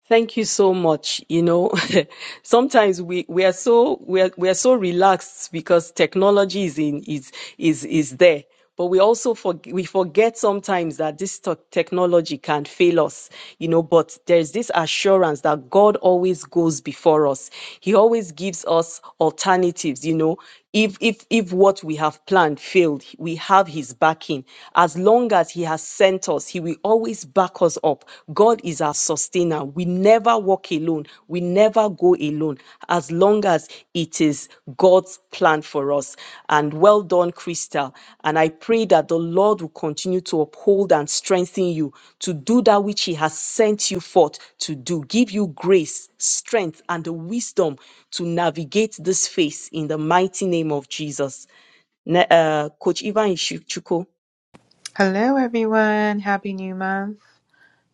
Speaker 1: Thank you so much. You know, sometimes we, we are so we are, we are so relaxed because technology is in is is is there. But we also for, we forget sometimes that this tech- technology can fail us, you know. But there's this assurance that God always goes before us. He always gives us alternatives, you know if if if what we have planned failed we have his backing as long as he has sent us he will always back us up god is our sustainer we never walk alone we never go alone as long as it is god's plan for us and well done, Crystal. And I pray that the Lord will continue to uphold and strengthen you to do that which He has sent you forth to do. Give you grace, strength, and the wisdom to navigate this phase in the mighty name of Jesus. Ne- uh, Coach Ivan Ishichuko.
Speaker 2: Hello everyone. Happy new month.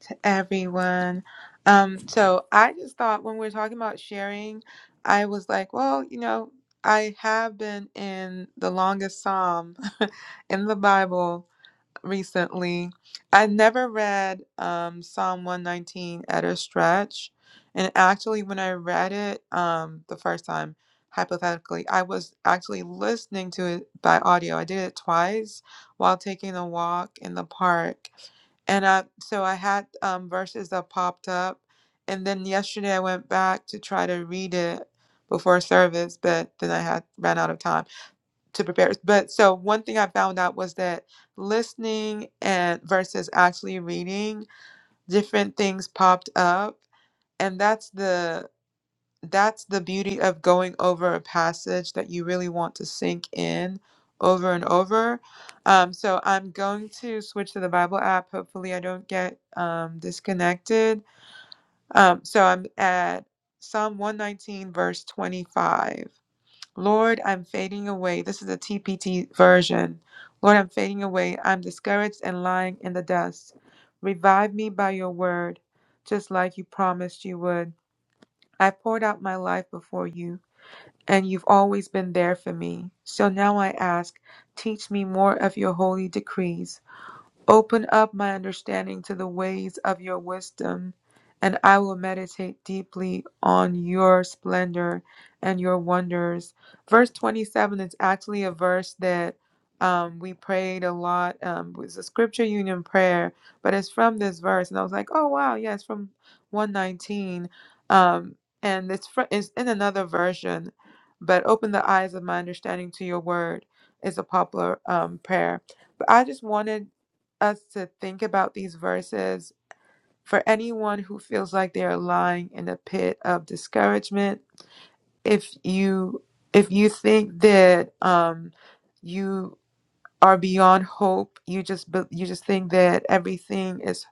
Speaker 2: to everyone. Um, so I just thought when we were talking about sharing, I was like, well, you know, I have been in the longest psalm in the Bible recently. I never read um, Psalm 119 at a stretch. And actually, when I read it um, the first time, hypothetically, I was actually listening to it by audio. I did it twice while taking a walk in the park. And I, so I had um, verses that popped up. And then yesterday I went back to try to read it before service, but then I had ran out of time to prepare. But so one thing I found out was that listening and versus actually reading, different things popped up, and that's the that's the beauty of going over a passage that you really want to sink in over and over. Um, so I'm going to switch to the Bible app. Hopefully, I don't get um, disconnected. Um, so I'm at Psalm 119, verse 25. Lord, I'm fading away. This is a TPT version. Lord, I'm fading away. I'm discouraged and lying in the dust. Revive me by your word, just like you promised you would. I poured out my life before you, and you've always been there for me. So now I ask, teach me more of your holy decrees. Open up my understanding to the ways of your wisdom, and I will meditate deeply on your splendor and your wonders. Verse 27 is actually a verse that um, we prayed a lot. Um, it was a scripture union prayer, but it's from this verse. And I was like, oh, wow, yeah, it's from 119. Um, and it's, fr- it's in another version, but open the eyes of my understanding to your word is a popular um, prayer. But I just wanted us to think about these verses for anyone who feels like they are lying in a pit of discouragement if you if you think that um you are beyond hope you just you just think that everything is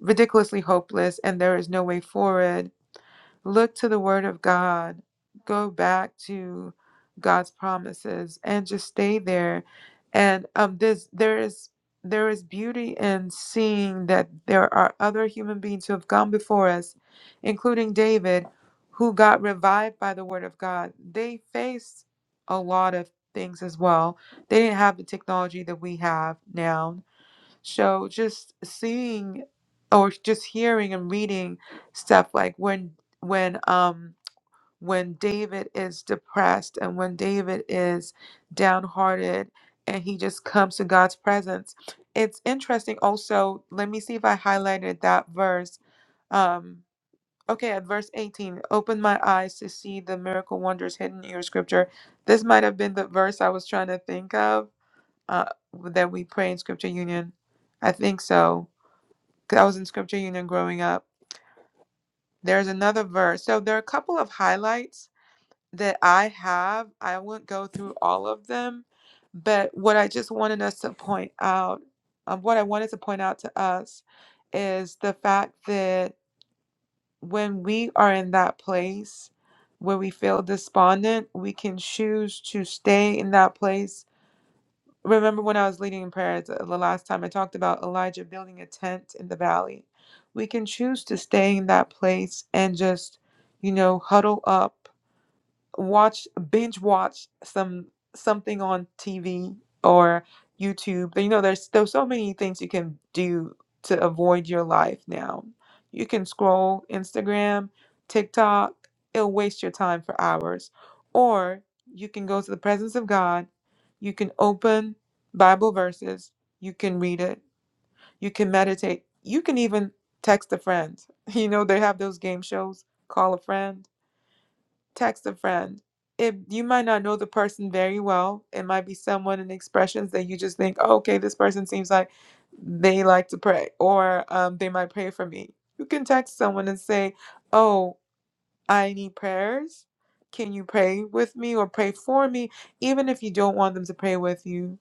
Speaker 2: ridiculously hopeless and there is no way forward Look to the Word of God. Go back to God's promises and just stay there. And um, this there is there is beauty in seeing that there are other human beings who have gone before us, including David, who got revived by the Word of God. They faced a lot of things as well. They didn't have the technology that we have now. So just seeing or just hearing and reading stuff like when when um when David is depressed and when David is downhearted and he just comes to God's presence. It's interesting also, let me see if I highlighted that verse. Um okay, at verse 18, open my eyes to see the miracle wonders hidden in your scripture. This might have been the verse I was trying to think of uh that we pray in scripture union. I think so 'cause I was in scripture union growing up. There's another verse. So there are a couple of highlights that I have. I won't go through all of them, but what I just wanted us to point out, um, what I wanted to point out to us is the fact that when we are in that place where we feel despondent, we can choose to stay in that place Remember when I was leading in prayer the the last time I talked about Elijah building a tent in the valley? We can choose to stay in that place and just, you know, huddle up watch binge watch some something on TV or YouTube. But you know, there's there's so many things you can do to avoid your life now. You can scroll Instagram, TikTok, it'll waste your time for hours. Or you can go to the presence of God, you can open Bible verses, you can read it, you can meditate, you can even text a friend. You know, they have those game shows, call a friend text a friend. If you might not know the person very well, it might be someone in expressions that you just think, "Oh, okay, this person seems like they like to pray, or um, they might pray for me. You can text someone and say, Oh, I need prayers. Can you pray with me or pray for me? Even if you don't want them to pray with you.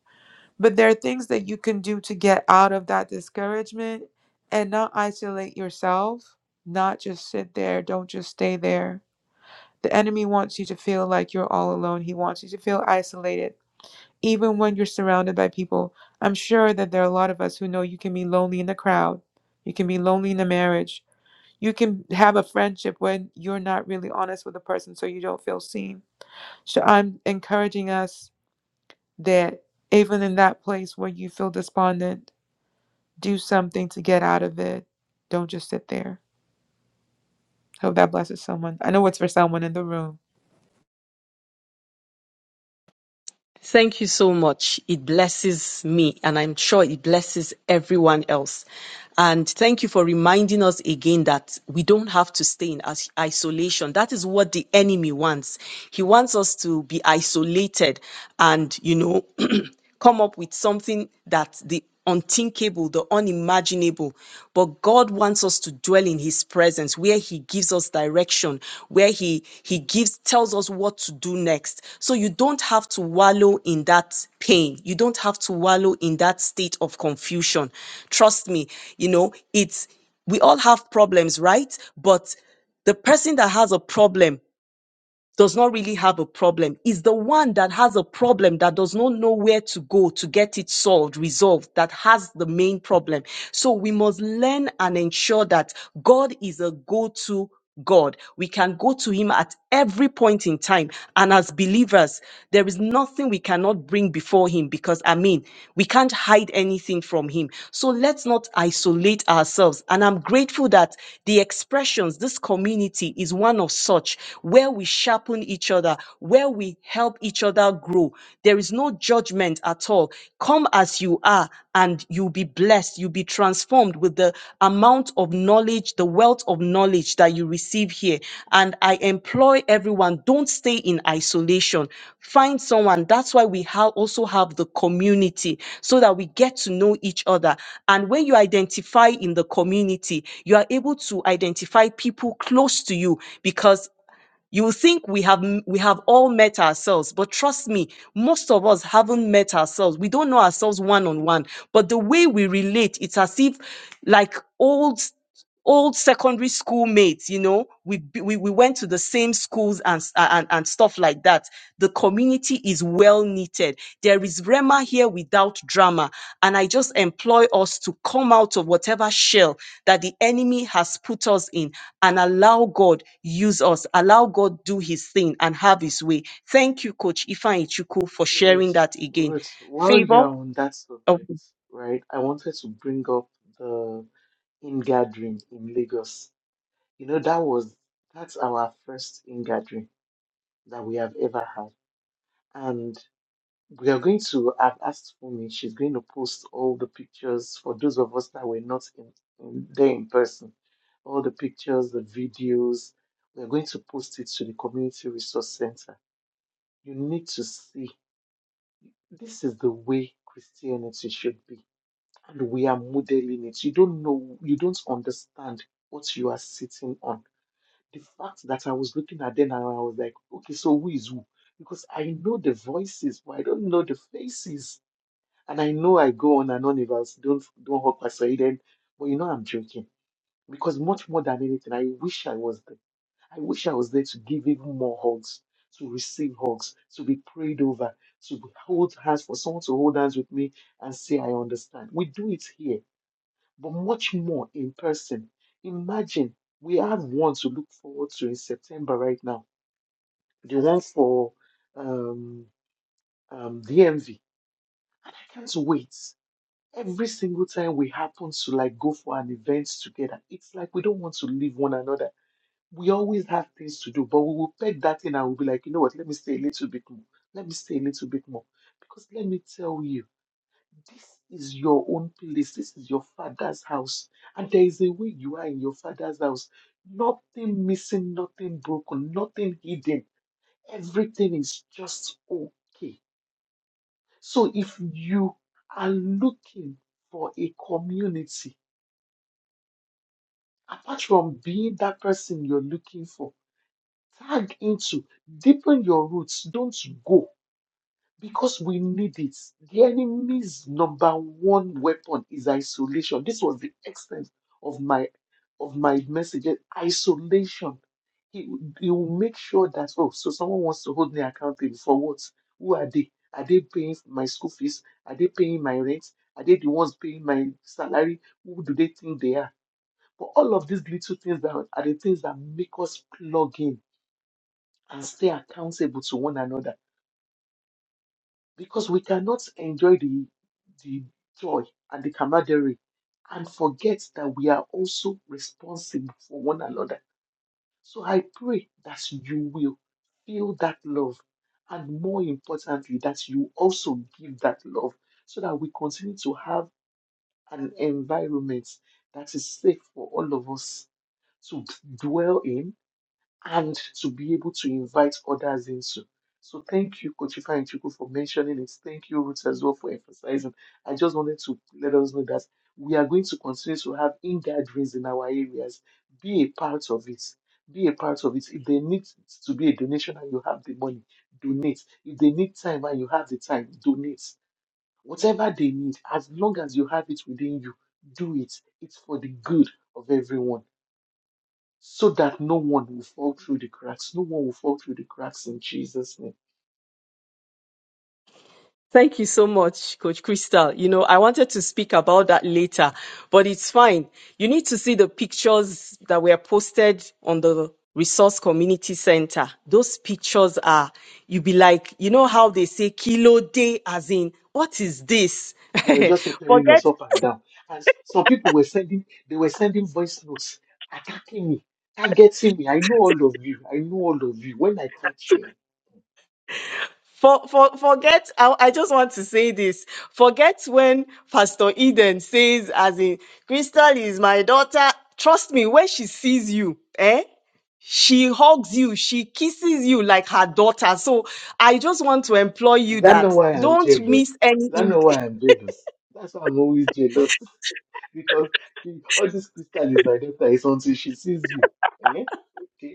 Speaker 2: But there are things that you can do to get out of that discouragement and not isolate yourself, not just sit there, don't just stay there the enemy wants you to feel like you're all alone. He wants you to feel isolated, even when you're surrounded by people. I'm sure that there are a lot of us who know you can be lonely in the crowd, you can be lonely in a marriage, you can have a friendship when you're not really honest with a person so you don't feel seen. So I'm encouraging us that even in that place where you feel despondent, do something to get out of it. Don't just sit there. Hope that blesses someone. I know it's for someone in the room.
Speaker 1: Thank you so much. It blesses me, and I'm sure it blesses everyone else. And thank you for reminding us again that we don't have to stay in is- isolation. That is what the enemy wants. He wants us to be isolated and, you know, come up with something that the unthinkable, the unimaginable. But God wants us to dwell in his presence where he gives us direction, where he he gives tells us what to do next. So you don't have to wallow in that pain. You don't have to wallow in that state of confusion. Trust me, you know, it's we all have problems, right? But the person that has a problem does not really have a problem is the one that has a problem that does not know where to go to get it solved, resolved, that has the main problem. So we must learn and ensure that God is a go to God. We can go to Him at every point in time. And as believers, there is nothing we cannot bring before Him because, I mean, we can't hide anything from Him. So let's not isolate ourselves. And I'm grateful that the expressions, this community is one of such where where we sharpen each other, where we help each other grow. There is no judgment at all. Come as you are, and you'll be blessed. You'll be transformed with the amount of knowledge, the wealth of knowledge that you receive here. And I employ everyone, don't stay in isolation. Find someone. That's why we ha- also have the community so that we get to know each other. And when you identify in the community, you are able to identify people close to you because you will think we have m- we have all met ourselves, but trust me, most of us haven't met ourselves. We don't know ourselves one on one, but the way we relate, it's as if like old old secondary school mates you know we b- we, we went to the same schools and, s- and and stuff like that the community is well knitted there is rema here without drama and i just employ us to come out of whatever shell that the enemy has put us in and allow god use us allow god do his thing and have his way thank you coach ifan for sharing
Speaker 5: Ruth,
Speaker 1: that again
Speaker 5: Ruth, while
Speaker 1: favor
Speaker 5: you're on that subject, right, I wanted to bring up the in gathering in Lagos. You know, that was that's our first in gathering that we have ever had. and. we are going to have asked Fumi. She's going to post all the pictures for those of us that were not in, in there in person. All the pictures, the videos. We are going to post it to the community resource center. You need to see. This is the way Christianity should be, and we are modeling it. You don't know. You don't understand what you are sitting on. The fact that I was looking at them and I was like, okay, so who is who? Because I know the voices, but I don't know the faces and I know I go on and on about don't don't hug Pastor Eden, but you know I'm joking because much more than anything, I wish I was there. I wish I was there to give even more hugs, to receive hugs, to be prayed over, to be- hold hands for someone to hold hands with me and say I understand. We do it here, but much more in person. Imagine we have one to look forward to in September right now, the one for um, um, DMV, and I can't wait. Every single time we happen to like go for an event together, it's like we don't want to leave one another. We always have things to do, but we will peg that in and we'll be like, you know what, let me stay a little bit more. Let me stay a little bit more. Because let me tell you, this is your own place. This is your father's house. And there is a way you are in your father's house. Nothing missing, nothing broken, nothing hidden. Everything is just okay. So if you are looking for a community, apart from being that person you're looking for, tag into, deepen your roots. Don't go because we need it. The enemy's number one weapon is isolation. This was the extent of my of my message. eh, Isolation. He, he will make sure that oh, so someone wants to hold me accountable for what? Who are they? Are they paying my school fees? Are they paying my rent? Are they the ones paying my salary? Who do they think they are? But all of these little things that are are the things that make us plug in and stay accountable to one another because we cannot enjoy the the joy and the camaraderie and forget that we are also responsible for one another. So I pray that you will feel that love and more importantly that you also give that love so that we continue to have an environment that is safe for all of us to dwell in and to be able to invite others into. So thank you, Coach and Chuku, for mentioning it. Thank you, Ruth, as well, for emphasizing. I just wanted to let us know that we are going to continue to have in gatherings in our areas. Be a part of it. Be a part of it. If they need to be a donation and you have the money, donate. If they need time and you have the time, donate. Whatever they need, as long as you have it within you, do it. It's for the good of everyone so that no one will fall through the cracks. No one will fall through the cracks in Jesus' name.
Speaker 1: Thank you so much, Coach Crystal. You know, I wanted to speak about that later, but it's fine. You need to see the pictures that were posted on the Resource Community Center. Those pictures are, you be like, you know how they say kilo day, as in, what is this?
Speaker 5: They were just tearing
Speaker 1: Forget
Speaker 5: us up and down. And s- some people were sending, they were sending voice notes, attacking me, targeting me. I know all of you. I know all of you. When I catch you,
Speaker 1: For, for, forget, I, I just want to say this. Forget when Pastor Eden says, as in, Crystal is my daughter. Trust me, when she sees you, eh? She hugs you, she kisses you like her daughter. So I just want to employ
Speaker 5: is
Speaker 1: you
Speaker 5: that
Speaker 1: that
Speaker 5: not why I'm
Speaker 1: don't
Speaker 5: jealous?
Speaker 1: miss
Speaker 5: Is that
Speaker 1: any
Speaker 5: not why I'm jealous? That's why I'm always jealous. because the, all this crystal is my daughter is until she sees you. Eh? Okay.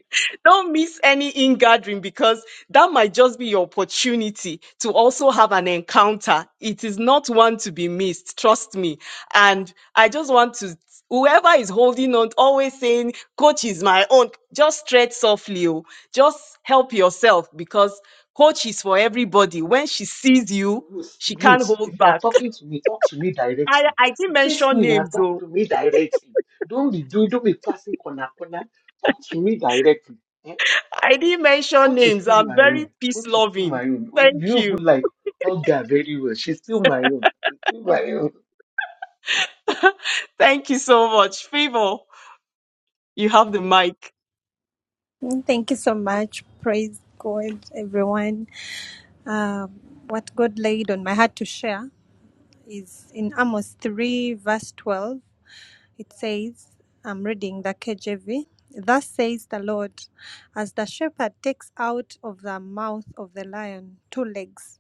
Speaker 1: Don't miss any in gathering because that might just be your opportunity to also have an encounter. It is not one to be missed, trust me. And I just want to, whoever is holding on, always saying, Coach is my own, just tread softly. oh. Just help yourself because Coach is for everybody. When she sees you,
Speaker 5: Ruth,
Speaker 1: she can't
Speaker 5: Ruth,
Speaker 1: hold
Speaker 5: if you are
Speaker 1: back.
Speaker 5: talking to me, talk to me
Speaker 1: I,
Speaker 5: directly.
Speaker 1: I didn't
Speaker 5: Face
Speaker 1: mention
Speaker 5: me and
Speaker 1: names
Speaker 5: talk
Speaker 1: though.
Speaker 5: to me directly. Don't be doing, don't be passing corner corner. Talk to me directly. Eh?
Speaker 1: I didn't mention
Speaker 5: Coach is
Speaker 1: names.
Speaker 5: still
Speaker 1: I'm
Speaker 5: my
Speaker 1: very
Speaker 5: own.
Speaker 1: peace
Speaker 5: Coach is still my
Speaker 1: loving.
Speaker 5: own.
Speaker 1: Thank
Speaker 5: You
Speaker 1: you.
Speaker 5: would like Olga very well. She's still my own. She's still my own.
Speaker 1: Thank you so much. Favor, you have the mic.
Speaker 3: Thank you so much. Praise God, everyone. Uh, what God laid on my heart to share is in Amos 3, verse 12. It says, I'm reading the KJV. Thus says the Lord, as the shepherd takes out of the mouth of the lion two legs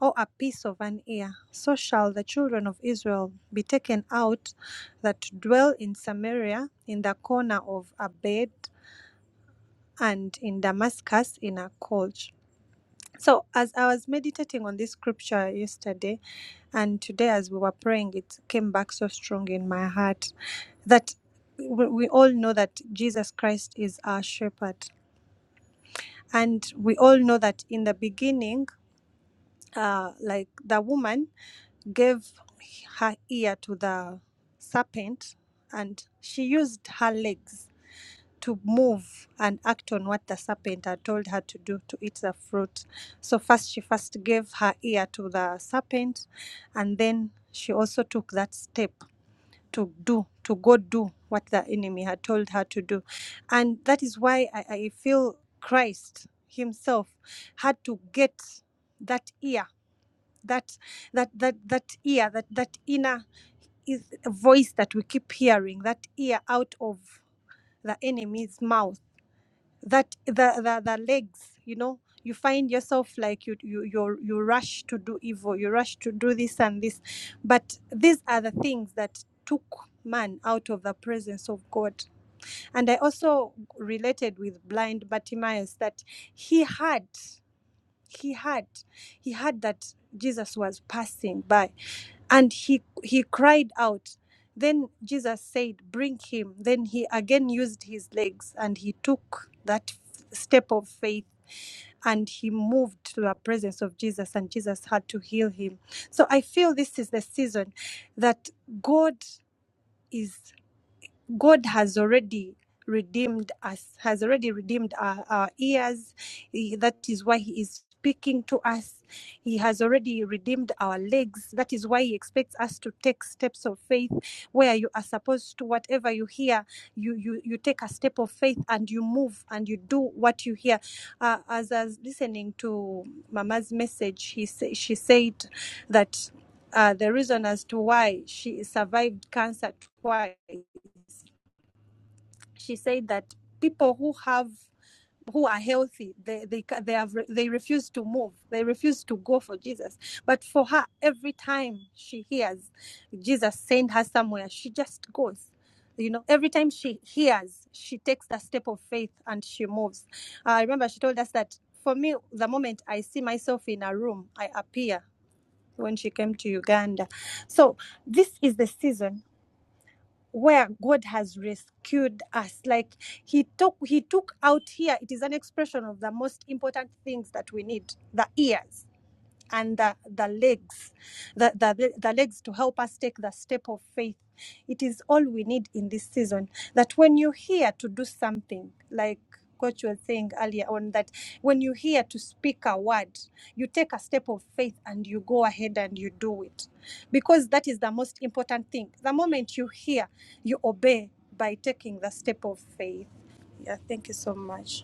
Speaker 3: or a piece of an ear, so shall the children of Israel be taken out that dwell in Samaria in the corner of a bed and in Damascus in a coach. So, as I was meditating on this scripture yesterday and today, as we were praying, it came back so strong in my heart that we we all know that Jesus Christ is our shepherd. And we all know that in the beginning, uh, like the woman gave her ear to the serpent and she used her legs to move and act on what the serpent had told her to do to eat the fruit. So first she first gave her ear to the serpent and then she also took that step to do to go do what the enemy had told her to do. And that is why I, I feel Christ himself had to get that ear, that that that that ear, that that inner is a voice that we keep hearing, that ear out of the enemy's mouth that the, the the legs you know you find yourself like you you you you rush to do evil you rush to do this and this but these are the things that took man out of the presence of god and i also related with blind bartimaeus that he had he had he had that jesus was passing by and he he cried out then jesus said bring him then he again used his legs and he took that f- step of faith and he moved to the presence of jesus and jesus had to heal him so i feel this is the season that god is God has already redeemed us, has already redeemed our, our ears. He- That is why He is speaking to us. He has already redeemed our legs. That is why He expects us to take steps of faith where you are supposed to, whatever you hear, you, you, you take a step of faith and you move and you do what you hear. Uh, as I was listening to Mama's message, he, sa- she said that uh, the reason as to why she survived cancer twice she said that people who have who are healthy they they they have they refuse to move they refuse to go for jesus but for her every time she hears jesus send her somewhere she just goes you know every time she hears she takes a step of faith and she moves Uh, i remember she told us that for me the moment i see myself in a room i appear when she came to uganda so this is the season where God has rescued us. Like He took He took out here, it is an expression of the most important things that we need, the ears and the, the legs, the, the, the legs to help us take the step of faith. It is all we need in this season. That when you hear to do something, like Coach was saying earlier on, that when you hear to speak a word, you take a step of faith and you go ahead and you do it. Because that is the most important thing. The moment you hear, you obey by taking the step of faith. Yeah, thank you so much.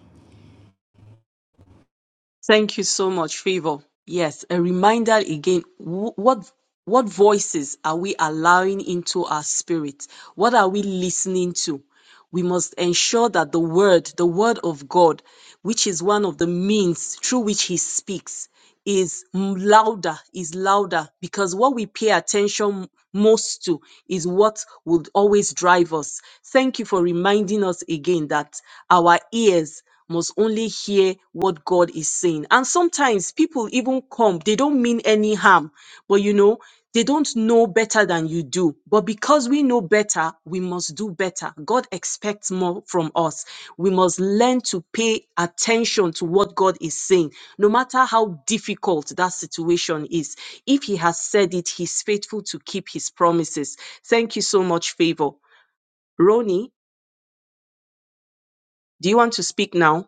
Speaker 1: Yes, a reminder again, wh- what what voices are we allowing into our spirit? What are we listening to? we must ensure that the word, the word of God, which is one of the means through which he speaks, is m- louder, is louder, because what we pay attention most to is what would always drive us. Thank you for reminding us again that our ears must only hear what God is saying. And sometimes people even come, they don't mean any harm but you know, they don't know better than you do. But because we know better, we must do better. God expects more from us. We must learn to pay attention to what God is saying, no matter how difficult that situation is. If He has said it, He's faithful to keep His promises. Thank you so much, Favor. Ronnie, do you want to speak now?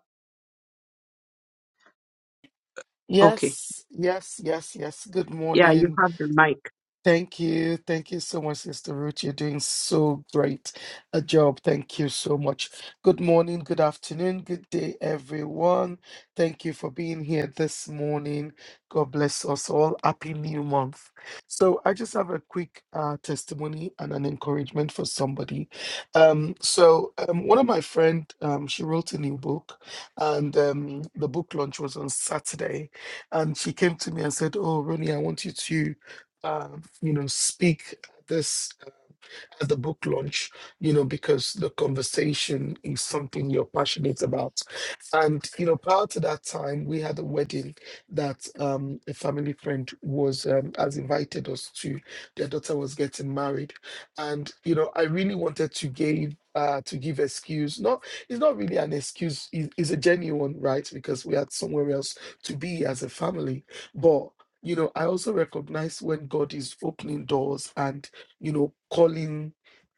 Speaker 1: Okay.
Speaker 6: Yes, yes, yes, yes. Good
Speaker 1: Yeah, you
Speaker 6: morning.
Speaker 1: have the mic.
Speaker 6: Thank you. Thank you so much, Sister Ruth. You're doing so great a job. Thank you so much. Good morning, good afternoon, good day, everyone. Thank you for being here this morning. God bless us all. Happy new month. So, I just have a quick uh, testimony and an encouragement for somebody. Um, so, um, one of my friend, um, she wrote a new book, and um, the book launch was on Saturday. And she came to me and said, "Oh, Ronnie, I want you to." um, you know, speak at this at the book launch, you know, because the conversation is something you're passionate about. And, you know, prior to that time, we had a wedding that um, a family friend was, um, has invited us to. Their daughter was getting married. And, you know, I really wanted to give. Uh, to give excuse, not it's not really an excuse. it- It's a genuine right because we had somewhere else to be as a family. But you know, I also recognize when God is opening doors and you know, calling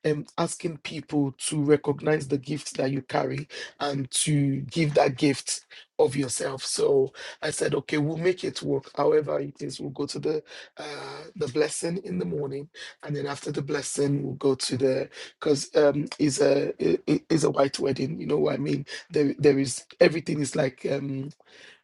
Speaker 6: um, asking people to recognize the gifts that you carry and to give that gift of yourself. So I said, okay, we'll make it work. However it is, we'll go to the uh, the blessing in the morning, and then after the blessing, we'll go to the because um, is a i- i- is a white wedding. You know what I mean? There there is everything is like. um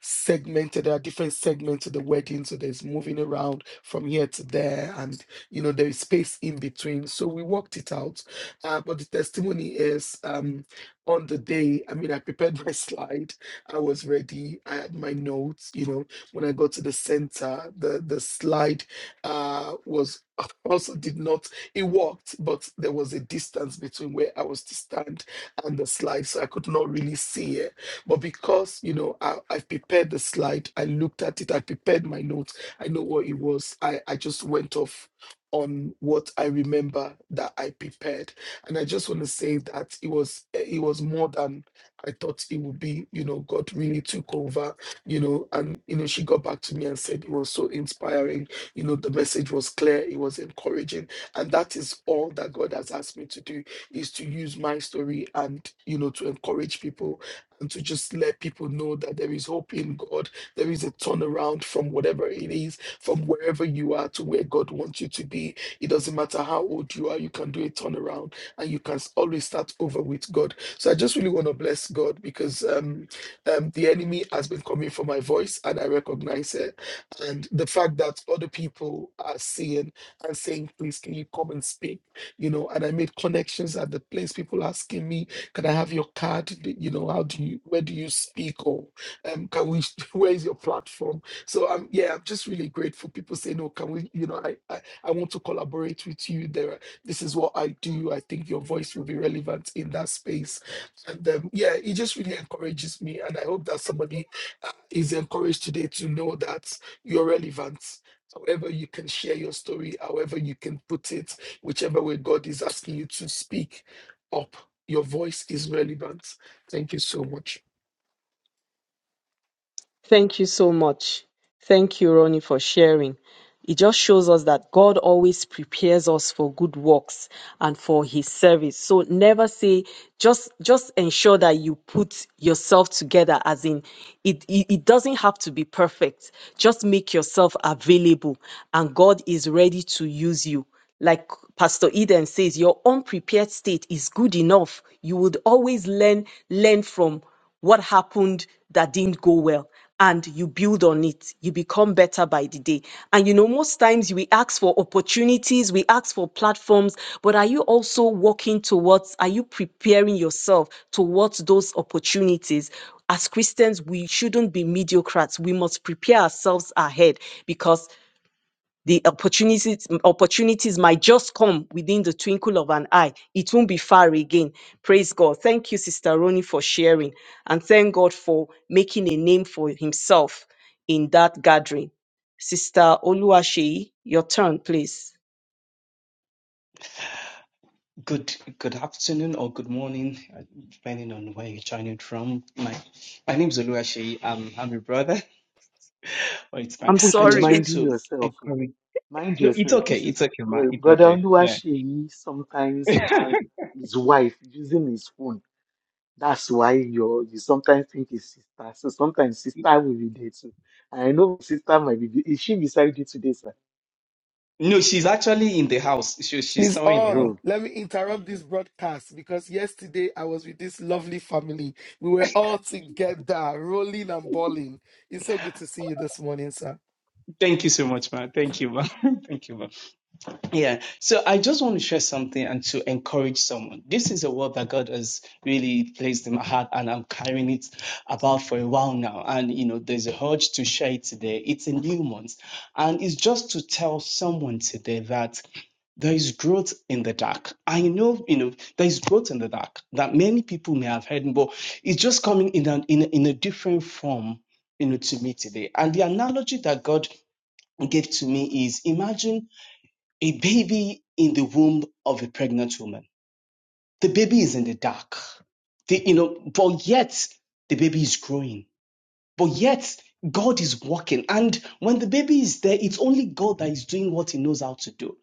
Speaker 6: segmented. There are different segments of the wedding, so there's moving around from here to there, and you know there is space in between. So we worked it out. Uh, but the testimony is um, on the day. I mean, I prepared my slide. I was ready. I had my notes. You know, when I got to the center, the the slide uh, was also did not. It worked, but there was a distance between where I was to stand and the slide, so I could not really see it but because, you know, I, I've prepared the slide, I looked at it, I prepared my notes, I know what it was. I, I just went off on what I remember that I prepared. And I just want to say that it was eh, it was more than I thought it would be. You know, God really took over, you know, and you know, she got back to me and said it was so inspiring. You know, the message was clear, it was encouraging. And that is all that God has asked me to do is to use my story and you know to encourage people and to just let people know that there is hope in God. There is a turnaround from whatever it is, from wherever you are to where God wants you to be. It doesn't matter how old you are, you can do a turnaround and you can s- always start over with God. So I just really want to bless God because um, um, the enemy has been coming for my voice and I recognize it. And the fact that other people are seeing and saying, please, can you come and speak? You know, and I made connections at the place people asking me can I have your card? D- You know, how do you, where do you speak? Or um, can we, where is your platform? So um, yeah, I'm just really grateful. People say, no, can we, you know, I, I, I want to collaborate with you. There, are- this is what I do. I think your voice will be relevant in that space. And um, yeah, it just really encourages me. And I hope that somebody uh, is encouraged today to know that you're relevant. However, you can share your story, however, you can put it, whichever way God is asking you to speak up. Your voice is relevant. Thank you so much.
Speaker 1: Thank you so much. Thank you, Ronnie, for sharing. It just shows us that God always prepares us for good works and for his service. So never say, just just ensure that you put yourself together as in it, it, it doesn't have to be perfect. Just make yourself available and God is ready to use you like pastor eden says your unprepared state is good enough you would always learn learn from what happened that didn't go well and you build on it you become better by the day and you know most times we ask for opportunities we ask for platforms but are you also working towards are you preparing yourself towards those opportunities as christians we shouldn't be mediocres we must prepare ourselves ahead because the opportunities opportunities might just come within the twinkle of an eye it won't be far again praise god thank you sister Ronnie, for sharing and thank god for making a name for himself in that gathering sister oluwaseyi your turn please
Speaker 7: Good good afternoon or good morning, uh, depending on where you're joining from. My my name is Oluwaseyi. I'm I'm your brother. Oh, it's fine.
Speaker 1: i'm
Speaker 5: People should
Speaker 7: I
Speaker 5: be
Speaker 1: sorry
Speaker 7: just want
Speaker 5: minding
Speaker 7: to
Speaker 5: yourself. oh.
Speaker 7: encourage.
Speaker 5: Mind
Speaker 7: No, it's
Speaker 5: yourself.
Speaker 7: okay.
Speaker 5: This is
Speaker 7: It's okay, ma.
Speaker 5: bro-
Speaker 7: It's
Speaker 5: Brother
Speaker 7: okay. Yeah.
Speaker 5: Oluwaseyi sometimes has his wife using his phone. That's why you you sometimes think it's sister. So sometimes sister will be there too. And I know sister might be. Is she beside you today, sir?
Speaker 7: no, she's actually in the house. She, she's
Speaker 6: He's
Speaker 7: somewhere in the house.
Speaker 6: on.
Speaker 5: Oh,
Speaker 6: Let me interrupt
Speaker 5: uh-huh.
Speaker 6: this broadcast because yesterday I was with this lovely family. We were all together, rolling and balling. It's so good to see you this morning, sir.
Speaker 7: Thank you so much, ma. Thank you, ma. Thank you, ma. Yeah, so I just want to share something and to encourage someone. This is a word that God has really placed in my heart, and I'm carrying it about for a while now. And you know, there's a urge to share it today. It's a new month, and it's just to tell someone today that there is growth in the dark. I know, you know, there is growth in the dark that many people may have heard, but it's just coming in an, in a, in a different form, you know, to me today. And the analogy that God gave to me is imagine a baby in the womb of a pregnant woman. The baby is in the dark. The, you know, but yet the baby is growing. But yet God is working. And when the baby is there, it's only God that is doing what he knows how to do.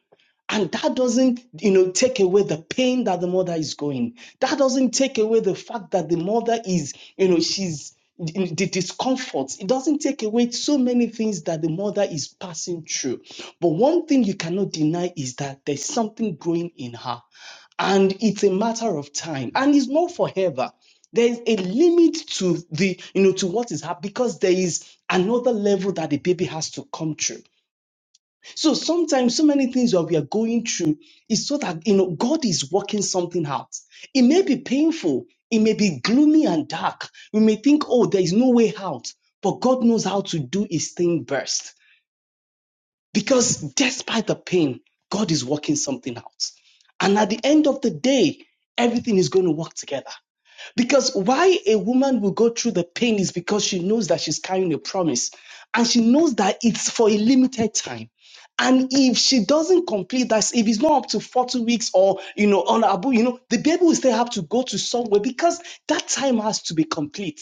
Speaker 7: And that doesn't, you know, take away the pain that the mother is going. That doesn't take away the fact that the mother is, you know, she's the discomfort. It doesn't take away so many things that the mother is passing through. But one thing you cannot deny is that there's something growing in her. And it's a matter of time. And it's not forever. There's a limit to the, you know, to what is happening because there is another level that the baby has to come through. So sometimes so many things that we are going through is so that you know God is working something out. It may be painful, it may be gloomy and dark. We may think, oh, there is no way out, but God knows how to do his thing best. Because despite the pain, God is working something out. And at the end of the day, everything is going to work together. Because why a woman will go through the pain is because she knows that she's carrying a promise and she knows that it's for a limited time. And if she doesn't complete that, if it's not up to 40 weeks or, you know, on Abu, you know, the baby will still have to go to somewhere because that time has to be complete.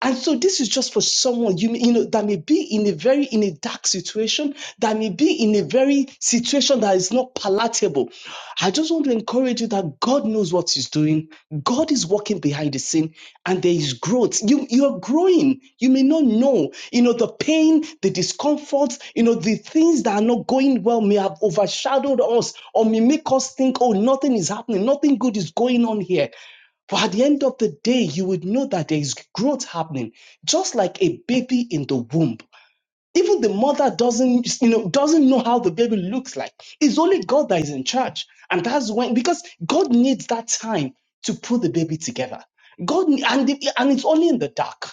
Speaker 7: And so this is just for someone you, you know that may be in a very in a dark situation, that may be in a very situation that is not palatable. I just want to encourage you that God knows what He's doing. God is working behind the scene, and there is growth. You you are growing. You may not know, you know, the pain, the discomfort, you know, the things that are not going well may have overshadowed us or may make us think, oh, nothing is happening, nothing good is going on here. But at the end of the day, you would know that there is growth happening, just like a baby in the womb. Even the mother doesn't, you know, doesn't know how the baby looks like. It's only God that is in charge, and that's when because God needs that time to put the baby together. God and the, and it's only in the dark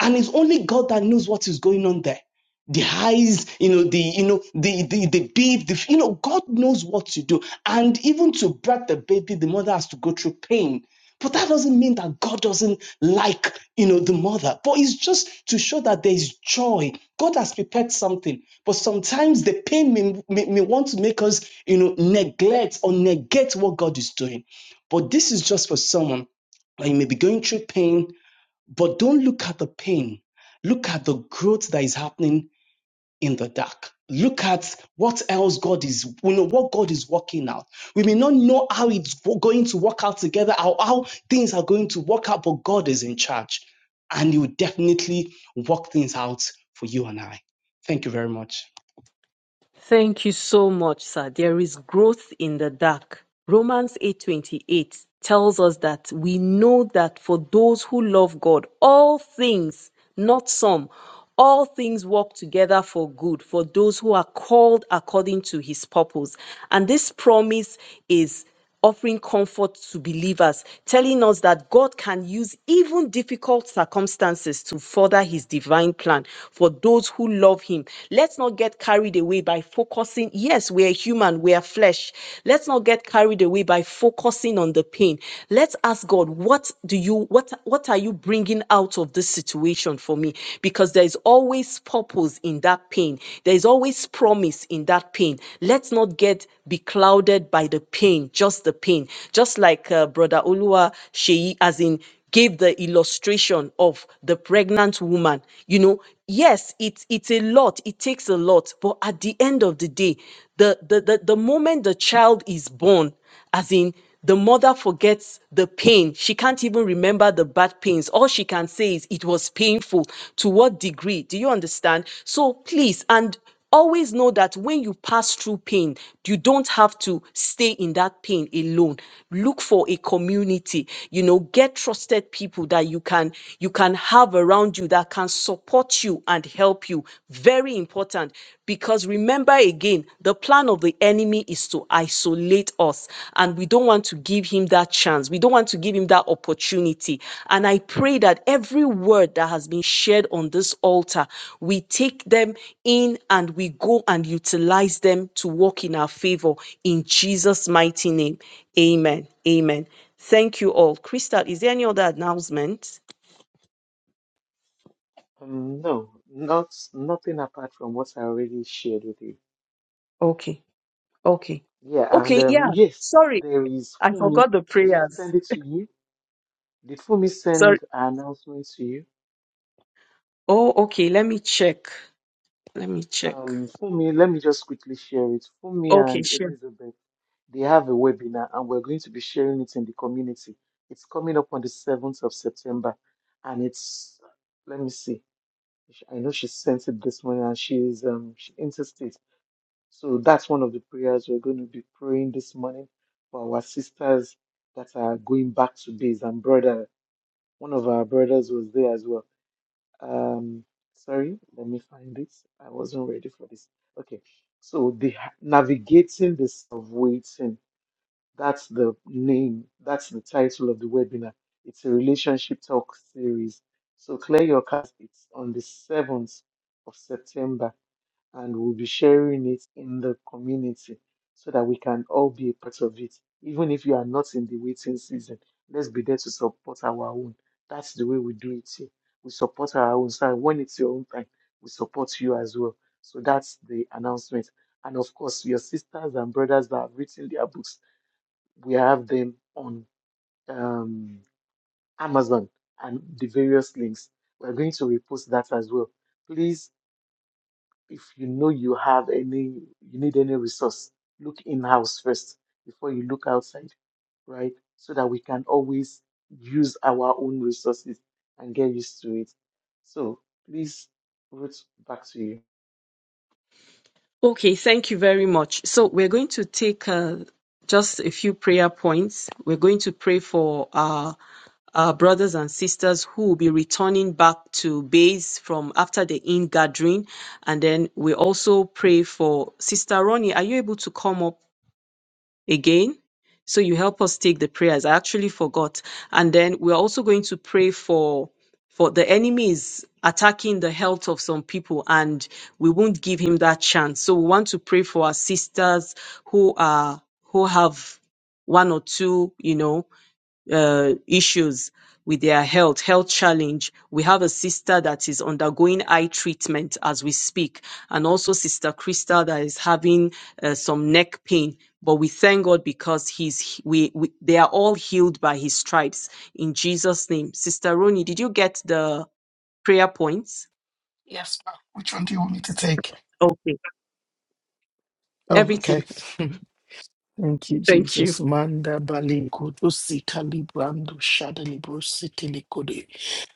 Speaker 7: and it's only God that knows what is going on there. The highs, you know, the you know, the the the babe, the you know, God knows what to do. And even to birth the baby, the mother has to go through pain. But that doesn't mean that God doesn't like, you know, the mother. But it's just to show that there is joy. God has prepared something. But sometimes the pain may, may, may want to make us, you know, neglect or negate what God is doing. But this is just for someone that you may be going through pain, but don't look at the pain. Look at the growth that is happening in the dark. Look at what else God is, you know, what God is working out. We may not know how it's go- going to work out together, how, how things are going to work out, but God is in charge. And He will definitely work things out for you and I. Thank you very much.
Speaker 1: Thank you so much, sir. There is growth in the dark. Romans 8:28 tells us that we know that for those who love God, all things, not some, all things work together for good for those who are called according to his purpose. And this promise is offering comfort to believers, telling us that God can use even difficult circumstances to further his divine plan for those who love him. Let's not get carried away by focusing. Yes, we are human, we are flesh. Let's not get carried away by focusing on the pain. Let's ask God, what do you what what are you bringing out of this situation for me? Because there is always purpose miracles in that pain. There is always promise in that pain. Let's not get be clouded by the pain, just the pain. Just like uh, Brother Olua Sheyi, as in gave the illustration of the pregnant woman you know yes it's it's a lot it takes a lot but at the end of the day the the the, the moment the child is born as in the mother forgets the pain. She can't even remember the bad pains. All she can say is it was painful. To what degree? Do you understand? So please, and always know that when you pass through pain, you don't have to stay in that pain alone. Look for a community. You know, get trusted people that you can you can have around you that can support you and help you. Very important. Because remember again, the plan of the enemy is to isolate us, and we don't want to give him that chance. We don't want to give him that opportunity. And I pray that every word that has been shared on this altar, we take them in and we go and utilize them to work in our favor in Jesus' mighty name. Amen. Amen. Thank you all. Crystal, is there any other announcement?
Speaker 5: Um, no, not nothing apart from what I already shared with you.
Speaker 1: Okay. Okay.
Speaker 5: Yeah, and
Speaker 1: Okay.
Speaker 5: um,
Speaker 1: Yeah.
Speaker 5: yes,
Speaker 1: Sorry.
Speaker 5: there is
Speaker 1: I
Speaker 5: Fumi.
Speaker 1: forgot the
Speaker 5: Did she
Speaker 1: prayers.
Speaker 5: send it to you? Did Fumi
Speaker 1: Sorry.
Speaker 5: send an announcement to you?
Speaker 1: Oh, okay. Let me check. Let me check.
Speaker 5: Um, for me, let me just quickly share it. For me
Speaker 1: Okay,
Speaker 5: and
Speaker 1: sure.
Speaker 5: Elizabeth, they have a webinar and we're going to be sharing it in the community. It's coming up on the 7th of September and it's, let me see, Sh- I know she sent it this morning and she's um, she interstate. So that's one of the prayers we're going to be praying this morning for our sisters that are going back to base and brother, one of our brothers was there as well. Um, sorry, let me find this. I wasn't ready for this. Okay, so the ha- navigating the self waiting. That's the name. That's the title of the webinar. It's a relationship talk series. So clear your cards. It's on the seventh of September and we'll be sharing it in the community so that we can all be a part of it. Even if you are not in the waiting season, let's be there to support our own. That's the way we do it here. We support our own. So when it's your own time, we support you as well. So that's the announcement. And of course, your sisters and brothers that have written their books, we have them on um, Amazon and the various links. We're going to repost that as well. Please if you know you have any you need any resource look in house first before you look outside right so that we can always use our own resources and get used to it so please Ruth back to you
Speaker 1: Okay, thank you very much. So we're going to take uh, just a few prayer points. We're going to pray for our, our brothers and sisters who will be returning back to base from after the in gathering, and then we also pray for Sister Ronnie. Are you able to come up? again. So you help us take the prayers. I actually forgot. And then we're also going to pray for for the enemies attacking the health of some people and we won't give him that chance. So we want to pray for our sisters who are who have one or two, you know, uh, issues with their health, health challenge. We have a sister that is undergoing eye treatment as we speak, and also Sister Crystal that is having uh, some neck pain. But we thank God because he's we, we they are all healed by his stripes in Jesus' name. Sister Roni, did you get the prayer points?
Speaker 6: Yes, sir. Which one do you want me to take?
Speaker 1: Okay,
Speaker 6: Oh, okay.
Speaker 1: everything.
Speaker 6: Thank you,
Speaker 1: Thank you.
Speaker 6: Jesus. Manda bali kuto sita librando shada libro sita likode.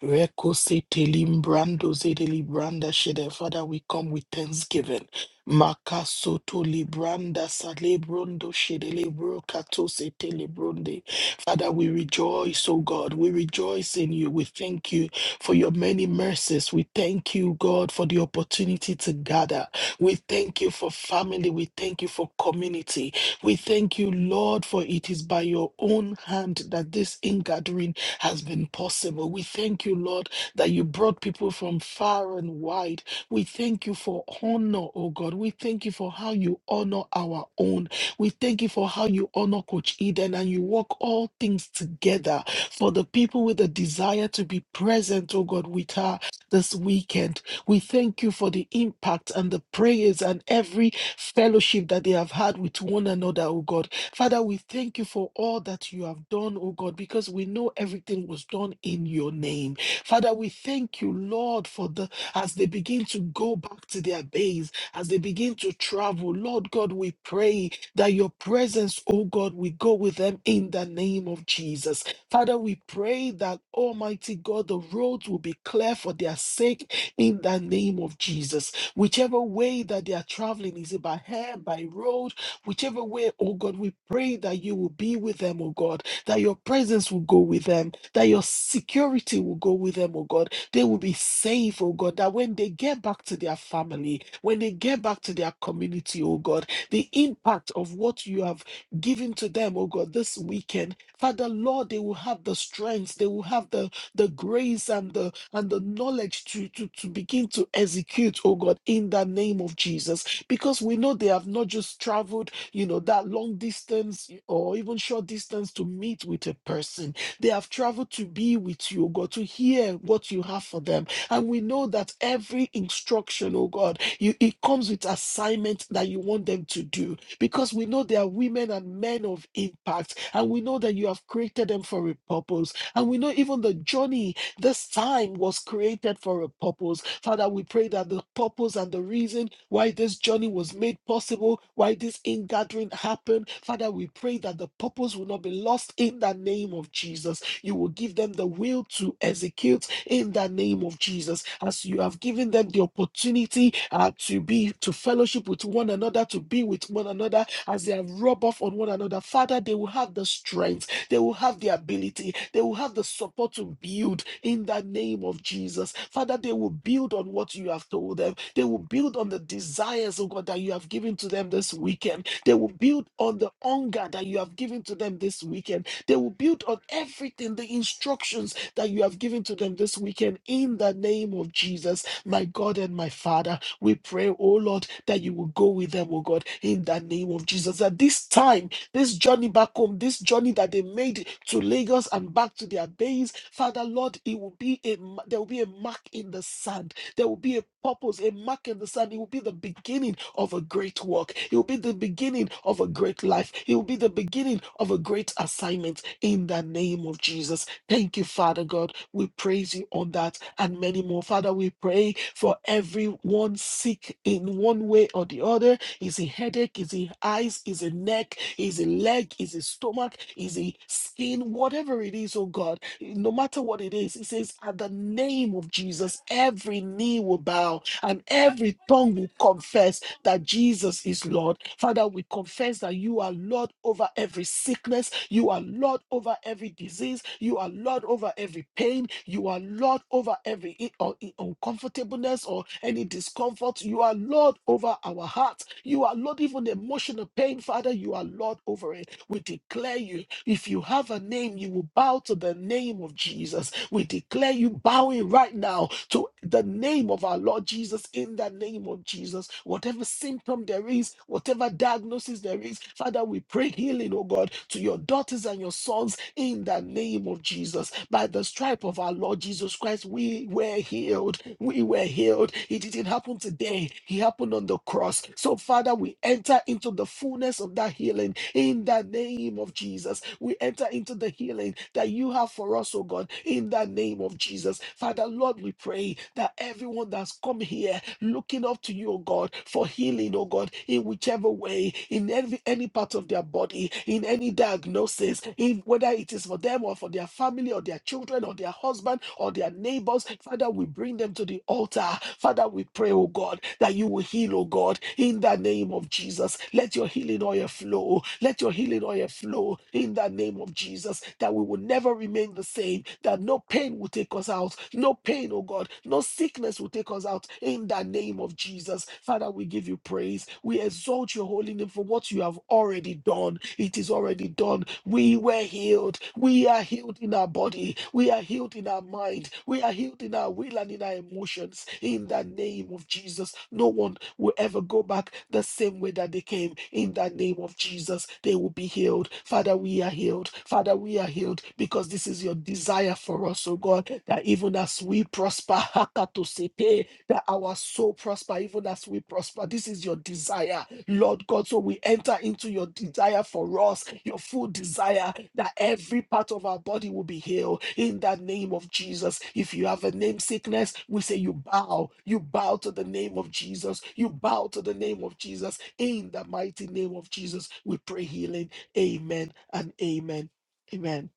Speaker 6: Reko sita limbrando zede libranda shede. Father, we come with thanksgiving. Makaso to libranda sa librondo shede libro kato sita libronde. Father, we rejoice, oh God. We rejoice in you. We thank you for your many mercies. We thank you, God, for the opportunity to gather. We thank you for family. We thank you for community. We thank you, Lord, for it is by your own hand that this ingathering has been possible. We thank you, Lord, that you brought people from far and wide. We thank you for honor, oh God. We thank you for how you honor our own. We thank you for how you honor Coach Eden and you work all things together for the people with a desire to be present, oh God, with her this weekend. We thank you for the impact and the prayers and every fellowship that they have had with one another, oh God. Father, we thank you for all that you have done, oh God, because we know everything was done in your name. Father, we thank you, Lord, for the as they begin to go back to their base, as they begin to travel, Lord God, we pray that your presence, oh God, we go with them in the name of Jesus. Father, we pray that Almighty God, the roads will be clear for their sake in the name of Jesus. Whichever way that they are traveling, is it by air, by road, whichever way, oh God, we pray that you will be with them, oh God, that your presence will go with them, that your security will go with them, oh God. They will be safe, oh God, that when they get back to their family, when they get back to their community, oh God, the impact of what you have given to them, oh God, this weekend, Father Lord, they will have the strength, they will have the, the grace and the and the knowledge to, to, to begin to execute, oh God, in the name of Jesus. Because we know they have not just traveled, you know, that long distance or even short distance to meet with a person. They have traveled to be with you, oh God, to hear what you have for them. And we know that every instruction, oh God, you, it comes with assignment that you want them to do. Because we know they are women and men of impact. And we know that you have created them for a purpose. And we know even the journey this time was created for a purpose. Father, we pray that the purpose and the reason why this journey was made possible, why this ingathering happened, Father, we pray that the purpose will not be lost in the name of Jesus. You will give them the will to execute in the name of Jesus. As you have given them the opportunity uh, to be, to fellowship with one another, to be with one another, as they have rub off on one another, Father, they will have the strength they will have the ability. They will have the support to build in the name of Jesus. Father, they will build on what you have told them. They will build on the desires, oh God, that you have given to them this weekend. They will build on the hunger that you have given to them this weekend. They will build on everything, the instructions that you have given to them this weekend in the name of Jesus. My God and my Father, we pray, oh Lord, that you will go with them, oh God, in the name of Jesus. At this time, this journey back home, this journey that they made to Lagos and back to their base, Father Lord, it will be a ma- there will be a mark in the sand. There will be a purpose, a mark in the sand. It will be the beginning of a great work. It will be the beginning of a great life. It will be the beginning of a great assignment in the name of Jesus. Thank you, Father God. We praise you on that and many more. Father, we pray for everyone sick in one way or the other is it headache? Is it eyes? Is it neck? Is it leg? Is it stomach? Is it skin? Whatever it is, oh God, no matter what it is, it says, at the name of Jesus, every knee will bow and every tongue will confess that Jesus is Lord. Father, we confess that you are Lord over every sickness, you are Lord over every disease, you are Lord over every pain, you are Lord over every i- or i- uncomfortableness or any discomfort, you are Lord over our hearts, you are Lord even emotional pain, Father, you are Lord over it. We declare you, if you have a name, you will bow to the name of Jesus. We declare you bowing right now to the name of our Lord Jesus in the name of Jesus. Whatever symptom there is, whatever diagnosis there is, Father, we pray healing, oh God, to your daughters and your sons in the name of Jesus. By the stripe of our Lord Jesus Christ, we were healed. We were healed. It didn't happen today, it happened on the cross. So, Father, we enter into the fullness of that healing in the name of Jesus. We enter into the healing that you have for us, oh God, in the name of Jesus. Father, Lord, we pray that everyone that's come here looking up to you, oh God, for healing, oh God, in whichever way, in every any part of their body, in any diagnosis, in whether it is for them or for their family or their children or their husband or their neighbors, Father, we bring them to the altar. Father, we pray, oh God, that you will heal, oh God, in the name of Jesus. Let your healing oil flow. Let your healing healing oil flow in the name of Jesus, that we will never remain the same, that no pain will take us out, no pain, oh God, no sickness will take us out in the name of Jesus. Father, we give you praise. We exalt your holy name for what you have already done. It is already done. We were healed. We are healed in our body. We are healed in our mind. We are healed in our will and in our emotions. In the name of Jesus, no one will ever go back the same way that they came. In the name of Jesus, they will be healed. Father, we are healed. Father, we are healed because this is your desire for us, oh God, that even as we prosper, hakatosepe, that our soul prosper, even as we prosper. This is your desire, Lord God. So we enter into your desire for us, your full desire that every part of our body will be healed in the name of Jesus. If you have a name sickness, we say you bow, you bow to the name of Jesus, you bow to the name of Jesus. In the mighty name of Jesus, we pray healing Amen and amen. Amen.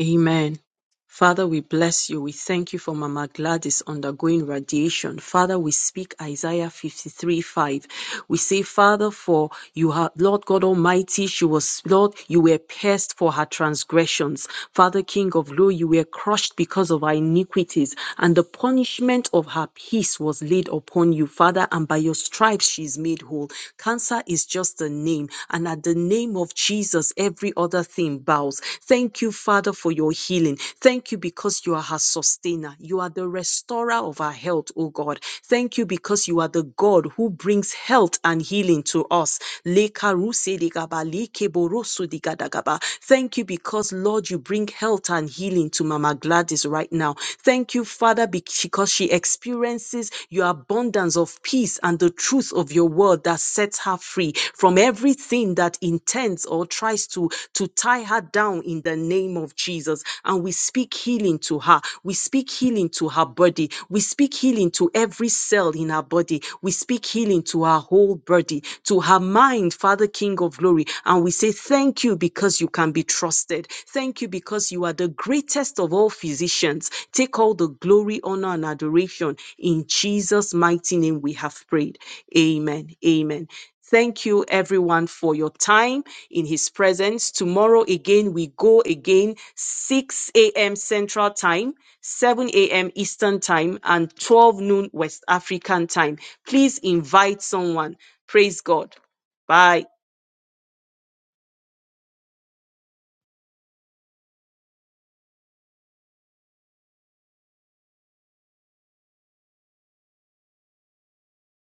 Speaker 1: Amen. Father, we bless you. We thank you for Mama Gladys undergoing radiation. Father, we speak Isaiah 53 5. We say, Father, for you are, Lord God Almighty, she was, Lord, you were pierced for her transgressions. Father, King of Law, you were crushed because of her iniquities, and the punishment of her peace was laid upon you, Father, and by your stripes she is made whole. Cancer is just a name, and at the name of Jesus, every other thing bows house. Thank you, Father, for your healing. Thank you because you are her sustainer. You are the restorer of our health, O God. Thank you because you are the God who brings health and healing to us. Lekarusedigaba, lekeborosodigadaga. Thank you because, Lord, you bring health and healing to Mama Gladys right now. Thank you, Father, because she experiences your abundance of peace and the truth of your word that sets her free from everything that in intends or tries to, to tie her down in the name of Jesus. And we speak healing to her. We speak healing to her body. We speak healing to every cell in her body. We speak healing to her whole body, to her mind, Father King of glory. And we say, Thank you because you can be trusted. Thank you because you are the greatest of all physicians. Take all the glory, honor, and adoration. In Jesus' mighty name, we have prayed. Amen. Amen. Thank you, everyone, for your time in His presence. Tomorrow, again, we go again, 6 a.m. Central Time, 7 a.m. Eastern Time, and 12 noon West African Time. Please invite someone. Praise God. Bye.